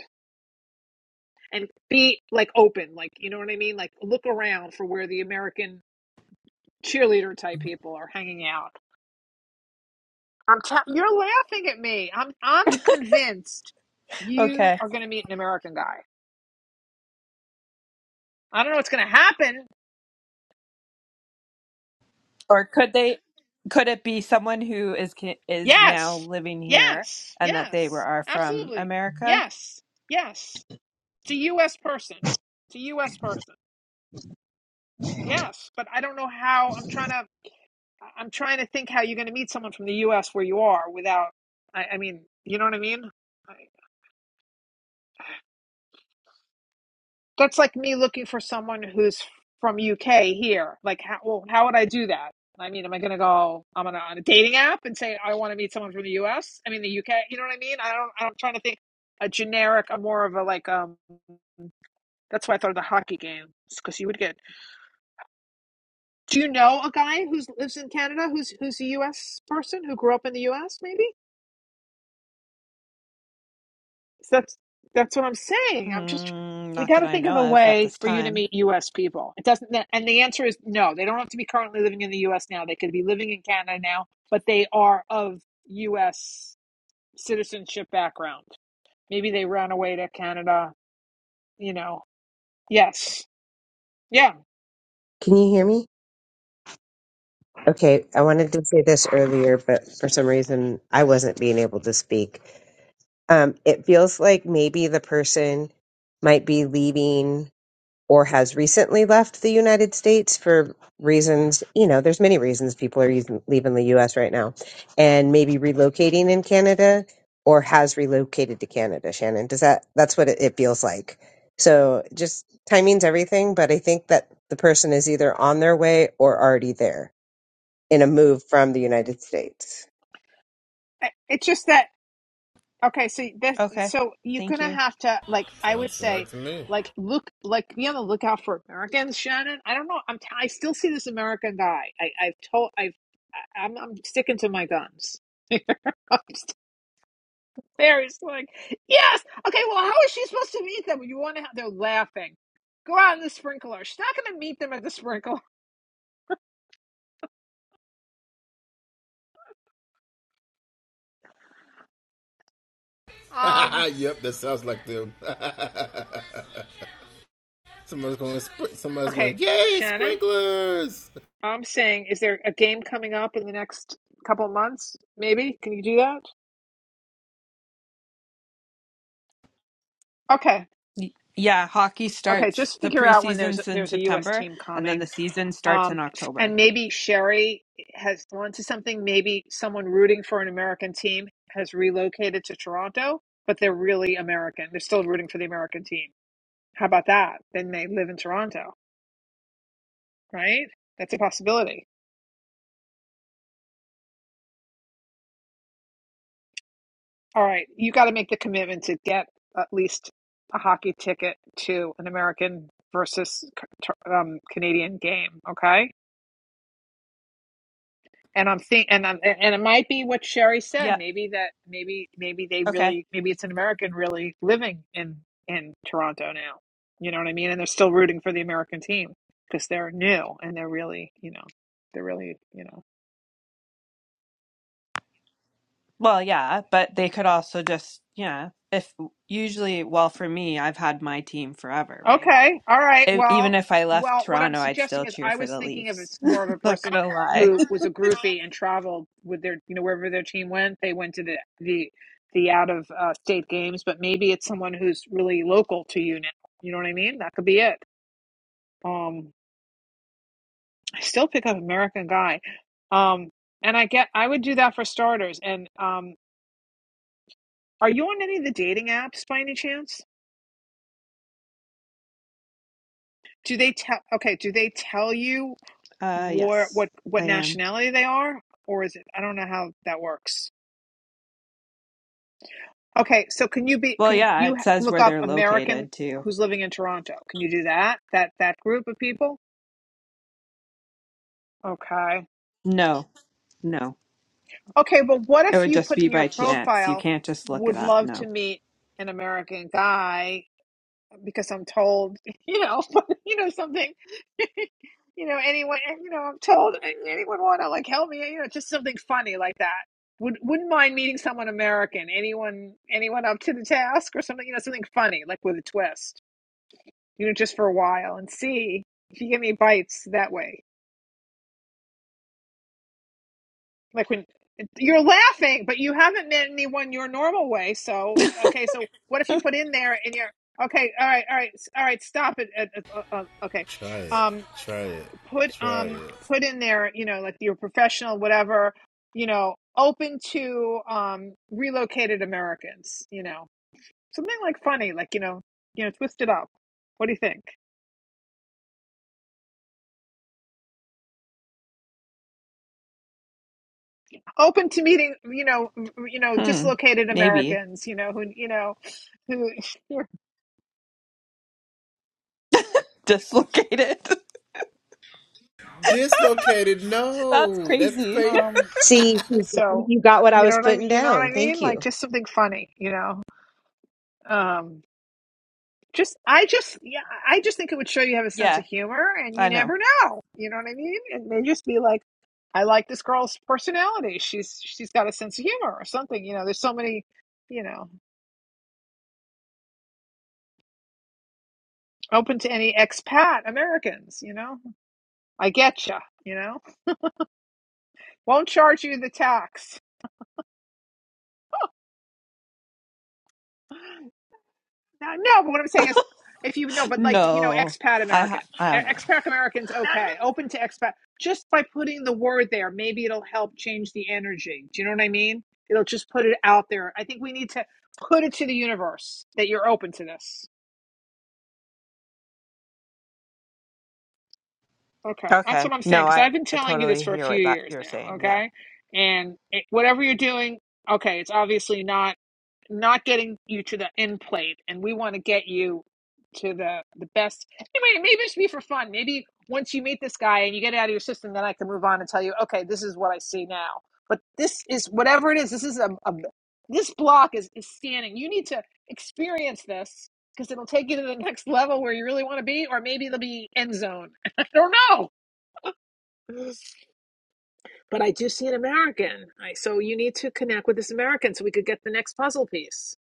and be like open, like you know what I mean. Like look around for where the American cheerleader type people are hanging out. I'm tell you're laughing at me. I'm I'm convinced you
Okay.
are going to meet an American guy. I don't know what's going to happen
Or could they, could it be someone who is ca- is now
Yes.
living here
Yes.
and that they were
Yes.
are from
Absolutely.
America?
Yes. Yes. It's a US person. It's a US person.
Can
Yes. But I don't know how I'm trying to I'm trying to think how you're gonna meet someone from the US where you are without I, I mean, you know what I mean? That's like me looking for someone who's from UK here. Like, how, well, how would I do that? I mean, am I going to go? I'm gonna on a dating app and say I want to meet someone from the US. I mean, the UK. You know what I mean? I don't. I'm trying to think a generic. I'm more of a like. Um, that's why I thought of the hockey game because you would get. Do you know a guy who lives in Canada who's who's a US person who grew up in the US? Maybe. So that's that's what I'm saying. I'm just
Mm,
we
not
got
that
to
I
think of
know
a
of at
way
this
for you to
time.
meet U.S. people. It doesn't, and the answer is no. They don't have to be currently living in the U.S. now. They could be living in Canada now, but they are of U.S. citizenship background. Maybe they ran away to Canada. You know, yes, yeah.
you hear me? Okay, I wanted to say this earlier, but for some reason I wasn't being able to speak. um, it feels like maybe the person might be leaving or has recently left the United States for reasons, you know, there's many reasons people are using, leaving the US right now and maybe relocating in Canada or has relocated to Canada, Shannon. Does that, that's what it, it feels like. So just timing's everything, but I think that the person is either on their way or already there in a move from the United States.
It's just that Okay, so this,
Okay.
so you're
Thank
gonna
you.
have to like I would
Sounds
say,
smart to me.
like look, like be on the lookout for Americans, Shannon. I don't know. I'm t- I still see this American guy. I I've told I've I- I'm I'm sticking to my guns. I'm still there. He's like, yes, okay. Well, how is she supposed to meet them? You want to? Have, they're laughing. Go out in the sprinkler. She's not gonna meet them at the sprinkler. Um.
yep, that sounds like them. somebody's going. Spr- somebody's
Okay,
going. Yay,
Shannon.
sprinklers!
I'm saying, is there a game coming up in the next couple of months? Maybe. Can you do that? Okay.
Y- Yeah, hockey
Okay,
starts
just
the
figure out when there's
preseason's in
there's a U.S.
September
team
and then
coming,
the season starts
um,
in October.
and maybe Sherry has onto something. Maybe someone rooting for an American team has relocated to Toronto, but they're really American. They're still rooting for the American team. How about that? Then they live in Toronto, right? That's a possibility. All right, you got to make the commitment to get at least a hockey ticket to an American versus um, Canadian game. Okay and I'm think and I'm and it might be what Sherry said.
Yeah.
Maybe that maybe maybe they
Okay.
really maybe it's an American really living in in Toronto now. You know what I mean? And they're still rooting for the American team because they're new and they're really you know they're really you know.
Well, yeah, but they could also just, yeah, if usually, well, for me, I've had my team forever, right?
Okay. All right.
E- even
Well,
if I left
well, what I'm
Toronto, I'd
suggesting
still
is
cheer
I
for
was
the
thinking of
Leafs.
it's more of a
Not
person
gonna lie.
who was a groupie and traveled with their, you know, wherever their team went, they went to the the the out of uh, state games, but maybe it's someone who's really local to you now. You know what I mean? That could be it. Um, I still pick up American Guy. Um, and I get I would do that for starters. And um, are you on any of the dating apps by any chance? Do they tell? Okay, do they tell you?
Uh,
war
yes,
what
I
what
am.
nationality they are or is it i don't know how that works okay so can you be
Well,
can
yeah,
you
it
h-
says
look
where
up
they're
american
located too.
who's living in toronto can you do that that that group of people okay
No, no.
okay but what
It
if
would
you
just
put
be
in your
by chance. You
profile
can't just look it
would
up.
love to
No.
meet an american guy because I'm told, you know, you know something, you know, anyone, you know, I'm told anyone want to like help me, you know, just something funny like that. Would wouldn't mind meeting someone American, anyone, anyone up to the task or something, you know, something funny like with a twist, you know, just for a while and see if you get any bites that way. Like when you're laughing, but you haven't met anyone your normal way. So okay, so what if you put in there and you're okay, all right, all right, s- all right, stop it, uh, uh, uh, okay.
Try it.
um,
Try it.
put
Try it.
um put in there you know like your professional whatever you know open to um relocated americans you know something like funny like you know you know twist it up what do you think open to meeting you know you know
Hmm.
dislocated
Maybe.
americans you know who you know who
Dislocated.
Dislocated.
That's
No, that's
crazy.
pain.
um
See,
so
you
uh,
got what I
you know
was
what i
putting
mean you know what
down.
i
Thank
mean
you.
like just something funny you know Um. just I just yeah, I just think it would show you have a sense
Yeah,
of humor and you
I know.
never know. You know what I mean? It may just be like, I like this girl's personality. She's she's got a sense of humor or something. You know, there's so many, you know, open to any expat Americans, you know. I get you, you know. Won't charge you the tax. No, no, but what I'm saying is, if you know, but like you know,
No.
expat
I
American,
ha- I
E-
don't know.
expat Americans, okay, open to expat. Just by putting the word there, maybe it'll help change the energy. Do you know what I mean? It'll just put it out there. I think we need to put it to the universe that you're open to this. Okay, that's
Okay.
what I'm saying
No,
because
I,
I've been
I
telling you this
totally
for a
hear
few
what that
years
you're
now.
saying. Yeah.
Okay, and it, whatever you're doing, okay, it's obviously not. not getting you to the end plate and we want to get you to the the best anyway maybe it should be for fun maybe once you meet this guy and you get it out of your system then i can move on and tell you okay this is what i see now but this is whatever it is this is a, a this block is is standing you need to experience this because it'll take you to the next level where you really want to be or maybe it'll be end zone i don't know but i do see an american I, so you need to connect with this american so we could get the next puzzle piece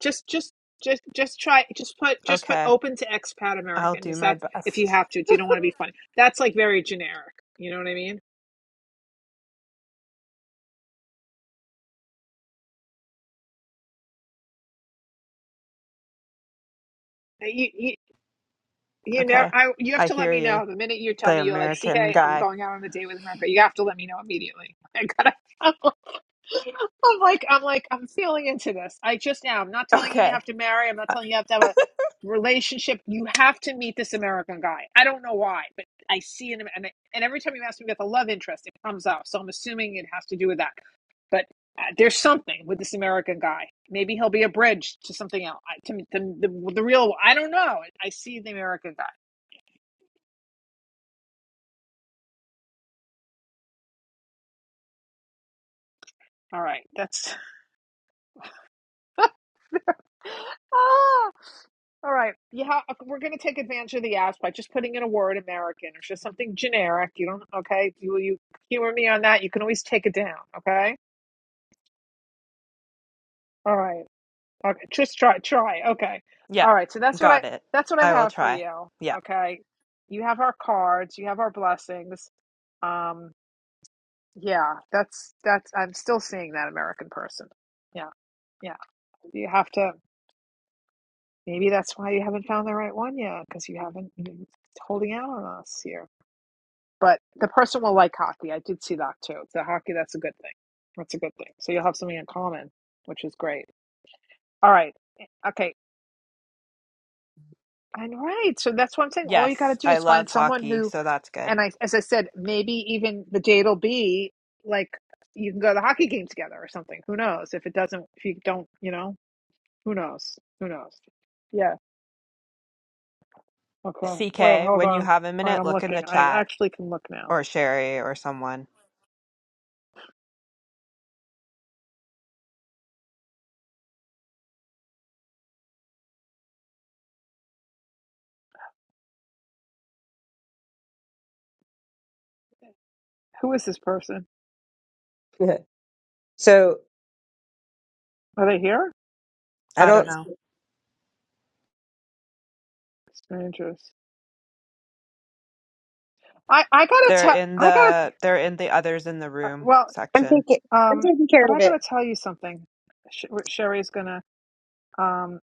just just just just try just put just put
Okay.
open to expat
I'll do
Americans.
my
That's if you
best.
have to. If you don't want to be funny, that's like very generic. You know what I mean? Uh, You you, you know
Okay.
I you have
I
to let
hear
me
you,
know the minute you tell
the
me you're like CK.
American
I'm
guy.
going out on a date with America. You have to let me know immediately. I gotta. I'm like, I'm like, I'm feeling into this. I just now, I'm not telling you you
Okay.
have to marry. I'm not telling you you have to have a relationship. You have to meet this American guy. I don't know why, but I see him, and and every time you ask me about the love interest, it comes up. So I'm assuming it has to do with that. But uh, there's something with this American guy. Maybe he'll be a bridge to something else. I, to, to the, the real, I don't know. I see the American guy. All right, that's. ah. All right, you ha- uh, we're going to take advantage of the apps by just putting in a word American or just something generic. You don't, okay? You you humor me on that. You can always take it down, okay? All right, okay. Just try, try, okay.
Yep.
All right, so that's what I
Got it.
that's what I
I will
have for
try.
you,
Yeah.
okay? You have our cards, you have our blessings. Um, yeah, that's that's. I'm still seeing that American person. Yeah, yeah. You have to. Maybe that's why you haven't found the right one yet, because you haven't you're holding out on us here. But the person will like hockey. I did see that too. So hockey, that's a good thing. That's a good thing. So you'll have something in common, which is great. All right. Okay. And right. So that's what I'm saying. All you got to
Yes,
do
I
is find
love
someone
hockey,
who,
so that's good.
and I, as I said, maybe even the date will be like you can go to the hockey game together or something. Who knows? If it doesn't, if you don't, you know, who knows? Who knows? Yeah. Okay. Wait,
CK,
hold
when you
on.
have a
All right.
minute,
I'm
look in the
looking. I
chat
actually can look now.
or Sherry or someone.
Who is this person?
So
Are they here?
I
I don't
don't.
know.
Strangers. I I gotta
They're
tell
in
I gotta
the they're in the others in the
uh,
room
well
I'm
section.
taking. I'm
um
taking care
but I
of
gotta
it.
tell you something. Sh- Sherry's gonna um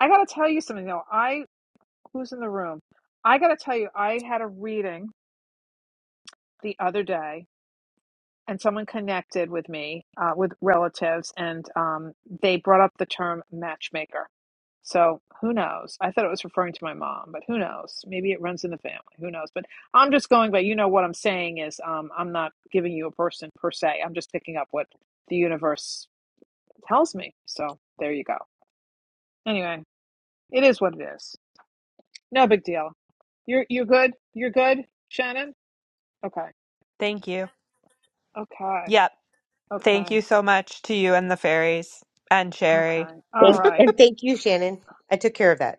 I gotta tell you something though. I who's in the room? I gotta tell you I had a reading the other day and someone connected with me uh, with relatives, and um, they brought up the term matchmaker. So who knows? I thought it was referring to my mom, but who knows? Maybe it runs in the family. Who knows? But I'm just going by. You know what I'm saying is um, I'm not giving you a person per se. I'm just picking up what the universe tells me. So there you go. Anyway, it is what it is. No big deal. You're you're good. You're good, Shannon. Okay.
Thank you.
Okay.
Yep. Thank
Okay.
you so much to you and the fairies and Sherry.
Okay. All
Thank
right.
and thank you, Shannon. I took care of that.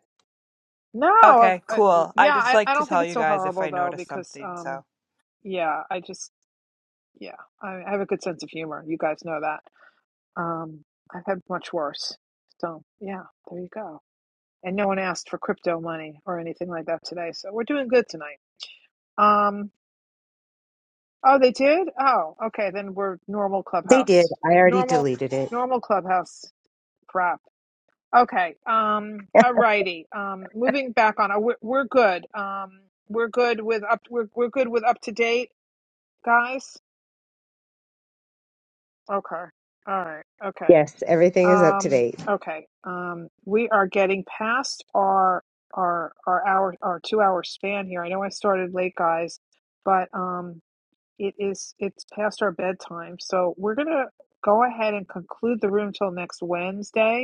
No, I've,
Okay,
I,
cool. I
yeah,
just
I,
like
I
to
don't think
tell
it's
you
so
guys if
horrible
I
though
notice
because
something, so.
um yeah, I just yeah, I, I have a good sense of humor. You guys know that. Um, I've had much worse. So yeah, there you go. And no one asked for crypto money or anything like that today, so we're doing good tonight. Um, oh, they did? Oh, okay, then we're normal
They did.
clubhouse,
I already
normal,
deleted it.
normal clubhouse crap. Okay. Um, all righty. Um, moving back on, uh, we're, we're good. Um, we're good with up. We're we're good with up to date, guys. Okay. All right. Okay.
Yes, everything is up to
Um,
date.
okay. Um, we are getting past our our our hour our two hour span here. I know I started late, guys, but um, it is it's past our bedtime, so we're gonna go ahead and conclude the room till next Wednesday.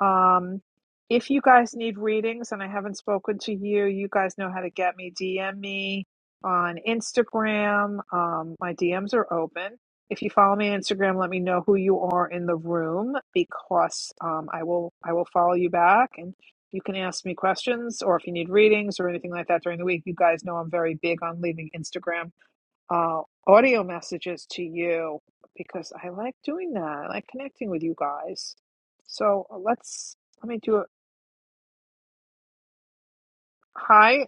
Um, if you guys need readings and I haven't spoken to you, you guys know how to get me. DM me on Instagram. Um, my DMs are open. If you follow me on Instagram, let me know who you are in the room because um, I will I will follow you back and you can ask me questions or if you need readings or anything like that during the week. You guys know I'm very big on leaving Instagram uh, audio messages to you because I like doing that. I like connecting with you guys. So uh, let's let me do it. Hi,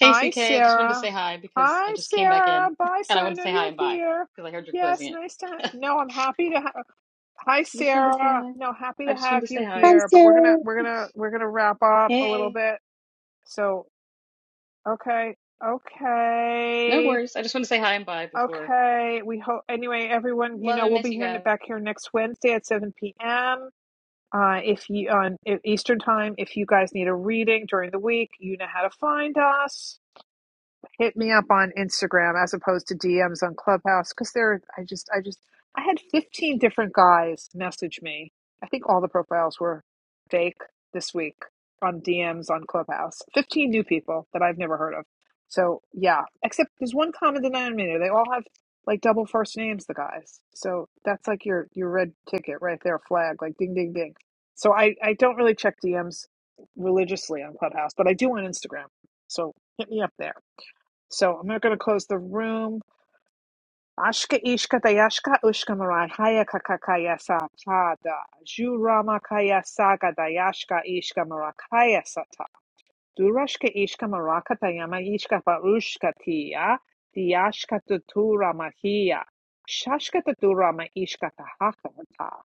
Hey,
hi,
C K, I just wanted to
Sarah.
say hi because I
Hi,
just came back
Sarah.
in
Bye,
and I
Sarah. I
wanted to
know
say hi
you're
and bye
here.
because I heard you're
Yes,
closing it.
nice to. Ha- no, I'm happy to. Ha- hi,
I just wanted to say
Sarah.
hi.
No, happy
I
to
just wanted
have
to say
you
Hi,
hi.
here. But we're
Sarah.
gonna we're gonna we're gonna wrap up a little
Hey,
bit. So okay,
no
okay.
worries. I just wanted to say hi and bye before.
Okay, we hope anyway, everyone, you
Love
know,
and
we'll be
miss you
here ne-
guys.
back here next Wednesday at 7 p.m. Uh, if you on E- Eastern time, if you guys need a reading during the week, you know how to find us hit me up on Instagram as opposed to DMs on Clubhouse because there I just I just I had 15 different guys message me. I think all the profiles were fake this week on DMs on Clubhouse. 15 new people that I've never heard of. So yeah, except there's one common denominator. They all have like double first names, the guys. So that's like your your red ticket right there, flag, like ding ding ding. So I I don't really check DMs religiously on Clubhouse, but I do on Instagram. So hit me up there. So I'm going to close the room. Ashka ishka dayashka ushka maran hayaka kakaya sa Jurama kaya saga dayashka ishka marakaya sata. Durashka ishka maraka tayama ishka barushka tiya. Diyashka tutura mahiya. Shashka tutura ma ishka tahaka ta.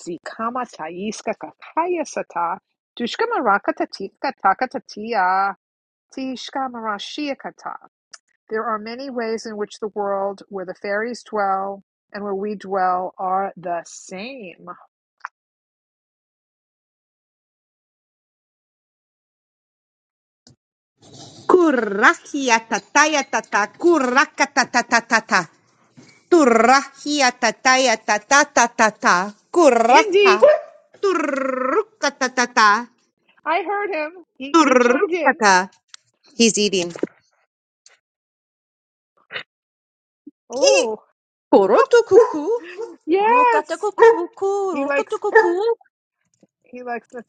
Zikama taiska kakaya sata. Dushka maraka tatika takata tiya. Tishka marashia kata. There are many ways in which the world where the fairies dwell and where we dwell are the same.
Kurahia tataya tata, kuraka tatata tata, turahia tataya tata tata, kuraha,
Indy,
turuka tatata,
I heard him. He he chimed in.
turukata, ki
Oh,
Oroto cuckoo,
yes.
cuckoo, cuckoo,
He likes he likes it.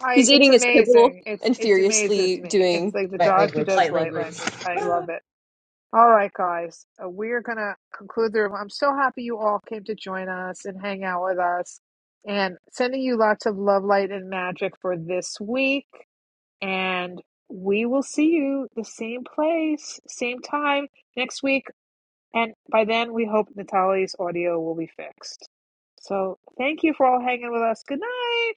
I
He's
it's
eating his kibble
amazing. It's
and
it's amazes
furiously
me. It's
doing.
like the dog who does light language. I love it. All right, guys. Uh, we're gonna conclude the room. I'm so happy you all came to join us and hang out with us. And sending you lots of love, light, and magic for this week. And we will see you the same place, same time next week. And by then, we hope Natalie's audio will be fixed. So thank you for all hanging with us. Good night.